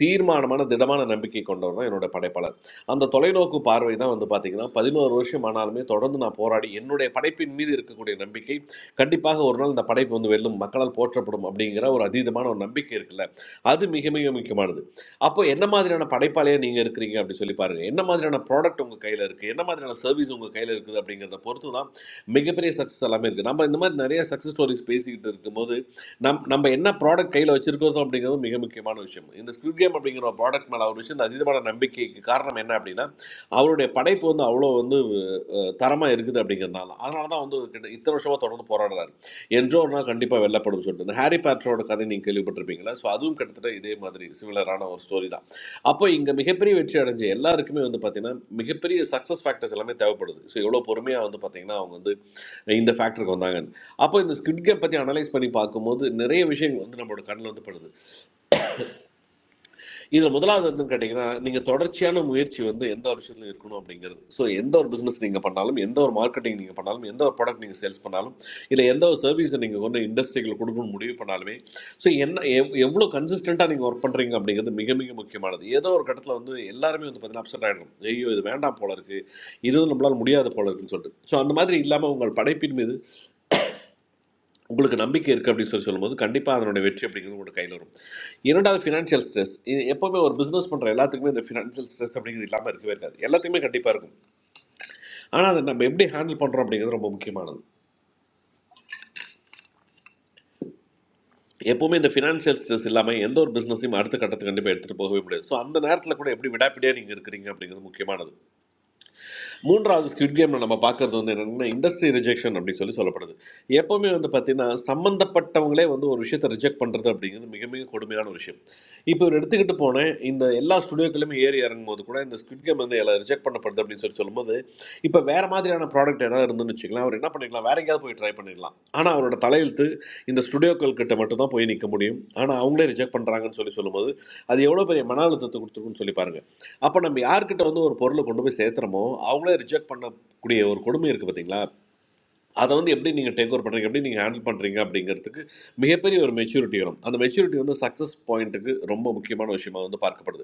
S8: தீர்மானமான திடமான நம்பிக்கை கொண்டவர் தான் என்னோட படைப்பாளர் அந்த தொலைநோக்கு பார்வை தான் வந்து பார்த்தீங்கன்னா பதினோரு வருஷம் ஆனாலுமே தொடர்ந்து நான் போராடி என்னுடைய படைப்பின் மீது இருக்கக்கூடிய நம்பிக்கை கண்டிப்பாக ஒரு நாள் இந்த படைப்பு வந்து வெல்லும் மக்களால் போற்றப்படும் அப்படிங்கிற ஒரு அதீதமான ஒரு நம்பிக்கை இருக்குல்ல அது மிக மிக முக்கியமானது அப்போ என்ன மாதிரியான படைப்பாளியாக நீங்கள் இருக்கிறீங்க அப்படின்னு சொல்லி பாருங்கள் என்ன மாதிரியான ப்ராடக்ட் உங்கள் கையில் இருக்குது என்ன மாதிரியான சர்வீஸ் உங்கள் கையில் இருக்குது அப்படிங்கிறத பொறுத்து தான் மிகப்பெரிய சக்ஸஸ் எல்லாமே இருக்குது நம்ம இந்த மாதிரி நிறைய சக்ஸஸ் ஸ்டோரிஸ் பேசிக்கிட்டு இருக்கும்போது நம் நம்ம என்ன ப்ராடக்ட் கையில் வச்சிருக்கிறோம் அப்படிங்கிறது மிக முக்கியமான விஷயம் இந்த ஸ்குவிட் கேம் அப்படிங்கிற ஒரு ப்ராடக்ட் மேலே அவர் வச்சு இந்த அதீதமான நம்பிக்கைக்கு காரணம் என்ன அப்படின்னா அவருடைய படைப்பு வந்து அவ்வளோ வந்து தரமாக இருக்குது அப்படிங்கிறதுனால தான். அதனால தான் வந்து கிட்ட இத்தனை வருஷமாக தொடர்ந்து போராடுறாரு என்றோ ஒரு நாள் கண்டிப்பாக வெல்லப்படும் சொல்லிட்டு இந்த ஹாரி பேட்டரோட கதை நீங்கள் கேள்விப்பட்டிருப்பீங்களா ஸோ அதுவும் கிட்டத்தட்ட இதே மாதிரி சிமிலரான ஒரு ஸ்டோரி தான் அப்போ இங்கே மிகப்பெரிய வெற்றி அடைஞ்ச எல்லாருக்குமே வந்து பார்த்தீங்கன்னா மிகப்பெரிய சக்ஸஸ் ஃபேக்டர்ஸ் எல்லாமே தேவைப்படுது ஸோ எவ்வளோ பொறுமையாக வந்து பார்த்தீங்கன்னா அவங்க வந்து இந்த ஃபேக்டருக்கு வந்தாங்க அப்போ இந்த ஸ்கிட் கேம் பற்றி அனலைஸ் பண்ணி பார்க்கும்போது நிறைய விஷயங்கள் வந்து நம்மளோட கண்ணில் வந்து படுது இதில் முதலாவது வந்து கேட்டிங்கன்னா நீங்கள் தொடர்ச்சியான முயற்சி வந்து எந்த ஒரு விஷயத்துலையும் இருக்கணும் அப்படிங்கிறது ஸோ எந்த ஒரு பிஸ்னஸ் நீங்கள் பண்ணாலும் எந்த ஒரு மார்க்கெட்டிங் நீங்கள் பண்ணாலும் எந்த ஒரு ப்ராடக்ட் நீங்கள் சேல்ஸ் பண்ணாலும் இல்லை எந்த ஒரு சர்வீஸை நீங்கள் கொண்டு இண்டஸ்ட்ரிகள் கொடுக்கணும்னு முடிவு பண்ணாலுமே ஸோ என்ன எவ் எவ்வளோ கன்சிஸ்டண்ட்டாக நீங்கள் ஒர்க் பண்ணுறீங்க அப்படிங்கிறது மிக மிக முக்கியமானது ஏதோ ஒரு கட்டத்தில் வந்து எல்லாருமே வந்து பார்த்தீங்கன்னா அப்செட் ஆகிடும் ஐயோ இது வேண்டாம் போல இருக்குது இதுவும் நம்மளால் முடியாது போல இருக்குன்னு சொல்லிட்டு ஸோ அந்த மாதிரி இல்லாமல் உங்கள் படைப்பின் மீது உங்களுக்கு நம்பிக்கை இருக்குது அப்படின்னு சொல்லி சொல்லும்போது கண்டிப்பாக அதனுடைய வெற்றி அப்படிங்கிறது உங்களோட கையில் வரும் இரண்டாவது ஃபினான்ஷியல் ஸ்ட்ரெஸ் இது எப்போவுமே ஒரு பிஸ்னஸ் பண்ணுற எல்லாத்துக்குமே இந்த ஃபினான்ஷியல் ஸ்ட்ரெஸ் அப்படிங்கிறது இல்லாமல் இருக்கவே இருக்காது எல்லாத்துக்குமே கண்டிப்பாக இருக்கும் ஆனால் அதை நம்ம எப்படி ஹேண்டில் பண்ணுறோம் அப்படிங்கிறது ரொம்ப முக்கியமானது எப்போவுமே இந்த ஃபினான்ஷியல் ஸ்ட்ரெஸ் இல்லாமல் எந்த ஒரு பிஸ்னஸையும் அடுத்த கட்டத்துக்கு கண்டிப்பாக எடுத்துகிட்டு போகவே முடியாது ஸோ அந்த நேரத்தில் கூட எப்படி விடாப்பிடியாக நீங்கள் இருக்கிறீங்க அப்படிங்கிறது முக்கியமானது மூன்றாவது ஸ்கிட் கேமில் நம்ம பார்க்கறது வந்து என்னென்னா இண்டஸ்ட்ரி ரிஜெக்ஷன் அப்படின்னு சொல்லி சொல்லப்படுது எப்போவுமே வந்து பார்த்தீங்கன்னா சம்மந்தப்பட்டவங்களே வந்து ஒரு விஷயத்தை ரிஜெக்ட் பண்ணுறது அப்படிங்கிறது மிக மிக கொடுமையான ஒரு விஷயம் இப்போ இவர் எடுத்துக்கிட்டு போனேன் இந்த எல்லா ஸ்டுடியோக்களுமே ஏறி இறங்கும் போது கூட இந்த ஸ்கிட் கேம் வந்து எல்லாம் ரிஜெக்ட் பண்ணப்படுது அப்படின்னு சொல்லி சொல்லும்போது இப்போ வேறு மாதிரியான ப்ராடக்ட் ஏதாவது இருந்துன்னு வச்சுக்கலாம் அவர் என்ன பண்ணிக்கலாம் வேற எங்கேயாவது போய் ட்ரை பண்ணிடலாம் ஆனால் அவரோட தலையெழுத்து இந்த ஸ்டுடியோக்கள் கிட்ட மட்டும் தான் போய் நிற்க முடியும் ஆனால் அவங்களே ரிஜெக்ட் பண்ணுறாங்கன்னு சொல்லி சொல்லும்போது அது எவ்வளோ பெரிய மன அழுத்தத்தை கொடுத்துருக்குன்னு சொல்லி பாருங்க அப்போ நம்ம யார்கிட்ட வந்து ஒரு பொருளை கொண்டு போய் சேர்த்துறோமோ அவங்களே ரிஜெக்ட் பண்ணக்கூடிய ஒரு கொடுமை இருக்குது பார்த்தீங்களா அதை வந்து எப்படி நீங்கள் டேக் ஓவர் பண்ணுறீங்க எப்படி நீங்கள் ஹேண்டில் பண்ணுறீங்க அப்படிங்கிறதுக்கு மிகப்பெரிய ஒரு மெச்சூரிட்டி வரும் அந்த மெச்சூரிட்டி வந்து சக்ஸஸ் பாயிண்ட்டுக்கு ரொம்ப முக்கியமான விஷயமா வந்து பார்க்கப்படுது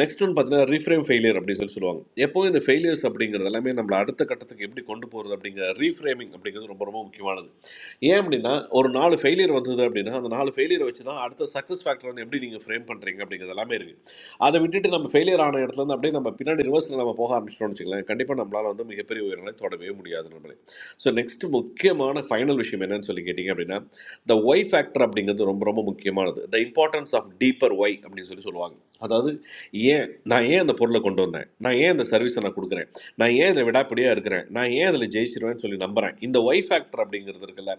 S8: நெக்ஸ்ட் ஒன்று பார்த்தீங்கன்னா ரீஃப்ரேம் ஃபெயிலியர் அப்படின்னு சொல்லி சொல்லுவாங்க எப்போவும் இந்த ஃபெயிலியர்ஸ் அப்படிங்கிறது எல்லாமே நம்மளை அடுத்த கட்டத்துக்கு எப்படி கொண்டு போகிறது அப்படிங்கிற ரீஃப்ரேமிங் அப்படிங்கிறது ரொம்ப ரொம்ப முக்கியமானது ஏன் அப்படின்னா ஒரு நாலு ஃபெயிலியர் வந்தது அப்படின்னா அந்த நாலு ஃபெயிலியரை வச்சு தான் அடுத்த சக்ஸஸ் ஃபேக்டர் வந்து எப்படி நீங்கள் ஃப்ரேம் பண்ணுறீங்க அப்படிங்கிறது எல்லாமே இருக்குது அதை விட்டுட்டு நம்ம ஃபெயிலியர் ஆன இடத்துல இருந்து அப்படியே நம்ம பின்னாடி ரிவர்ஸில் நம்ம போக ஆரம்பிச்சிட்டோம்னு வச்சுக்கலாம் கண்டிப்பாக நம்மளால் வந்து மிகப்பெரிய உயரங்களை தொடவே முடியாது நம்மளே ஸோ நெக்ஸ்ட் முக்கியமான ஃபைனல் விஷயம் என்னன்னு சொல்லி கேட்டிங்க அப்படின்னா த ஒய் ஃபேக்டர் அப்படிங்கிறது ரொம்ப ரொம்ப முக்கியமானது the importance of deeper why அப்படின்னு சொல்லி சொல்லுவாங்க அதாவது ஏன் நான் ஏன் அந்த பொருளை கொண்டு வந்தேன் நான் ஏன் அந்த சர்வீஸை நான் கொடுக்குறேன் நான் ஏன் இதில் விடாப்பிடியாக இருக்கிறேன் நான் ஏன் அதில் ஜெயிச்சிருவேன்னு சொல்லி நம்புறேன் இந்த ஒய் ஃபேக்டர் அப்படிங்கிறது இருக்குல்ல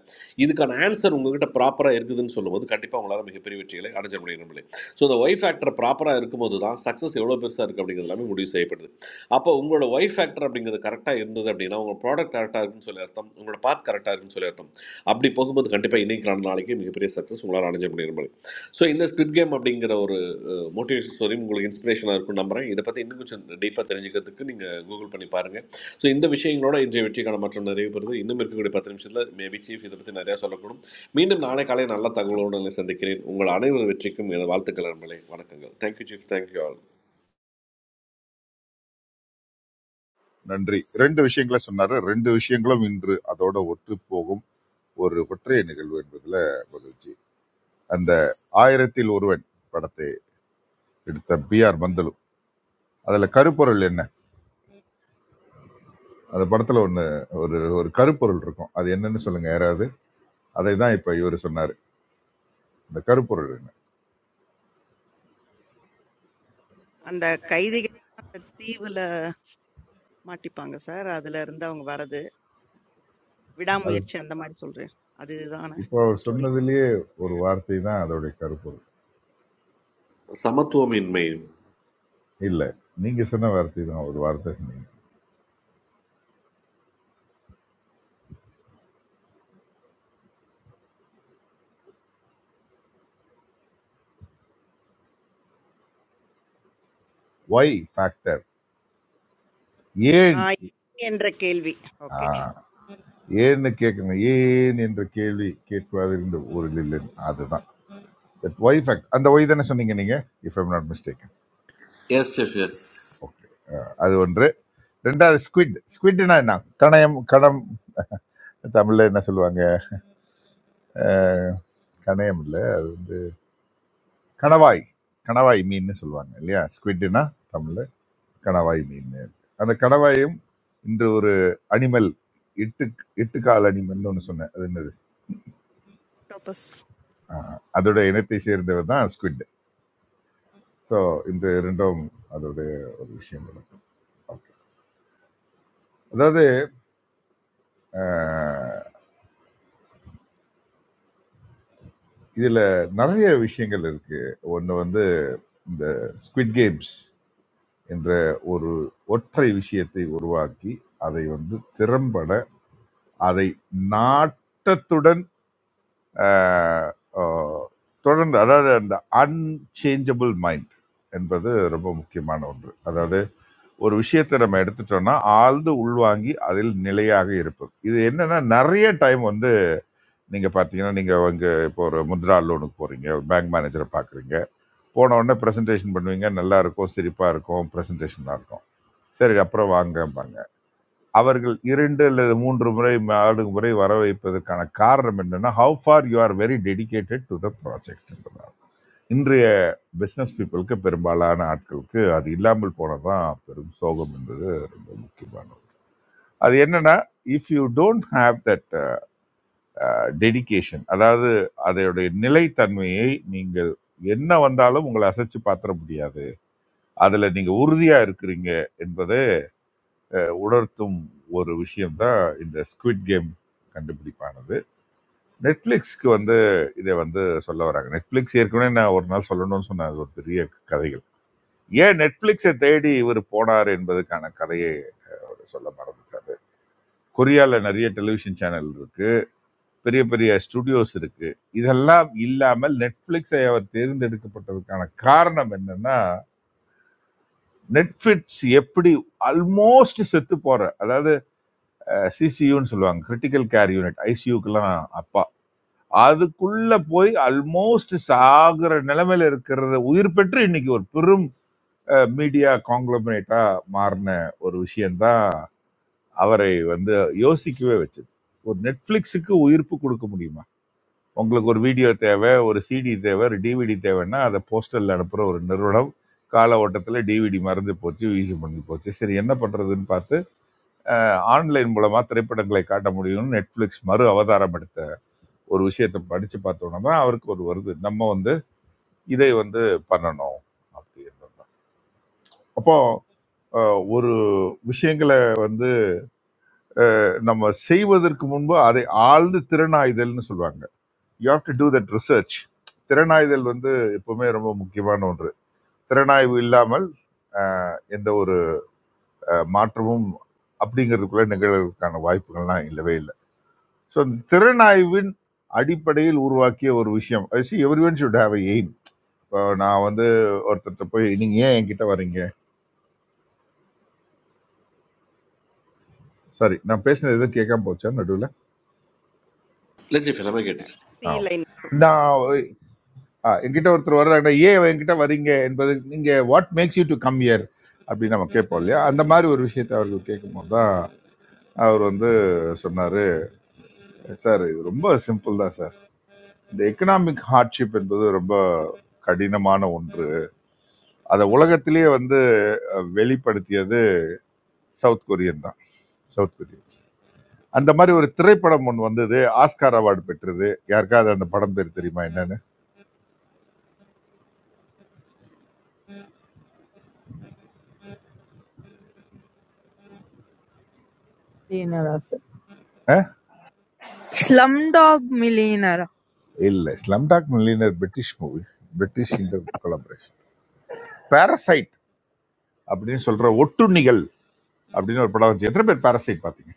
S8: இதுக்கான ஆன்சர் உங்ககிட்ட ப்ராப்பராக இருக்குதுன்னு சொல்லும்போது கண்டிப்பாக உங்களால் மிகப்பெரிய வெற்றிகளை அடைஞ்ச முடியும் நம்மளே ஸோ இந்த ஒய் ஃபேக்டர் ப்ராப்பராக இருக்கும்போது தான் சக்ஸஸ் எவ்வளோ பெருசாக இருக்குது அப்படிங்கிறது எல்லாமே முடிவு செய்யப்படுது அப்போ உங்களோட ஒய் ஃபேக்டர் அப்படிங்கிறது கரெக்டாக இருந்தது அப்படின்னா உங்க ப்ராடக்ட் கரெக்டாக இருக்குன்னு சொல்லி அர்த்தம் உங்களோட பாத் கரெக்டாக இருக்குன்னு சொல்லி அர்த்தம் அப்படி போகும்போது கண்டிப்பாக இன்னைக்கு நாள் நாளைக்கு மிகப்பெரிய சக்ஸஸ் உங்களால் அடைஞ்ச முடியும் மாதிரி ஸோ இந்த ஸ்குட் கேம் அப்படிங்கிற ஒரு மோட்டிவேஷன் ஸ்டோரியும் உங்களுக்கு இன்ஸ்பிரேஷனாக இருக்கும்னு நம்புறேன் இதை பற்றி இன்னும் கொஞ்சம் டீப்பாக தெரிஞ்சுக்கிறதுக்கு நீங்கள் கூகுள் பண்ணி பாருங்கள் ஸோ இந்த விஷயங்களோட இன்றைய வெற்றிக்கான மற்றும் நிறைவு பெறுது இன்னும் இருக்கக்கூடிய பத்து நிமிஷத்தில் மேபி சீஃப் இதை பற்றி நிறையா சொல்லக்கூடும் மீண்டும் நாளை காலை நல்ல தகவலோடு உங்களை சந்திக்கிறேன் உங்கள் அனைவரது வெற்றிக்கும் எனது வாழ்த்துக்கள் நண்பர்களே வணக்கங்கள் தேங்க்யூ சீஃப் தேங்க்யூ ஆல்
S5: நன்றி ரெண்டு விஷயங்களை சொன்னாரு ரெண்டு விஷயங்களும் இன்று அதோட ஒற்று போகும் ஒரு ஒற்றைய நிகழ்வு என்பதுல மகிழ்ச்சி அந்த ஆயிரத்தில் ஒருவன் படத்தை எடுத்த பி ஆர் பந்தலு அதுல கருப்பொருள் என்ன அந்த படத்துல ஒண்ணு ஒரு ஒரு கருப்பொருள் இருக்கும் அது என்னன்னு சொல்லுங்க யாராவது அதை தான் இப்ப இவர் சொன்னாரு அந்த கருப்பொருள் என்ன
S2: அந்த கைதிகள் அந்த தீவுல மாட்டிப்பாங்க சார் அதுல இருந்து அவங்க வர்றது
S5: அது
S2: விடாமுயற்சி அந்த மாதிரி சொல்றேன் அதுதான
S5: இப்போ அவர்
S2: ஸ்டோரி
S5: சொன்னதுலயே ஒரு வார்த்தை தான் அதோடைய கருப்பொருள்
S8: சமத்துவமின்மை
S5: இல்ல நீங்க சொன்ன வார்த்தை தான் ஒரு வார்த்தை சொன்னீங்க ஒய் ஃபேக்டர் ஏன்
S2: என்ற கேள்வி
S5: ஆ,
S2: ஓகே
S5: ஏன்னு கேட்கணும் ஏன் என்ற கேள்வி கேட்பதற்கு ஒரு இல்லைன்னு அதுதான் தட் ஒய் ஃபேக்ட் அந்த ஒய் தானே சொன்னீங்க நீங்கள் if I'm not mistaken
S8: yes yes yes
S5: okay அது ஒன்று ரெண்டாவது ஸ்குவிட் ஸ்குவிட்னா என்ன கணயம் கணம் தமிழில் என்ன சொல்லுவாங்க அஹ், கணயம் இல்லை அது வந்து கணவாய் கணவாய் மீன்னு சொல்லுவாங்க இல்லையா ஸ்குவிட்னா தமிழில் கணவாய் மீன் அந்த கணவாயும் இன்று ஒரு அனிமல் இட்டு இட்டுக்கால் அனிமல்னு ஒன்று சொன்னேன் அது என்னது?
S2: ஆக்டோபஸ்
S5: ஆஹ், அதோட இனத்தை சேர்ந்தவர் தான் ஸ்குவிட் ஸோ இந்த ரெண்டும் அதோடைய ஒரு விஷயங்கள் ஓகே அதாவது ஆஹ், இதுல நிறைய விஷயங்கள் இருக்கு ஒன்று வந்து இந்த ஸ்குவிட் கேம்ஸ் என்ற ஒரு ஒற்றை விஷயத்தை உருவாக்கி அதை வந்து திறம்பட அதை நாட்டத்துடன் ஆஹ், ஆஹ், தொடர்ந்து அதாவது அந்த அன்சேஞ்சபிள் மைண்ட் என்பது ரொம்ப முக்கியமான ஒன்று அதாவது ஒரு விஷயத்தை நம்ம எடுத்துட்டோம்னா ஆழ்ந்து உள்வாங்கி அதில் நிலையாக இருப்பது இது என்னன்னா நிறைய டைம் வந்து நீங்க பாத்தீங்கன்னா நீங்க உங்க இப்போ ஒரு முத்ரா லோனுக்கு போறீங்க ஒரு பேங்க் மேனேஜரை பாக்குறீங்க போன உடனே பிரசன்டேஷன் பண்ணுவீங்க நல்லா இருக்கும் சிரிப்பா இருக்கும் பிரசன்டேஷனா இருக்கும் சரி அப்புறம் வாங்கம்பாங்க அவர்கள் இரண்டு அல்லது மூன்று முறை நாலு முறை வர வைப்பதற்கான காரணம் என்னன்னா how far you are very dedicated to the project என்பதால் இன்றைய பிஸ்னஸ் பீப்புளுக்கு பெரும்பாலான ஆட்களுக்கு அது இல்லாமல் போனதான் பெரும் சோகம் என்பது ரொம்ப முக்கியமானது அது என்னன்னா if you don't have that dedication அதாவது அதோடைய நிலைத்தன்மையை நீங்கள் என்ன வந்தாலும் உங்களை அசைச்சு பாத்திர முடியாது அதுல நீங்க உறுதியா இருக்கிறீங்க என்பதை உணர்த்தும் ஒரு விஷயம் தான் இந்த ஸ்குவிட் கேம் கண்டுபிடிப்பானது நெட்ஃபிளிக்ஸ்க்கு வந்து இதை வந்து சொல்ல வராங்க நெட்ஃபிளிக்ஸ் ஏற்கனவே நான் ஒரு நாள் சொல்லணும்னு சொன்ன அது ஒரு பெரிய கதைகள் ஏன் நெட்ஃபிளிக்ஸை தேடி இவர் போனார் என்பதுக்கான கதையை அவர் சொல்ல மறந்துட்டாரு கொரியால நிறைய டெலிவிஷன் சேனல் இருக்கு பெரிய பெரிய ஸ்டுடியோஸ் இருக்கு இதெல்லாம் இல்லாமல் நெட்ஃபிளிக்ஸை அவர் தேர்ந்தெடுக்கப்பட்டதுக்கான காரணம் என்னன்னா நெட்ஃபிளிக்ஸ் எப்படி ஆல்மோஸ்ட் செத்து போற அதாவது சிசியூன்னு சொல்லுவாங்க கிரிட்டிக்கல் கேர் யூனிட் ஐசியூக்கெல்லாம் அப்பா அதுக்குள்ள போய் ஆல்மோஸ்ட் சாகுற நிலைமையில இருக்கிறத உயிர் பெற்று இன்னைக்கு ஒரு பெரும் மீடியா காங்க்ளமரேட்டா மாறின ஒரு விஷயம்தான் அவரை வந்து யோசிக்கவே வச்சது ஒரு நெட்ஃபிளிக்ஸுக்கு உயிர்ப்பு கொடுக்க முடியுமா உங்களுக்கு ஒரு வீடியோ தேவை ஒரு சிடி தேவை ஒரு டிவிடி தேவைன்னா அதை போஸ்டலில் அனுப்புகிற ஒரு நிறுவனம் கால ஓட்டத்தில் டிவிடி மறந்து போச்சு வீசி பண்ணி போச்சு சரி என்ன பண்ணுறதுன்னு பார்த்து ஆன்லைன் மூலமாக திரைப்படங்களை காட்ட முடியும்னு நெட்ஃப்ளிக்ஸ் மறு அவதாரம் எடுத்த ஒரு விஷயத்தை படித்து பார்த்தோன்னா தான் அவருக்கு ஒரு வருது நம்ம வந்து இதை வந்து பண்ணணும் அப்படின்றது தான். அப்போ அஹ், ஒரு விஷயங்களை வந்து நம்ம செய்வதற்கு முன்பு அதை ஆழ்ந்து திறனாய்தல்னு சொல்லுவாங்க you have to do that research திறனாய்தல் வந்து எப்பவுமே ரொம்ப முக்கியமான ஒன்று திறனாய்வு இல்லாமல் ஆஹ், எந்த ஒரு ஆஹ், மாற்றமும் அப்படிங்கிறதுக்குள்ள நிகழ்வதற்கான வாய்ப்புகள்லாம் இல்லவே இல்லை ஸோ திறனாய்வின் அடிப்படையில் உருவாக்கிய ஒரு விஷயம் everyone should have a aim இப்போ நான் வந்து ஒருத்தர்கிட்ட போய் நீங்கள் ஏன் என்கிட்ட வரீங்க சாரி நான் பேசினது எதுவும் கேட்காம போச்சா நடுவில்
S8: இல்லை சீஃப் எல்லாமே கேட்டுச்சு
S2: சி
S5: ஆ
S2: லைன்
S5: நான் ஆ, என்கிட்ட ஒருத்தர் வர்றாங்க ஏன் என்கிட்ட வரீங்க என்பது நீங்கள் what makes you to come here அப்படின்னு நம்ம கேட்போம் இல்லையா அந்த மாதிரி ஒரு விஷயத்தை அவர்கள் கேட்கும்போது தான் அவர் வந்து சொன்னார் சார் இது ரொம்ப சிம்பிள் தான் சார் இந்த எக்கனாமிக் ஹார்ட்ஷிப் என்பது ரொம்ப கடினமான ஒன்று அதை உலகத்திலேயே வந்து அஹ், வெளிப்படுத்தியது சவுத் கொரியன் தான் சவுத் கொரியன்ஸ் அந்த மாதிரி ஒரு திரைப்படம் ஒன்று வந்தது ஆஸ்கார் அவார்டு பெற்றது யாருக்காவது அந்த படம் பேர் தெரியுமா என்னன்னு
S10: சார் சார் ஸ்லம் டாக்
S5: இல்லை Slumdog Millionaire British movie British inter collaboration Parasite அப்படின்னு சொல்ற ஒட்டுண்ணிகள் அப்படின்னு ஒரு படம் வந்துச்சு எத்தனை பேர் பேரசைட் பார்த்தீங்க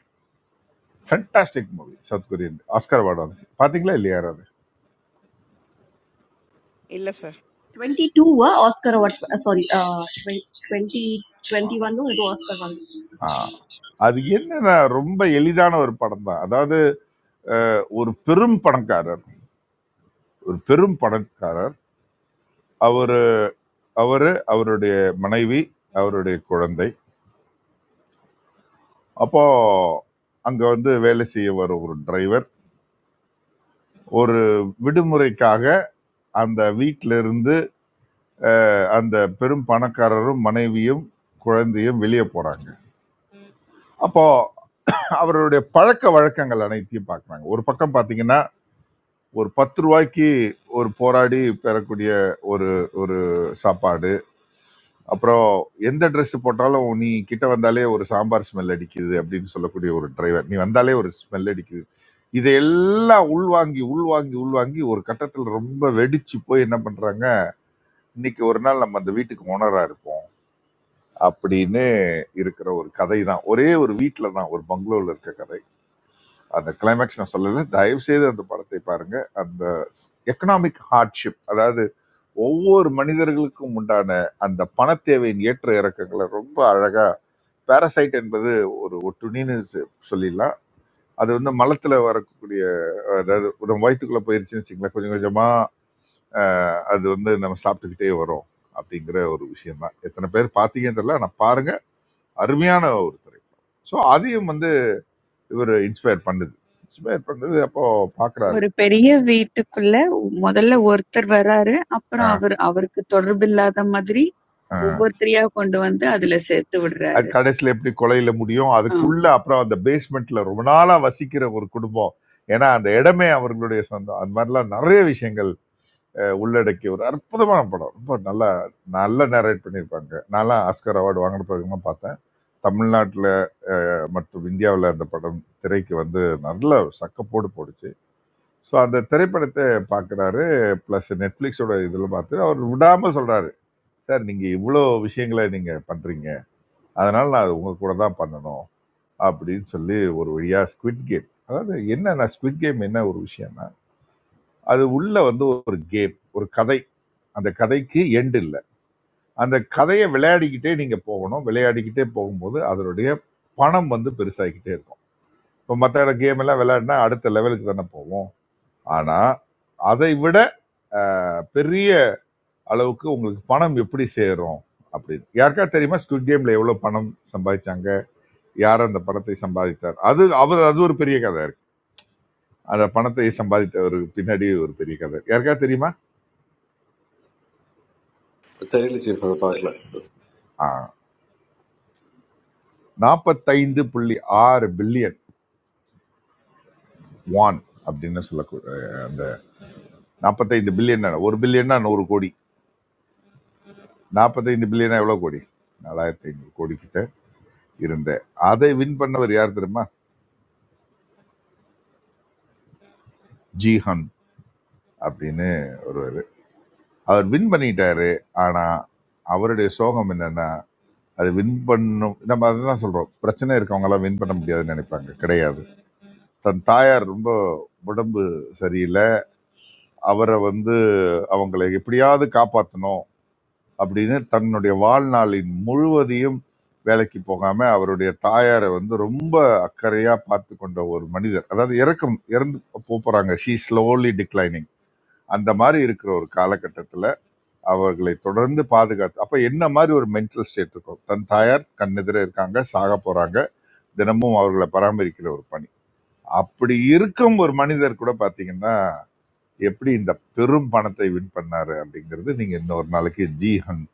S5: fantastic movie South Korean Oscar award வந்துச்சு பார்த்தீங்களா இல்லையா யாராவது
S2: இல்ல sir
S9: Twenty-two, ah, Oscar award. Sorry, ah, twenty, twenty-one, no, I don't Oscar one.
S5: ஆ. அது என்னன்னா ரொம்ப எளிதான ஒரு படம் தான் அதாவது அஹ், ஒரு பெரும் பணக்காரர் ஒரு பெரும் பணக்காரர் அவரு அவரு அவருடைய மனைவி அவருடைய குழந்தை அப்போ அங்க வந்து வேலை செய்ய வர ஒரு டிரைவர் ஒரு விடுமுறைக்காக அந்த வீட்ல இருந்து அந்த பெரும் பணக்காரரும் மனைவியும் குழந்தையும் வெளியே போறாங்க அப்போ அவருடைய பழக்க வழக்கங்கள் அனைத்தையும் பார்க்கறாங்க ஒரு பக்கம் பாத்தீங்கன்னா ஒரு பத்து ரூபாய்க்கு ஒரு போராடி பெறக்கூடிய ஒரு ஒரு சாப்பாடு அப்புறம் எந்த Dress போட்டாலும் நீ கிட்ட வந்தாலே ஒரு சாம்பார் ஸ்மெல் அடிக்குது அப்படின்னு சொல்லக்கூடிய ஒரு டிரைவர் நீ வந்தாலே ஒரு ஸ்மெல் அடிக்குது இதையெல்லாம் உள்வாங்கி உள்வாங்கி உள்வாங்கி ஒரு கட்டத்தில் ரொம்ப வெடிச்சு போய் என்ன பண்றாங்க இன்னைக்கு ஒரு நாள் நம்ம அந்த வீட்டுக்கு ஓனரா இருப்போம் அப்படின்னு இருக்கிற ஒரு கதை தான் ஒரே ஒரு வீட்டில் தான் ஒரு பங்களூர்ல இருக்க கதை அந்த கிளைமேக்ஸ் நான் சொல்லலை தயவு செய்து அந்த படத்தை பாருங்க அந்த எக்கனாமிக் ஹார்ட்ஷிப் அதாவது ஒவ்வொரு மனிதர்களுக்கும் உண்டான அந்த பணத் தேவையின் ஏற்ற இறக்கங்களை ரொம்ப அழகா பாரசைட் என்பது ஒரு துணின்னு சொ- சொல்லிடலாம் அது வந்து மலத்துல வரக்கூடிய அதாவது நம்ம வயிற்றுக்குள்ள போயிருச்சுன்னு வச்சுங்களேன் கொஞ்சம் கொஞ்சமா அஹ், அது வந்து நம்ம சாப்பிட்டுக்கிட்டே வரும் அப்படிங்கிற ஒரு விஷயம் தான் எத்தனை பேர் பார்த்தீங்கன்னு தெரியல ஆனால் பாருங்க அருமையான ஒரு திரைப்படம் ஸோ அதையும் வந்து இவர் இன்ஸ்பயர் பண்ணுது இன்ஸ்பயர் பண்ணுது அப்போ பார்க்குறாரு
S18: ஒரு பெரிய வீட்டுக்குள்ள முதல்ல ஒருத்தர் வராரு. அப்புறம் அவர் அவருக்கு தொடர்பில்லாத மாதிரி ஒவ்வொருத்தரையா கொண்டு வந்து அதுல சேர்த்து
S5: அது
S18: விடுறாரு.
S5: கடைசியில் எப்படி கொலையில முடியும் அதுக்குள்ள அப்புறம் அந்த பேஸ்மெண்ட்ல ரொம்ப நாளா வசிக்கிற ஒரு குடும்பம் ஏன்னா அந்த இடமே அவர்களுடைய சொந்தம் அந்த மாதிரிலாம் நிறைய விஷயங்கள் உள்ளடக்கிய ஒரு அற்புதமான படம் ரொம்ப நல்லா நல்லா நரேட் பண்ணியிருப்பாங்க நான்லாம் ஆஸ்கர் அவார்டு வாங்கின பிறகுமா பார்த்தேன் தமிழ்நாட்டில் மற்றும் இந்தியாவில் அந்த படம் திரைக்கு வந்து நல்ல சக்கப்போடு போடுச்சு ஸோ அந்த திரைப்படத்தை பார்க்குறாரு ப்ளஸ் நெட்ஃப்ளிக்ஸோட இதில் பார்த்து அவர் விடாமல் சொல்கிறாரு சார் நீங்கள் இவ்வளோ விஷயங்களை நீங்கள் பண்ணுறீங்க அதனால் நான் அது உங்கள் கூட தான் பண்ணணும் அப்படின்னு சொல்லி ஒரு வழியா ஸ்குவிட் கேம் அதாவது என்னன்னா ஸ்குவிட் கேம் என்ன ஒரு விஷயம்னா அது உள்ள வந்து ஒரு கேம் ஒரு கதை அந்த கதைக்கு எண்ட் இல்லை அந்த கதையை விளையாடிக்கிட்டே நீங்க போகணும் விளையாடிக்கிட்டே போகும்போது அதனுடைய பணம் வந்து பெருசாகிக்கிட்டே இருக்கும் இப்போ மற்ற கேம் எல்லாம் விளையாடினா அடுத்த லெவலுக்கு தானே போவோம் ஆனா அதை விட அஹ், பெரிய அளவுக்கு உங்களுக்கு பணம் எப்படி சேரும் அப்படின்னு யாருக்கா தெரியுமா ஸ்குவிட் கேம்ல எவ்வளவு பணம் சம்பாதிச்சாங்க யார் அந்த பணத்தை சம்பாதித்தார் அது அவர் அது ஒரு பெரிய கதை அந்த பணத்தை சம்பாதித்தவருக்கு பின்னாடி ஒரு பெரிய கதை யாருக்காவது தெரியுமா
S8: தெரியல சீஃப் அதை பார்க்கல
S5: நாற்பத்தைந்து புள்ளி ஆறு பில்லியன் வான் அப்படின்னு சொல்லக்கூடிய அந்த நாற்பத்தைந்து பில்லியன் ஒரு பில்லியன்னா நூறு கோடி நாற்பத்தைந்து பில்லியனா எவ்வளோ கோடி நாலாயிரத்தி ஐநூறு கோடி கிட்ட இருந்த அதை வின் பண்ணவர் யார் தெரியுமா ஜீஹன் அப்படின்னு ஒருவர் அவர் வின் பண்ணிட்டாரு ஆனா அவருடைய சோகம் என்னன்னா அது வின் பண்ணும் நம்ம அதுதான் சொல்றோம் பிரச்சனை இருக்கவங்க எல்லாம் வின் பண்ண முடியாதுன்னு நினைப்பாங்க கிடையாது தன் தாயார் ரொம்ப உடம்பு சரியில்லை அவரை வந்து அவங்களை எப்படியாவது காப்பாற்றணும் அப்படின்னு தன்னுடைய வாழ்நாளின் முழுவதையும் வேலைக்கு போகாம அவருடைய தாயாரை வந்து ரொம்ப அக்கறையா பார்த்து கொண்ட ஒரு மனிதர் அதாவது இறக்கும் இறந்து போ- போறாங்க ஷீ ஸ்லோலி டிக்ளைனிங் அந்த மாதிரி இருக்கிற ஒரு காலகட்டத்துல அவர்களை தொடர்ந்து பாதுகாத்து அப்ப என்ன மாதிரி ஒரு மென்டல் ஸ்டேட் இருக்கும் தன் தாயார் கண்ணெதிர இருக்காங்க சாக போறாங்க தினமும் அவர்களை பராமரிக்கிற ஒரு பணி அப்படி இருக்கும் ஒரு மனிதர் கூட பாத்தீங்கன்னா எப்படி இந்த பெரும் பணத்தை வின் பண்ணாரு அப்படிங்கிறது நீங்க இன்னொரு நாளைக்கு ஜி ஹன்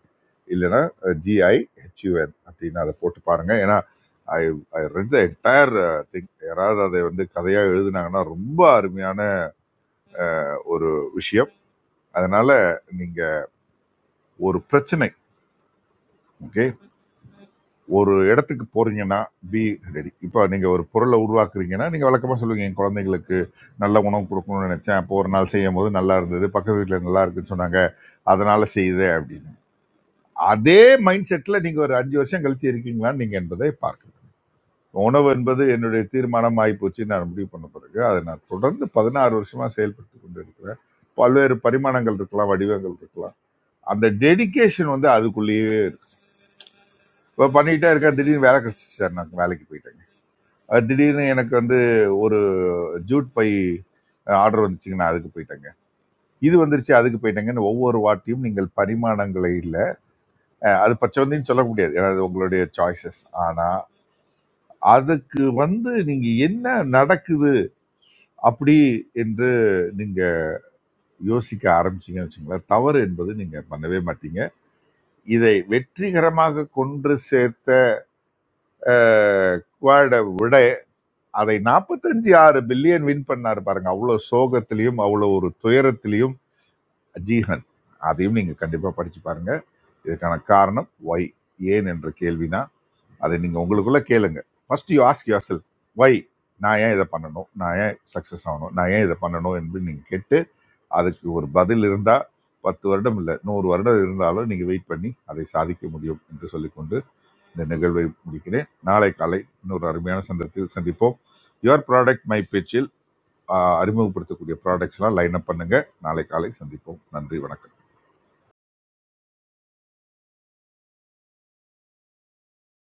S5: இல்லைன்னா ஜிஐ ஹெச்யூஎன் அப்படின்னு அதை போட்டு பாருங்க ஏன்னா I I read the entire thing யாராவது அதை வந்து கதையா எழுதுனாங்கன்னா ரொம்ப அருமையான ஒரு விஷயம் அதனால நீங்க ஒரு பிரச்சனை ஓகே ஒரு இடத்துக்கு போறீங்கன்னா பி ரெடி இப்போ நீங்க ஒரு பொருளை உருவாக்குறீங்கன்னா நீங்க வழக்கமா சொல்லுவீங்க என் குழந்தைங்களுக்கு நல்ல உணவு கொடுக்கணும்னு நினைச்சேன் அப்போ ஒரு நாள் செய்யும் போது நல்லா இருந்தது பக்கத்து வீட்டில் நல்லா இருக்குன்னு சொன்னாங்க அதனால செய்யுது அப்படின்னு அதே மைண்ட் செட்ல நீங்க ஒரு அஞ்சு வருஷம் கழிச்சு இருக்கீங்களான்னு நீங்க என்பதை பார்க்கணும் உணவு என்பது என்னுடைய தீர்மானம் ஆகிப்போச்சு நான் முடிவு பண்ண பிறகு அதை நான் தொடர்ந்து பதினாறு வருஷமா செயல்பட்டு கொண்டு இருக்கிறேன் பல்வேறு பரிமாணங்கள் இருக்கலாம் வடிவங்கள் இருக்கலாம் அந்த டெடிகேஷன் வந்து அதுக்குள்ளேயே இப்போ பண்ணிக்கிட்டே இருக்கேன் திடீர்னு வேலை கிடைச்சிச்சு சார் நான் வேலைக்கு போயிட்டேங்க அது திடீர்னு எனக்கு வந்து ஒரு ஜூட் பை ஆர்டர் வந்துச்சுங்க நான் அதுக்கு போயிட்டேங்க இது வந்துருச்சு அதுக்கு போயிட்டேங்கன்னு ஒவ்வொரு வாட்டியும் நீங்கள் பரிமாணங்களை இல்லை அது பச்சவந்தின்னு சொல்ல முடியாது ஏன்னா அது உங்களுடைய சாய்ஸஸ் ஆனால் அதுக்கு வந்து நீங்க என்ன நடக்குது அப்படி என்று நீங்க யோசிக்க ஆரம்பிச்சீங்கன்னு வச்சுங்களேன் தவறு என்பது நீங்க பண்ணவே மாட்டீங்க இதை வெற்றிகரமாக கொன்று சேர்த்த அஹ், குவாட விட அதை நாற்பத்தஞ்சு ஆறு பில்லியன் வின் பண்ணாரு பாருங்க அவ்வளோ சோகத்திலையும் அவ்வளோ ஒரு துயரத்திலையும் அஜீகன் அதையும் நீங்க கண்டிப்பா படிச்சு பாருங்க இதுக்கான காரணம் ஒய் ஏன் என்ற கேள்வினா அதை நீங்கள் உங்களுக்குள்ளே கேளுங்க first you ask yourself why நான் ஏன் இதை பண்ணணும் நான் ஏன் சக்ஸஸ் ஆகணும் நான் ஏன் இதை பண்ணணும் என்று நீங்கள் கேட்டு அதுக்கு ஒரு பதில் இருந்தால் பத்து வருடம் இல்லை நூறு வருடம் இருந்தாலும் நீங்கள் வெயிட் பண்ணி அதை சாதிக்க முடியும் என்று சொல்லிக்கொண்டு இந்த நிகழ்வை முடிக்கிறேன் நாளை காலை இன்னொரு அருமையான சந்தத்தில் சந்திப்போம் யுவர் ப்ராடக்ட் மை பேச்சில் ஆஹ், அறிமுகப்படுத்தக்கூடிய ப்ராடக்ட்ஸ்லாம் லைன் அப் பண்ணுங்கள் நாளை காலை சந்திப்போம் நன்றி வணக்கம்